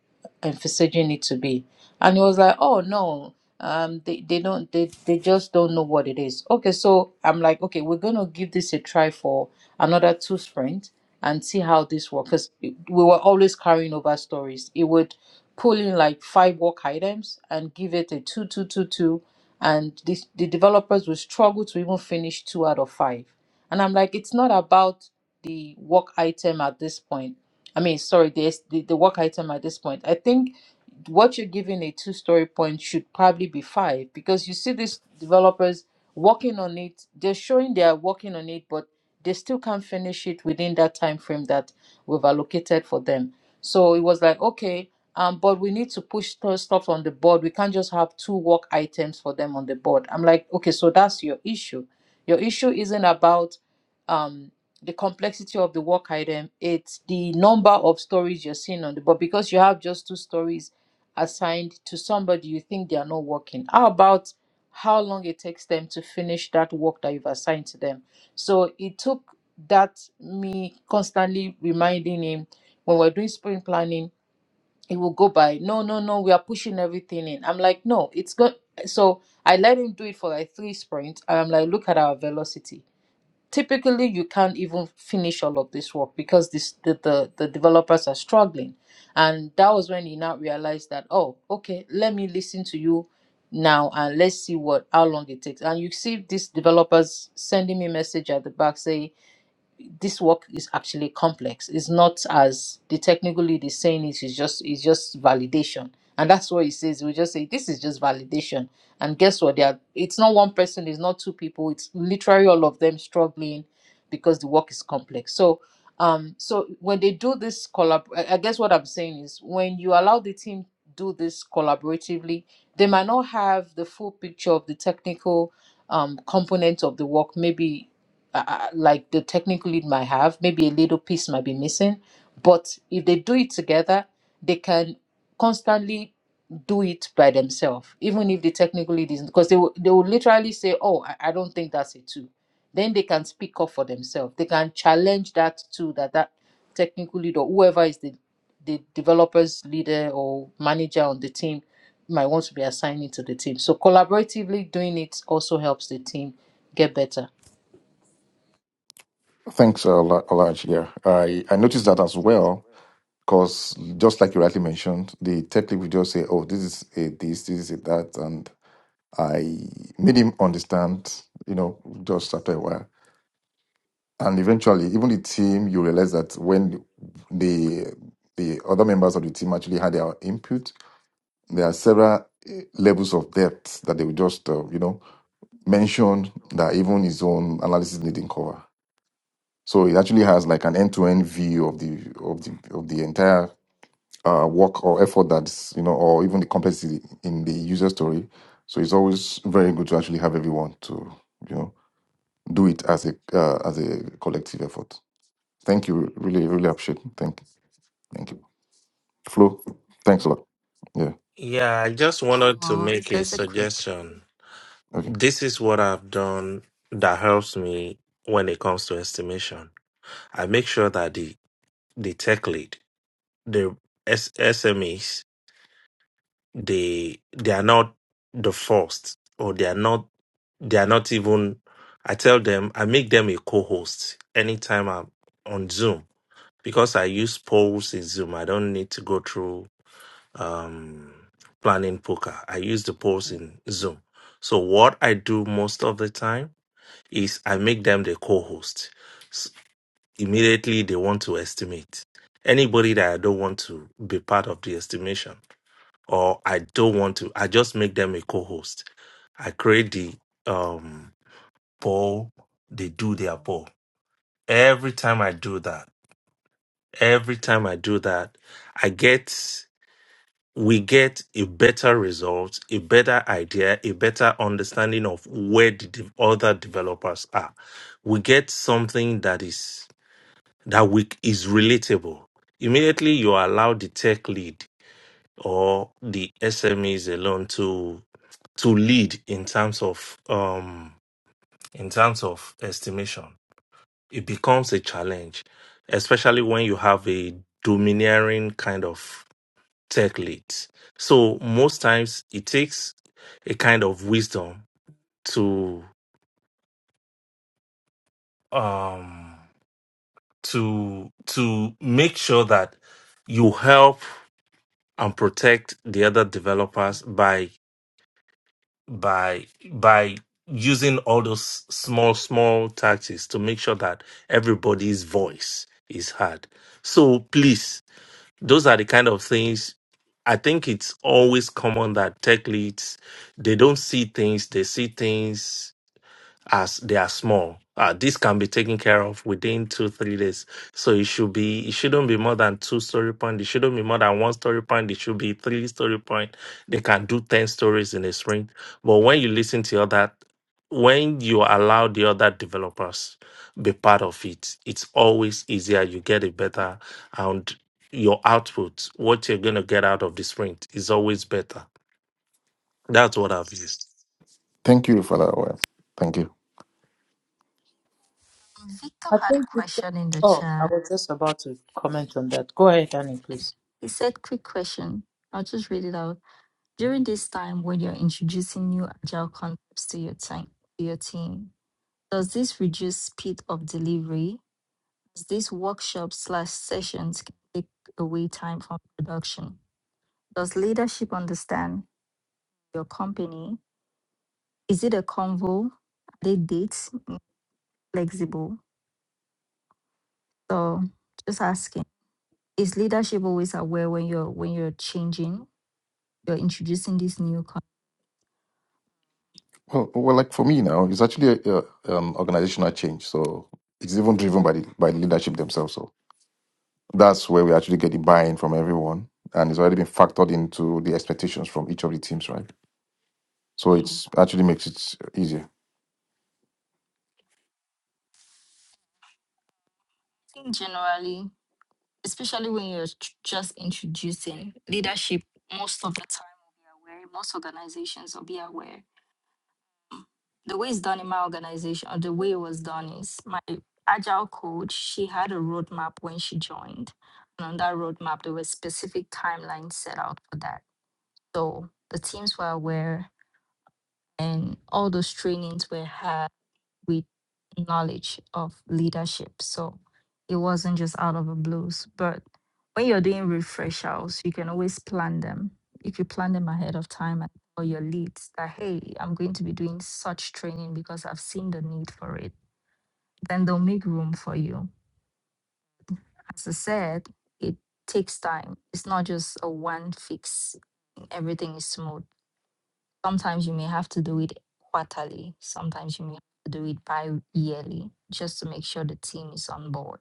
emphasizing it to be and it was like oh no um they, they don't they, they just don't know what it is okay so i'm like okay we're gonna give this a try for another two sprints and see how this works because we were always carrying over stories it would pull in like five work items and give it a two two two two and this, the developers will struggle to even finish two out of five. And I'm like, it's not about the work item at this point. I mean, sorry, the, the, the work item at this point. I think what you're giving a two story point should probably be five because you see these developers working on it, they're showing they are working on it, but they still can't finish it within that time frame that we've allocated for them. So it was like, okay, um, but we need to push th- stuff on the board. We can't just have two work items for them on the board. I'm like, okay, so that's your issue. Your issue isn't about um, the complexity of the work item, it's the number of stories you're seeing on the board because you have just two stories assigned to somebody you think they are not working. How about how long it takes them to finish that work that you've assigned to them? So it took that me constantly reminding him when we're doing sprint planning it will go by no no no we are pushing everything in i'm like no it's good so i let him do it for like three sprints and i'm like look at our velocity typically you can't even finish all of this work because this the the, the developers are struggling and that was when he now realized that oh okay let me listen to you now and let's see what how long it takes and you see these developers sending me message at the back saying this work is actually complex. It's not as the technical lead is saying it is just it's just validation. And that's what he says. We just say this is just validation. And guess what? They are it's not one person, it's not two people, it's literally all of them struggling because the work is complex. So um so when they do this collab I I guess what I'm saying is when you allow the team do this collaboratively, they might not have the full picture of the technical um component of the work. Maybe uh, uh, like the technical lead might have. Maybe a little piece might be missing, but if they do it together, they can constantly do it by themselves, even if the technical lead isn't. Because they will, they will literally say, "Oh, I, I don't think that's a two. Then they can speak up for themselves. They can challenge that too. That that technical lead or whoever is the the developer's leader or manager on the team might want to be assigned it to the team. So collaboratively doing it also helps the team get better.
Thanks, uh, Ola- Olaj. Yeah. I, I noticed that as well Because just like you rightly mentioned, the tech lead will just say, "Oh, this is a this, this is a that," and I made him understand. You know, just after a while, and eventually, even the team, you realize that when the the other members of the team actually had their input, there are several eh, levels of depth that they would just, uh, you know, mention that even his own analysis didn't cover. So it actually has like an end-to-end view of the of the of the entire uh, work or effort that's you know or even the complexity in the user story so it's always very good to actually have everyone to you know do it as a uh, as a collective effort thank you really really appreciate it. thank you thank you flo
I
thanks a
don't
lot yeah
Yeah, I just wanted to
know.
make a
there's a quick
suggestion.
okay
This is what I've done that helps me when it comes to estimation. I make sure that the the tech lead, the S- SMEs, they they are not the first, or they are not they are not even. I tell them I make them a co-host anytime I'm on Zoom because I use polls in Zoom. I don't need to go through um, planning poker. I use the polls in Zoom. So what I do most of the time is I make them the co-host. S- Immediately they want to estimate. Anybody that I don't want to be part of the estimation or I don't want to, I just make them a co-host. I create the um poll, they do their poll. Every time I do that, every time I do that, I get we get a better result, a better idea, a better understanding of where the de- other developers are. We get something that is that we is relatable. Immediately you allow the tech lead or the SMEs alone to to lead in terms of um in terms of estimation. It becomes a challenge, especially when you have a domineering kind of tech leads. So most times it takes a kind of wisdom to um to to make sure that you help and protect the other developers by by by using all those small small tactics to make sure that everybody's voice is heard. So please Those are the kind of things I think it's always common that tech leads, they don't see things, they see things as they are small. Uh, this can be taken care of within two, three days. So it should be, it shouldn't be more than two story point. It shouldn't be more than one story point. It should be three story point. They can do 10 stories in a sprint. But when you listen to other, when you allow the other developers be part of it, it's always easier. You get it better and your output, what you're going to get out of the sprint is always better. That's what I've used.
thank you for that well, thank you
Um, Victor
I
had a
think.
question in the
Oh, I
chat.
was just about to comment on that. Go ahead, Annie, please.
He said, Quick question. I'll just read it out. During this time when you're introducing new agile concepts to your team, to your team, does this reduce speed of delivery? Does this workshop slash sessions take away time from production? Does leadership understand your company? Is it a convo? Are they dates flexible? So just asking. Is leadership always aware when you're when you're changing? you're introducing this new concept.
well, well like for me now it's actually a, a, um, organizational change so it's even driven by the by the leadership themselves so that's where we actually get the buy-in from everyone and it's already been factored into the expectations from each of the teams right So
Mhm.
it's actually makes it easier.
I think generally, especially when you're tr- just introducing leadership, most of the time will be aware, most organizations will be aware. The way it's done in my organization, or the way it was done is my agile coach, she had a roadmap when she joined. And on that roadmap, there were specific timelines set out for that. So the teams were aware and all those trainings were had with knowledge of leadership. So it wasn't just out of the blues. But when you're doing refreshals, you can always plan them. If you plan them ahead of time and tell your leads that, hey, I'm going to be doing such training because I've seen the need for it, then they'll make room for you. As I said, it takes time. It's not just a one fix, everything is smooth Sometimes you may have to do it quarterly, sometimes you may have to do it bi yearly just to make sure the team is on board.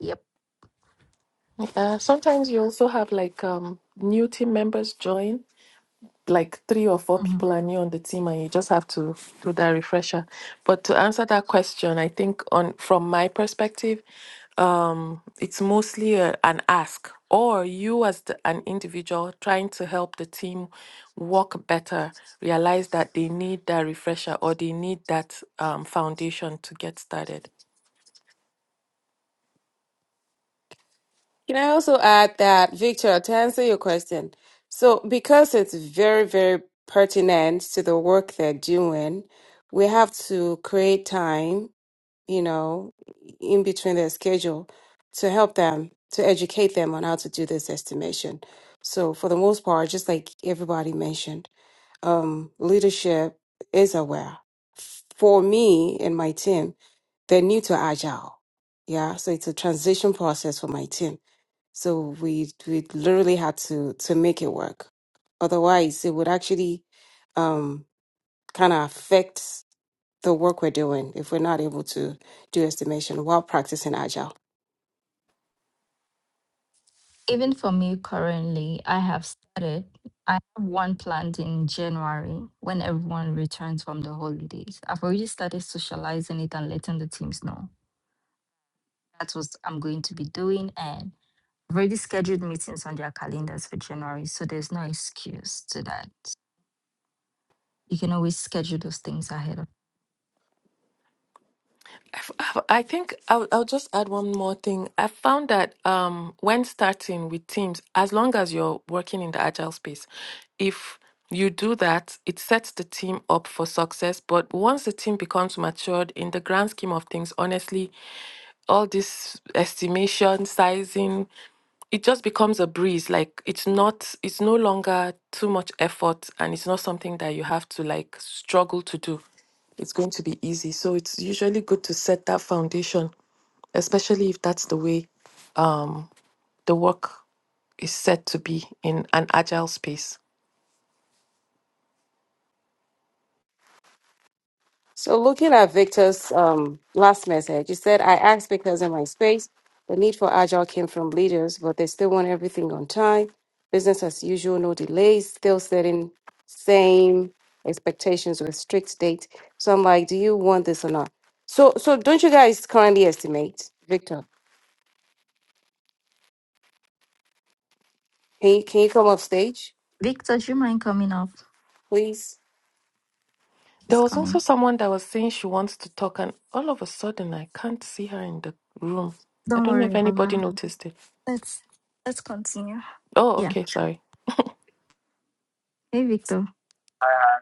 Yep.
Uh, sometimes you also have like um, new team members join. like three or four
Mhm.
people are new on the team and you just have to do that refresher. But to answer that question, I think on from my perspective, um, it's mostly a, an ask or you as the, an individual trying to help the team work better, realize that they need that refresher or they need that um, foundation to get started.
Can I also add that, Victor, to answer your question? So, because it's very, very pertinent to the work they're doing, we have to create time you know, in between their schedule to help them, to educate them on how to do this estimation. So, for the most part, just like everybody mentioned, um, leadership is aware. For me and my team, they're new to Agile. Yeah, so it's a transition process for my team. So we we literally had to to make it work. Otherwise, it would actually um, kind of affect the work we're doing if we're not able to do estimation while practicing agile.
Even for me currently, I have started. I have one planned in January when everyone returns from the holidays. I've already started socializing it and letting the teams know that's what I'm going to be doing. And I've already scheduled meetings on their calendars for January. So there's no excuse to that. You can always schedule those things ahead of.
I I think I'll, I'll just add one more thing. I found that um, when starting with teams, as long as you're working in the agile space, if you do that, it sets the team up for success. But once the team becomes matured, in the grand scheme of things, honestly, all this estimation, sizing, it just becomes a breeze like it's not it's no longer too much effort and it's not something that you have to like struggle to do it's going to be easy so it's usually good to set that foundation especially if that's the way um, the work is set to be in an agile space
So looking at Victor's um, last message, he said, I asked because in my space, the need for agile came from leaders, but they still want everything on time, business as usual, no delays, still setting same expectations with strict date. So I'm like, do you want this or not? So so don't you guys currently estimate, Victor? Can you can you come off stage,
Victor, do you mind coming up?
please?
there
He's
was also
coming.
someone that was saying she wants to talk and all of a sudden i can't see her in the room i
Don't
don't know
worry
if
about
anybody
her.
noticed it
Let's let's continue.
oh
Yeah.
okay sorry
Hey Victor.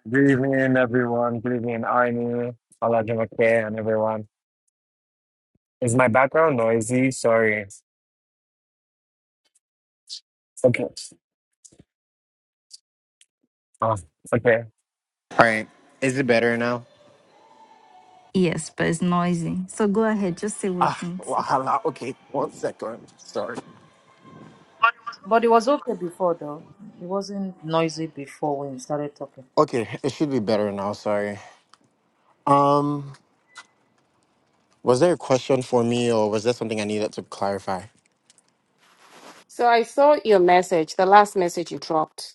Good evening, everyone. Good evening, Arnie, Olaji McKay, and everyone. Is my background noisy? Sorry. Okay. Oh, okay. All right. Is it better now?
Yes, but it's noisy. So go ahead, just say what
Ah,
you need to say.
wahala. Okay. One second. Sorry.
But it was okay before, though. It wasn't noisy before when you started talking.
Okay. It should be better now. Sorry. Um, was there a question for me, or was there something I needed to clarify?
So I saw your message, the last message you dropped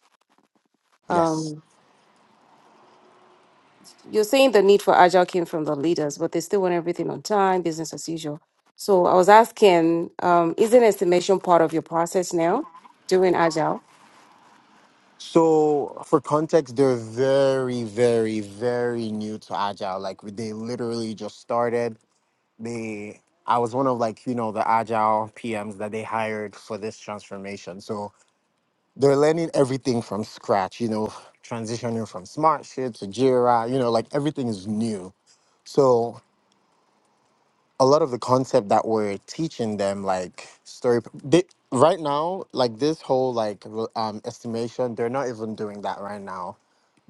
Yes.
Um, you're saying the need for agile came from the leaders, but they still want everything on time, business as usual. So I was asking, um, isn't estimation part of your process now doing agile?
So, for context, they're very, very, very new to Agile. Like, they literally just started. they I was one of like you know the agile PMs that they hired for this transformation. So they're learning everything from scratch, you know, transitioning from Smartsheet to Jira, you know, like everything is new. So a lot of the concept that we're teaching them like story they, right now like this whole like re- um estimation they're not even doing that right now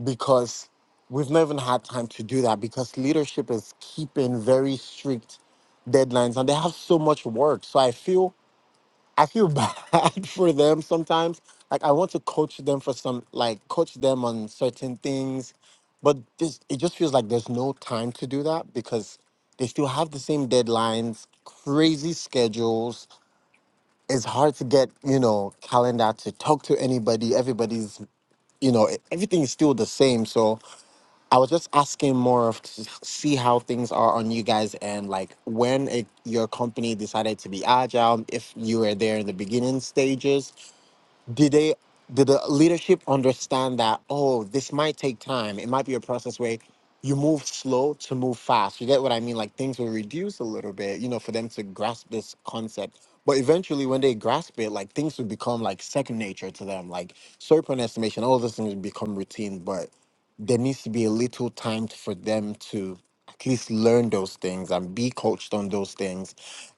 because we've not even had time to do that because leadership is keeping very strict deadlines and they have so much work. So I feel I feel bad for them sometimes. Like I want to coach them for some like coach them on certain things, but this it just feels like there's no time to do that because they still have the same deadlines, crazy schedules. It's hard to get, you know, calendar to talk to anybody. Everybody's, you know, everything is still the same. So I was just asking more of to see how things are on you guys and like when it, your company decided to be agile, if you were there in the beginning stages did they did the leadership understand that oh this might take time it might be a process where you move slow to move fast you get what i mean like things will reduce a little bit you know for them to grasp this concept but eventually when they grasp it like things will become like second nature to them like serpent estimation all those things will become routine but there needs to be a little time for them to at least learn those things and be coached on those things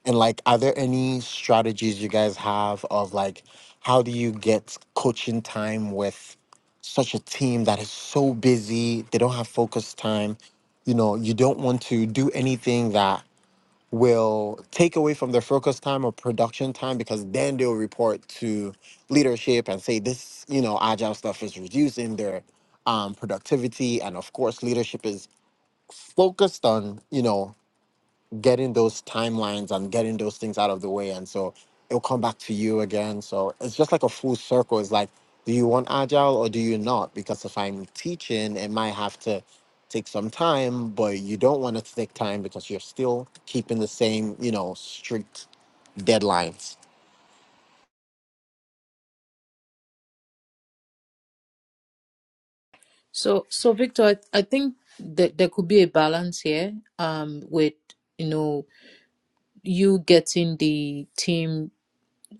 and like, are there any strategies you guys have of like, how do you get coaching time with such a team that is so busy? They don't have focus time. You know, you don't want to do anything that will take away from their focus time or production time because then they'll report to leadership and say this, you know, agile stuff is reducing their um, productivity. And of course, leadership is focused on, you know, getting those timelines and getting those things out of the way. And so it'll come back to you again. So it's just like a full circle. It's like, do you want agile or do you not? Because if I'm teaching, it might have to take some time, but you don't want it to take time because you're still keeping the same, you know, strict deadlines.
So, so Victor, I, I think that there could be a balance here. Um, with you know you getting the team,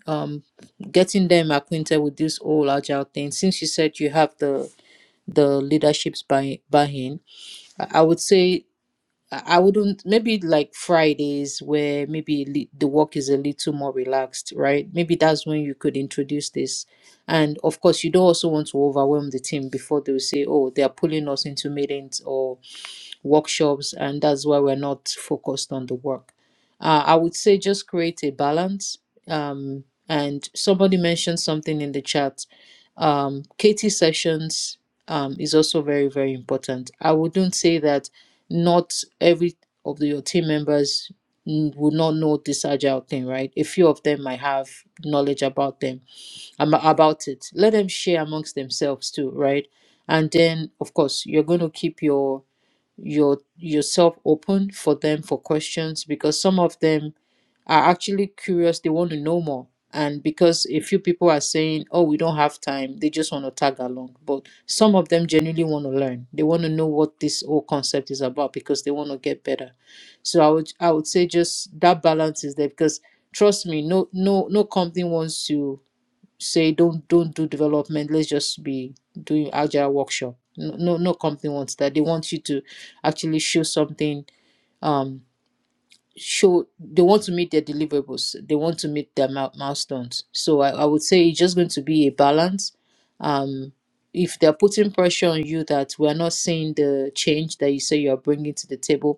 um, getting them acquainted with this whole agile thing. Since you said you have the the leadership's buy buy-in, I, I would say. I I wouldn't maybe like Fridays where maybe li- the work is a little more relaxed, right? Maybe that's when you could introduce this. And of course, you don't also want to overwhelm the team before they will say, oh, they are pulling us into meetings or workshops, and that's why we're not focused on the work. Uh, I would say just create a balance. Um, and somebody mentioned something in the chat. Um, KT sessions um, is also very, very important. I wouldn't say that not every of the- your team members n- would not know this agile thing, right? A few of them might have knowledge about them am- about it. Let them share amongst themselves too, right? And then, of course, you're going to keep your your yourself open for them for questions because some of them are actually curious they want to know more and because a few people are saying oh we don't have time they just want to tag along but some of them genuinely want to learn they want to know what this whole concept is about because they want to get better so i would i would say just that balance is there because trust me no no no company wants to say don't don't do development let's just be doing agile workshop no no, no company wants that they want you to actually show something um show they want to meet their deliverables they want to meet their mil- milestones so I, I would say it's just going to be a balance um if they're putting pressure on you that we're not seeing the change that you say you're bringing to the table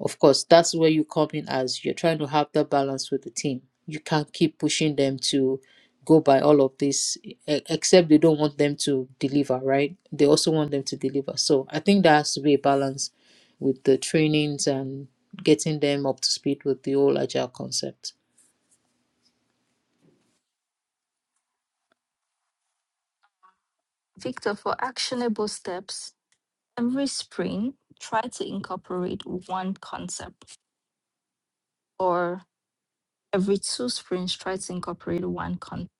of course, that's where you come in as you're trying to have that balance with the team. You can't keep pushing them to go by all of this, e- e, except they don't want them to deliver, right? They also want them to deliver. So I think there has to be a balance with the trainings and getting them up to speed with the whole agile concept.
Victor, for actionable steps, every spring try to incorporate one concept or every two sprints try to incorporate one concept.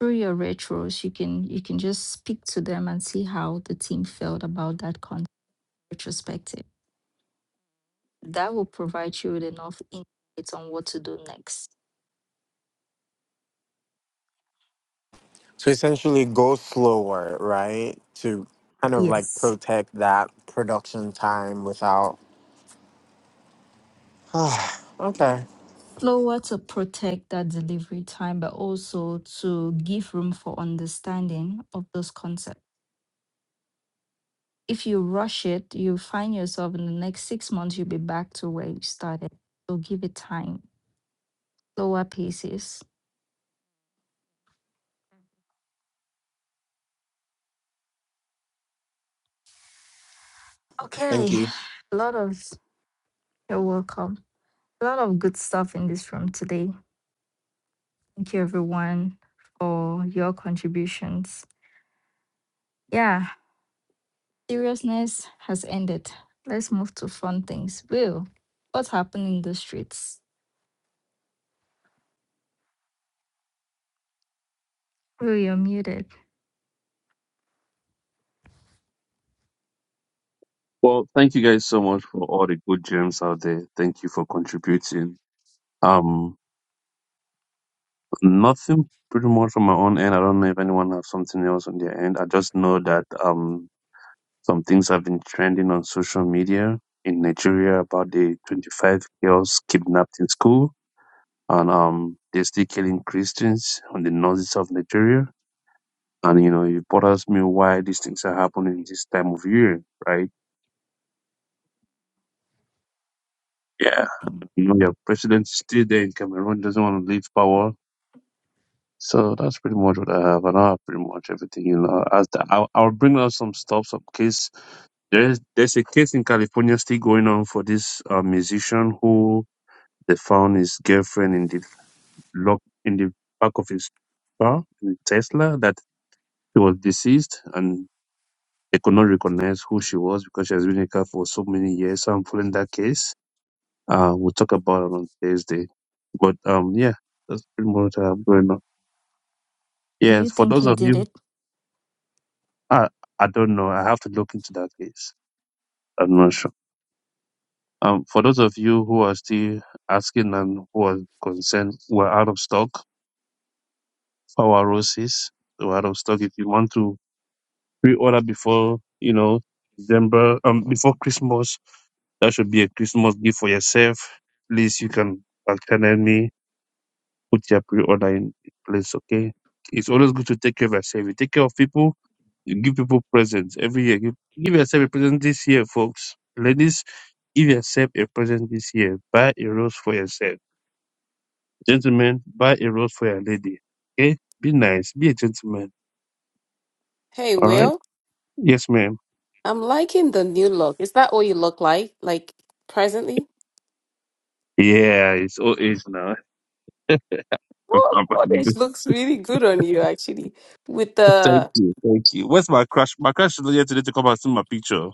Through your retros, you can you can just speak to them and see how the team felt about that concept retrospective. That will provide you with enough insights on what to do next.
So essentially go slower, right? To kind of like
Yes.
protect that production time without okay.
slower to protect that delivery time, but also to give room for understanding of those concepts. If you rush it, you find yourself in the next six months, you'll be back to where you started. So give it time, slower paces.
Thank
Okay,
you.
a lot of, you're welcome. A lot of good stuff in this room today. Thank you, everyone, for your contributions. Yeah, seriousness has ended. Let's move to fun things. Will, what happened in the streets? Oh, you're muted.
Well, thank you guys so much for all the good gems out there. Thank you for contributing. Um, nothing pretty much on my own end. I don't know if anyone has something else on their end. I just know that um some things have been trending on social media in Nigeria about the 25 girls kidnapped in school, and um they're still killing Christians on the northeast of Nigeria. And you know, it bothers me why these things are happening this time of year, right? Yeah. Your president's still there in Cameroon, doesn't want to leave power. So that's pretty much what I have. And I have pretty much everything, you know. As the, I'll, I'll bring out some stuff, some case. There's, there's a case in California still going on for this uh, musician who they found his girlfriend in the lock, in the back of his car, in Tesla, that he was deceased and they could not recognize who she was because she has been in the car for so many years. So I'm following that case Uh, we'll talk about it on Thursday. But um, yeah, that's pretty much what I have going on.
Do
Yeah,
you
for
think
those
he
of
did
you,
it?
I I don't know. I have to look into that case. I'm not sure. Um, for those of you who are still asking and who are concerned, we're out of stock for our roses. We're out of stock. If you want to pre-order before, you know, December, um, before Christmas, that should be a Christmas gift for yourself. Please, you can back channel me put your pre order in place, okay? It's always good to take care of yourself. You take care of people, you give people presents every year. Give, give yourself a present this year, folks. Ladies, give yourself a present this year. Buy a rose for yourself. Gentlemen, buy a rose for your lady. Okay? Be nice. Be a gentleman.
Hey,
All right?
Will,
Yes, ma'am.
I'm liking the new look. Is that what you look like, like presently?
Yeah, it's old age now.
Oh, orange looks really good on you, actually. With
thank
the,
you. Thank you. Where's my crush? My crush is not here today to come and see my picture.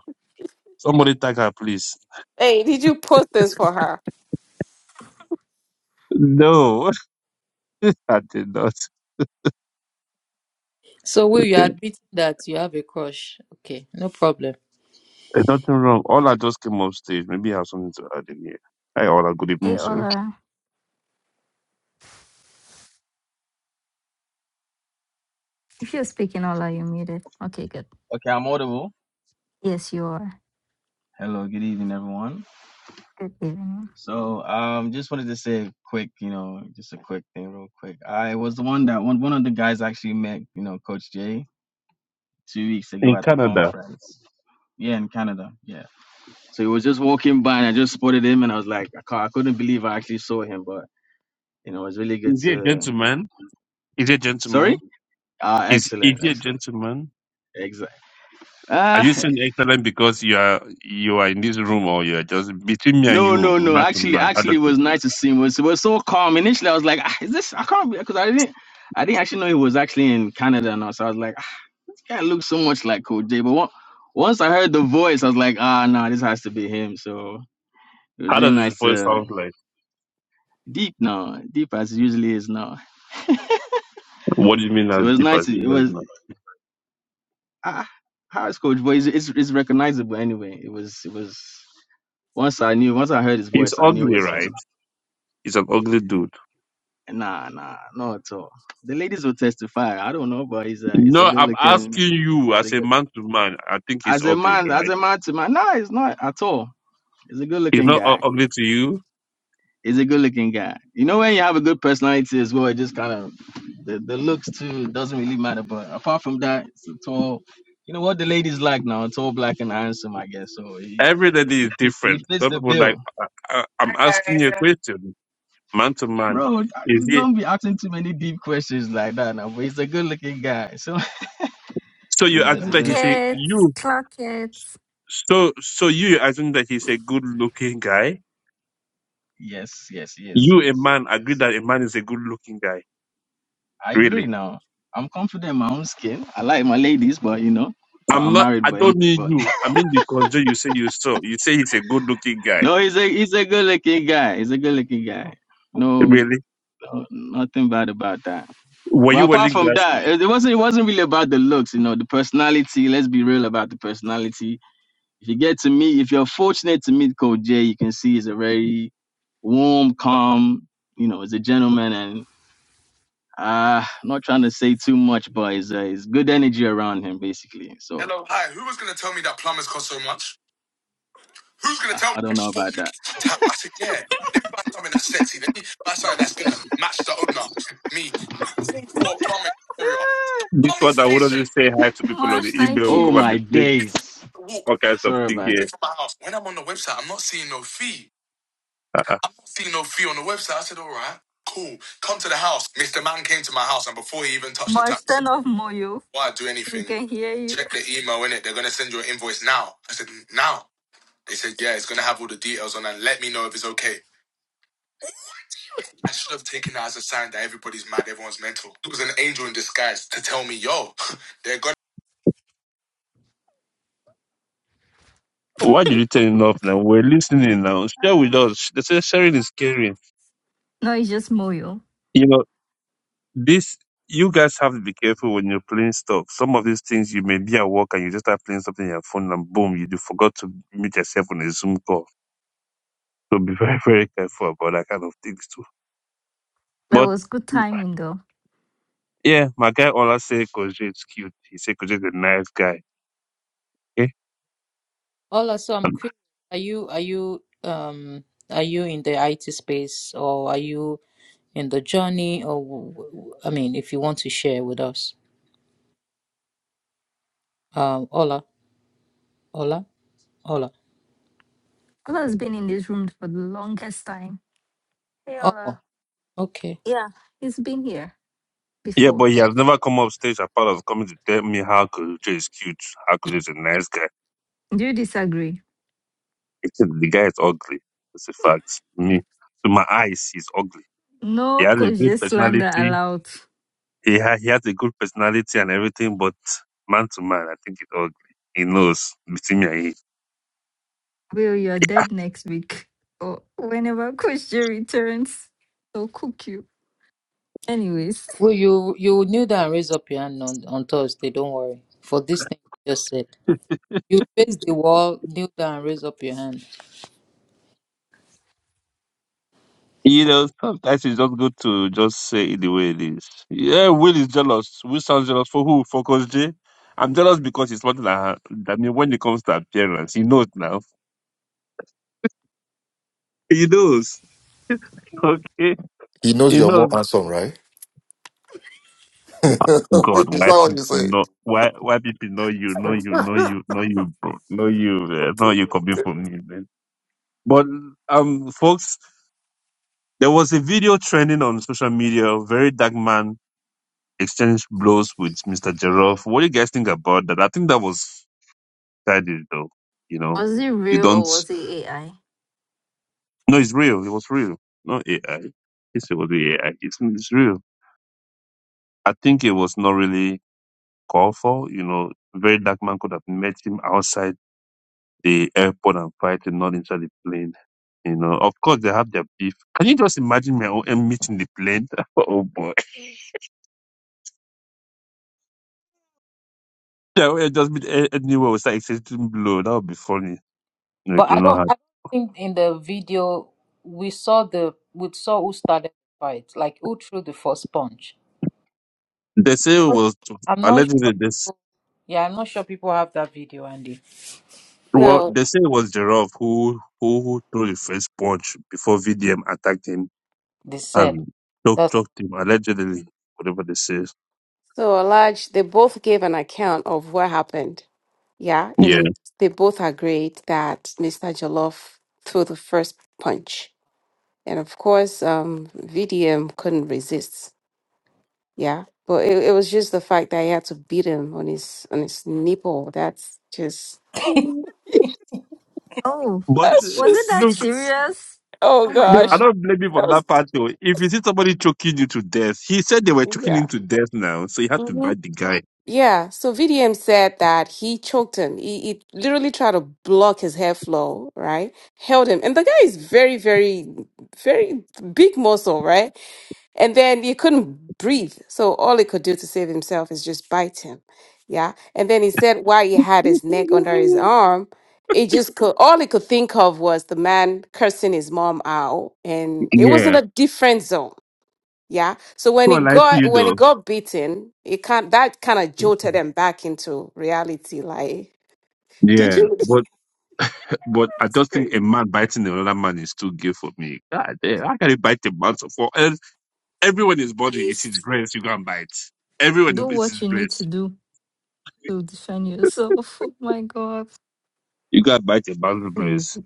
Somebody tag her, please.
hey, did you post this for her?
No, I did not.
So Will, you
Yeah,
admit that you have a crush. Okay, no problem.
there's nothing wrong. All I just came off stage. Maybe I have something to add in here. Hi, all. Good
Hey,
evening, sir.
Ola. If you're speaking, Ola, you're muted. Okay, good.
Okay, I'm audible.
Yes, you are.
Hello, good evening, everyone.
Good evening.
So, um, just wanted to say a quick, you know, just a quick thing, real quick. I was the one that one one of the guys actually met, you know, Coach Jay two weeks ago
In
at the
Canada,
conference. Yeah, in Canada. Yeah. So he was just walking by, and I just spotted him, and I was like, I, ca- I couldn't believe I actually saw him, but you know, it was really good
is he a
to.
gentleman? Is he a
Sorry.
gentleman?
Ah,
Is is
excellent,
he a
excellent,
gentleman?
exact.
Are
Ah.
you saying excellent because you are you are in this room or you are just between me and
No,
you,
no, no.
man to
Actually,
man? How
actually,
does
it
it,
was nice to see him. It was, it was so calm. Initially, I was like, "Ah, "Is this?" I can't be," because I didn't, I didn't actually know he was actually in Canada and all. So I was like, "Ah, "This guy looks so much like Coach J." But on- once I heard the voice, I was like, "Ah, no, this has to be him." So it was
how
really
does his
nice
voice
to
sound like?
deep now, deep as it usually is now.
What do you mean
So it
as
was
deep
nice.
as
to- It
Jesus
was
man?
ah, how is Coach? But it's, it's it's recognizable anyway. It was it was once I knew, once I heard his
He's
voice, I knew it
ugly,
was him.
right? He's an ugly dude.
Nah, nah, not at all. The ladies will testify. I don't know, but he's a he's a
No,
good
I'm
looking.
asking you
he's
as
a
a
good-
man to man. I think he's
As a
ugly,
man, as
right?
a man to man, nah, it's not at all. He's a good
He's
looking
not u-
guy.
ugly to you.
He's a good looking guy. You know when you have a good personality as well, it just kind of the, the looks too doesn't really matter. But apart from that, it's a tall. You know what the ladies like now? Tall, black, and handsome, I guess. So he,
Everybody
he
is
fits he
different.
fits
Some
the
people like
bill.
I, I, I'm asking you a question, man to man.
Bro,
Is
you're
he?
gonna be asking too many deep questions like that now. But he's a good looking guy, so
So
you
you
know it's
assume
a
that
Clock
good.
he's a
it.
you?
Clock it.
So so you assume that he's a good looking guy?
Yes, yes, yes,
You a
yes,
man agree
yes.
that a man is a good looking guy?
I agree
Really?
now. I'm confident in my own skin. I like my ladies, but you know, uh,
I'm
I'm
not.
married,
I
but anyway,
don't need
but
you. I mean the conjure you say you saw. You say he's a good looking guy.
no, he's a he's a good looking guy. He's a good looking guy. No,
Really?
no, nothing bad about that.
Were
Well,
you
apart
wearing
from that,
glasses?
it it wasn't it wasn't really about the looks, you know, the personality. Let's be real about the personality. If you get to meet, if you're fortunate to meet Coach Jay, you can see he's a very warm, calm, you know, he's a gentleman Uh, not trying to say too much, but it's, uh, it's good energy around him, basically. So
Hello. Hi. Who was going to tell me that plumbers cost so much? Who's going to
uh,
tell me?
I
I
don't know
just bought a
about
new
that.
kitchen tap. I said, yeah. Let me buy something that's sexy. Let me buy something that's going to match the owner. Me. I called for a plumbing area.
Ah,
The
This
plumbing
one that
station.
wouldn't say hi to people
is
on
Mosh,
the
fifteen
email
thank
will
oh,
come
you.
and be
my
playing
days.
minutes walk
all kinds of
Sorry
things
about
here.
away
that.
from my house. When I'm on the website, I'm not seeing no fee.
Uh-uh.
I'm not seeing no fee on the website. I said, all right, cool. Come to the house. Mr. Man came to my house, and before he even touched the
Mosh,
tap, he said,
turn off Moyo.
before I do
We
anything,
can hear you.
check the email in it. They're gonna send you an invoice now. I said, now. They said, yeah, it's gonna have all the details on, and let me know if it's okay. I should have taken that as a sign that everybody's mad, everyone's mental. It was an angel in disguise to tell me, yo, they're gonna
Why did you turn it off now? We're listening now. Share with
Uh,
us. They say sharing is caring.
no, it's just Moyo.
You know, this, you guys have to be careful when you're playing stuff. Some of these things you may be at work and you just start playing something on your phone and boom, you do forgot to mute yourself on a Zoom call. So be very, very careful about that kind of things too.
But it
But
was good timing, though.
yeah, my guy Ola say Koji is cute. He say Koji is a nice guy. Okay?
Ola, so I'm curious, are you are you um are you in the IT space or are you in the journey, or w- w- I mean, if you want to share with us, um, Ola, Ola, Ola.
Ola has been in this room for the longest time. Hey,
Oh,
Ola.
okay.
Yeah, he's been here
Yeah,
before.
but he has never come up stage apart of coming to tell me how Koji is cute, how Koji is a nice guy.
Do you disagree?
The guy is ugly. It's a fact. Me, to my eyes, he's ugly. He
No
has a good
Koje slander
personality.
allowed.
He ha- he has a good personality and everything, but man to man, I think it's ugly. He knows between me and him.
Will, you're dead next week or whenever Kushi returns. They'll cook you. Anyways,
Well, you you kneel down and raise up your hand on on Thursday. Don't worry for this thing you just said. You face the wall, kneel down and raise up your hand.
You know, sometimes it's just good to just say it the way it is. Yeah, Will is jealous. Will sounds jealous for who? For Coach J. I'm jealous because he's smarter that I mean, when it comes to appearance, he knows now. He knows. Okay.
He knows
He
you're more
knows.
handsome, right? Is
God,
that
why
what
people
you say?
know why why people know you, know you, know you, know you, bro, know you, uh, know you coming from me, man. But um, folks, there was a video trending on social media. A very dark man exchanged blows with Mr. Jerov. What do you guys think about that? I think that was childish, though. You know,
Was it
you
real
don't.
or was it AI?
No, it's real. It was real. No AI. It's it was AI. It's, it's real. I think it was not really called for. You know, very dark man could have met him outside the airport and fighting, not inside the plane. You know, of course they have their beef. Can you just imagine my own meeting the plane? oh boy. Yeah, we just meet a- anywhere we start exchanging blow. That would be funny. No, it
But
will
I
not
don't I
happen.
don't think in the video we saw the we saw who started the fight, like who threw the first punch.
They say it was
I'm not sure.
allegedly this
People, yeah, I'm not sure people have that video, Andy.
well,
No.
they say it was Giraffe who who who threw the first punch before VDM attacked him
They said
and choked,
that's.
choked him allegedly, whatever they say.
So, Alaj, they both gave an account of what happened. Yeah,
Yeah.
and they both agreed that Mr. Jollof threw the first punch. And of course, um, VDM couldn't resist. Yeah, but it, it was just the fact that he had to beat him on his on his nipple. That's just
oh,
But
that's
uh,
was it that
look.
just
serious?
oh
Oh my
I
gosh,
God.
don't blame him for
that was
that part though. If you see somebody choking you to death, he said they were choking
yeah.
him to death now, so you had to
hmm
bite the guy.
Yeah, so VDM said that he choked him. He, he literally tried to block his hair right? Held him. And the guy is very, very, very big muscle, right? And then he couldn't breathe. So all he could do to save himself is just bite him. Yeah. And then he said while he had his neck under his arm, it just could all he could think of was the man cursing his mom out. And it was in
yeah.
a different zone. Yeah. So when
So
he
I like
got
you
when he
though.
got beaten, it can't that kind of jolted him back into reality. Like, did
Yeah.
you this
But but I
is
just think a
crazy?
man biting another man is too gay for me. God damn, how can you bite a man so for and everyone is body is his
Please
brace, you go and bite. Everyone is
do
it's
what
his
you need
brace.
to do to defend yourself. Oh my God.
You gotta bite a man's
Please.
brace.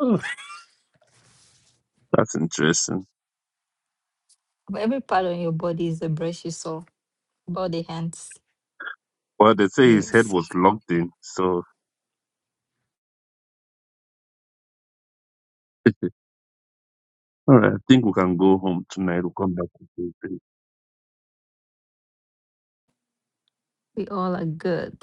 Oh, that's interesting.
Every part on your body is the brush you saw, body, hands.
Well they say his head
Anyways,
was locked in, so All right, I think we can go home tonight. We'll come back to Tuesday.
we all are good.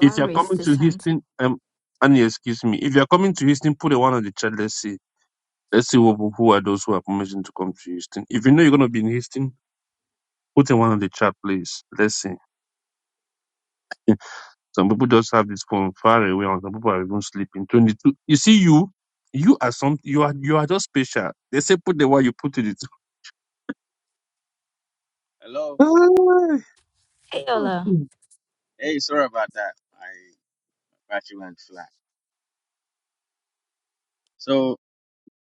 If you're
raised
coming to
his hand.
Houston, um, Annie, excuse me. If you're coming to Houston, put a one on the chat. Let's see. Let's see who, who are those who are permission to come to Houston. If you know you're gonna be in Houston, put a one on the chat, please. Let's see. Some people just have this phone far away, and some people are even sleeping. Twenty-two. You see, you, you are some. You are you are just special. They say put the one you put it.
Hello.
Hey,
Okay.
Ola.
Hey, sorry about that. My battery went flat. So,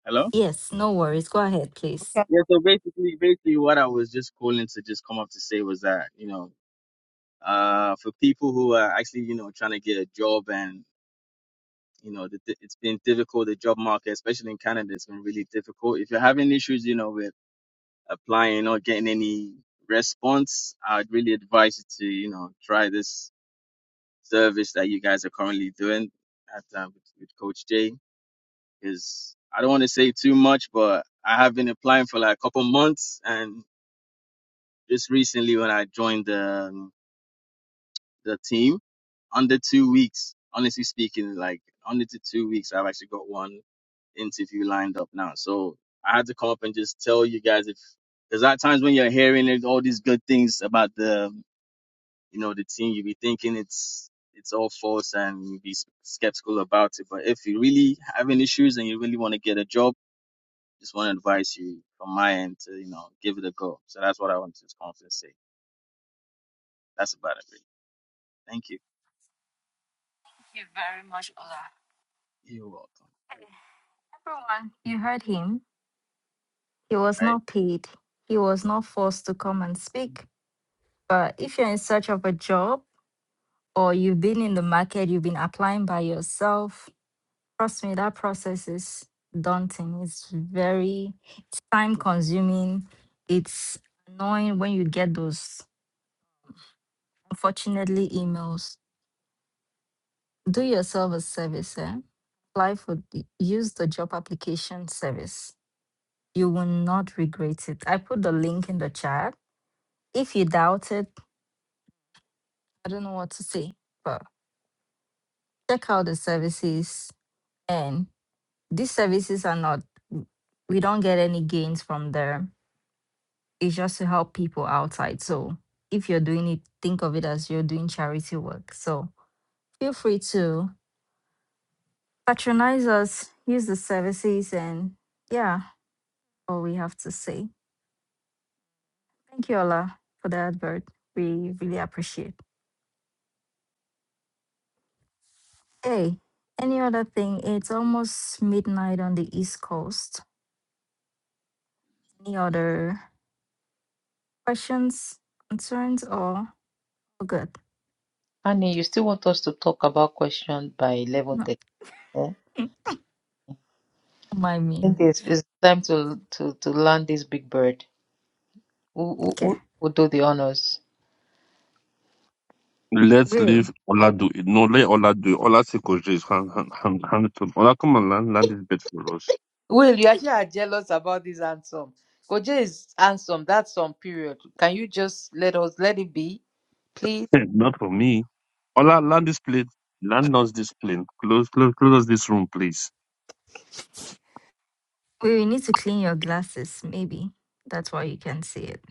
hello?
Yes, no worries. Go ahead, please.
Yeah, so basically, basically what I was just calling to just come up to say was that, you know, uh, for people who are actually, you know, trying to get a job and, you know, the, it's been difficult, the job market, especially in Canada, it's been really difficult. If you're having issues, you know, with applying or getting any response, I'd really advise you to, you know, try this service that you guys are currently doing at um, with with Coach Jay. Because I don't want to say too much, but I have been applying for like a couple months, and just recently when I joined the the team under two weeks. Honestly speaking, like under the two weeks, I've actually got one interview lined up now. So I had to call up and just tell you guys if there's at times when you're hearing it, all these good things about the you know the team, you be thinking it's it's all false and you be skeptical about it. But if you really having issues and you really want to get a job, just want to advise you from my end to you know give it a go. So that's what I want to just confidently say. That's about it. Really. Thank you.
Thank you very much, Ola.
You're welcome.
Everyone, you heard him. He was
All Right.
not paid. He was not forced to come and speak. But if you're in search of a job or you've been in the market, you've been applying by yourself, trust me, that process is daunting. It's very it's time consuming. It's annoying when you get those, unfortunately, emails. Do yourself a service, eh? Apply for, the- use the job application service. You will not regret it. I put the link in the chat If you doubt it, I don't know what to say, but check out the services. And these services are not, we don't get any gains from them. It's just to help people outside. So if you're doing it, think of it as you're doing charity work. So feel free to patronize us, use the services, and yeah, all we have to say. Thank you, Ola, for the advert. We really appreciate. Hey, any other thing? It's almost midnight on the East Coast. Any other questions, concerns, or oh, good?
Annie, you still want us to talk about question by eleven
No,
thirty? Eh? I
mm, don't mind me.
think it's, it's time to, to to land this big bird. Who who
Okay.
who will do the honors?
Let's
Will,
leave Oladu. No, let Oladu. Ola Sekoje. Hand, hand, hand, hand it to Ola, come and land, land this bed for us.
Well, you actually are jealous about this handsome. Koje is handsome. That's some period. Can you just let us let it be, please?
Not for me. Ola, land this plane. Land us this plane. Close, close, close us this room, please.
Will, you need to clean your glasses, maybe. That's why you can see it.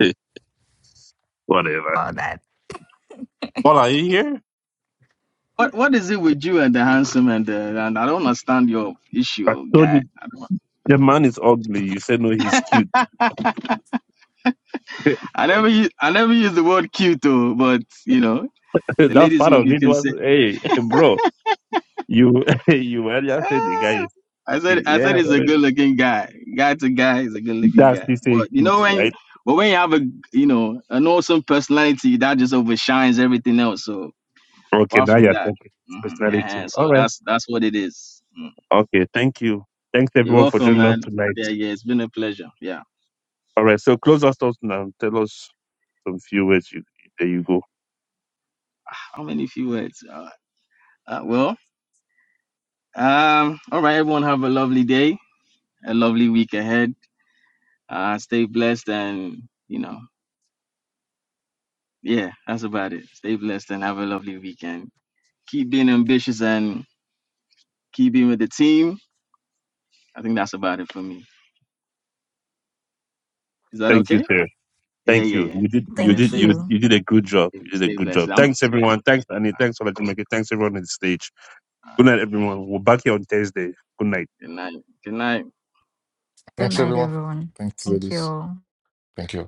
Eh, Whatever.
About that.
Ola, are you here?
What what is it with you and the handsome and the and I don't understand your
I
issue,
told you
guy. I, don't,
the man is ugly. You said no, he's cute.
I never use I never use the word cute though, but you know the
that
ladies
part of
maybe
it
can
was,
say.
hey, bro, you, you earlier said the guy
"Ah."
is,
I said I said
yeah,
he's a
whatever.
good looking guy. Guy to guy is a good looking
That's
guy.
the say
But you
cute,
know when
right?
but when you have a you know an awesome personality that just overshines everything else. So
Okay,
apart
now
from
you're
that,
talking. His
mhm,
personality.
yeah.
All
So
right.
that's that's what it is. Mm.
Okay, thank you. Thanks
You're
everyone for
welcome,
joining us
man.
tonight.
Yeah, yeah. It's been a pleasure. Yeah.
All right, so close us out now. Tell us some few words. You, there you go.
How many few words? Uh, uh, well. Um, all right, everyone have a lovely day, a lovely week ahead. Uh stay blessed and you know, yeah, that's about it. Stay blessed and have a lovely weekend. Keep being ambitious and keep being with the team. I think that's about it for me. Is that
Thank you,
okay?
sir.
Yeah,
Thank you.
yeah, yeah.
You did. You
Yeah,
did.
Thank
You
stay
you.
you did a good job.
stay,
You did a
stay
good
blessed.
job.
I'm
Thanks
yeah.
everyone. Thanks Annie. Thanks for making. Thanks everyone on the stage.
All
Good
right.
night, everyone. We're back here on Thursday. Good night.
Good night. Good night.
Good
Thanks,
night,
everyone.
everyone.
Thanks,
Thank you.
ladies.
all.
Thank you.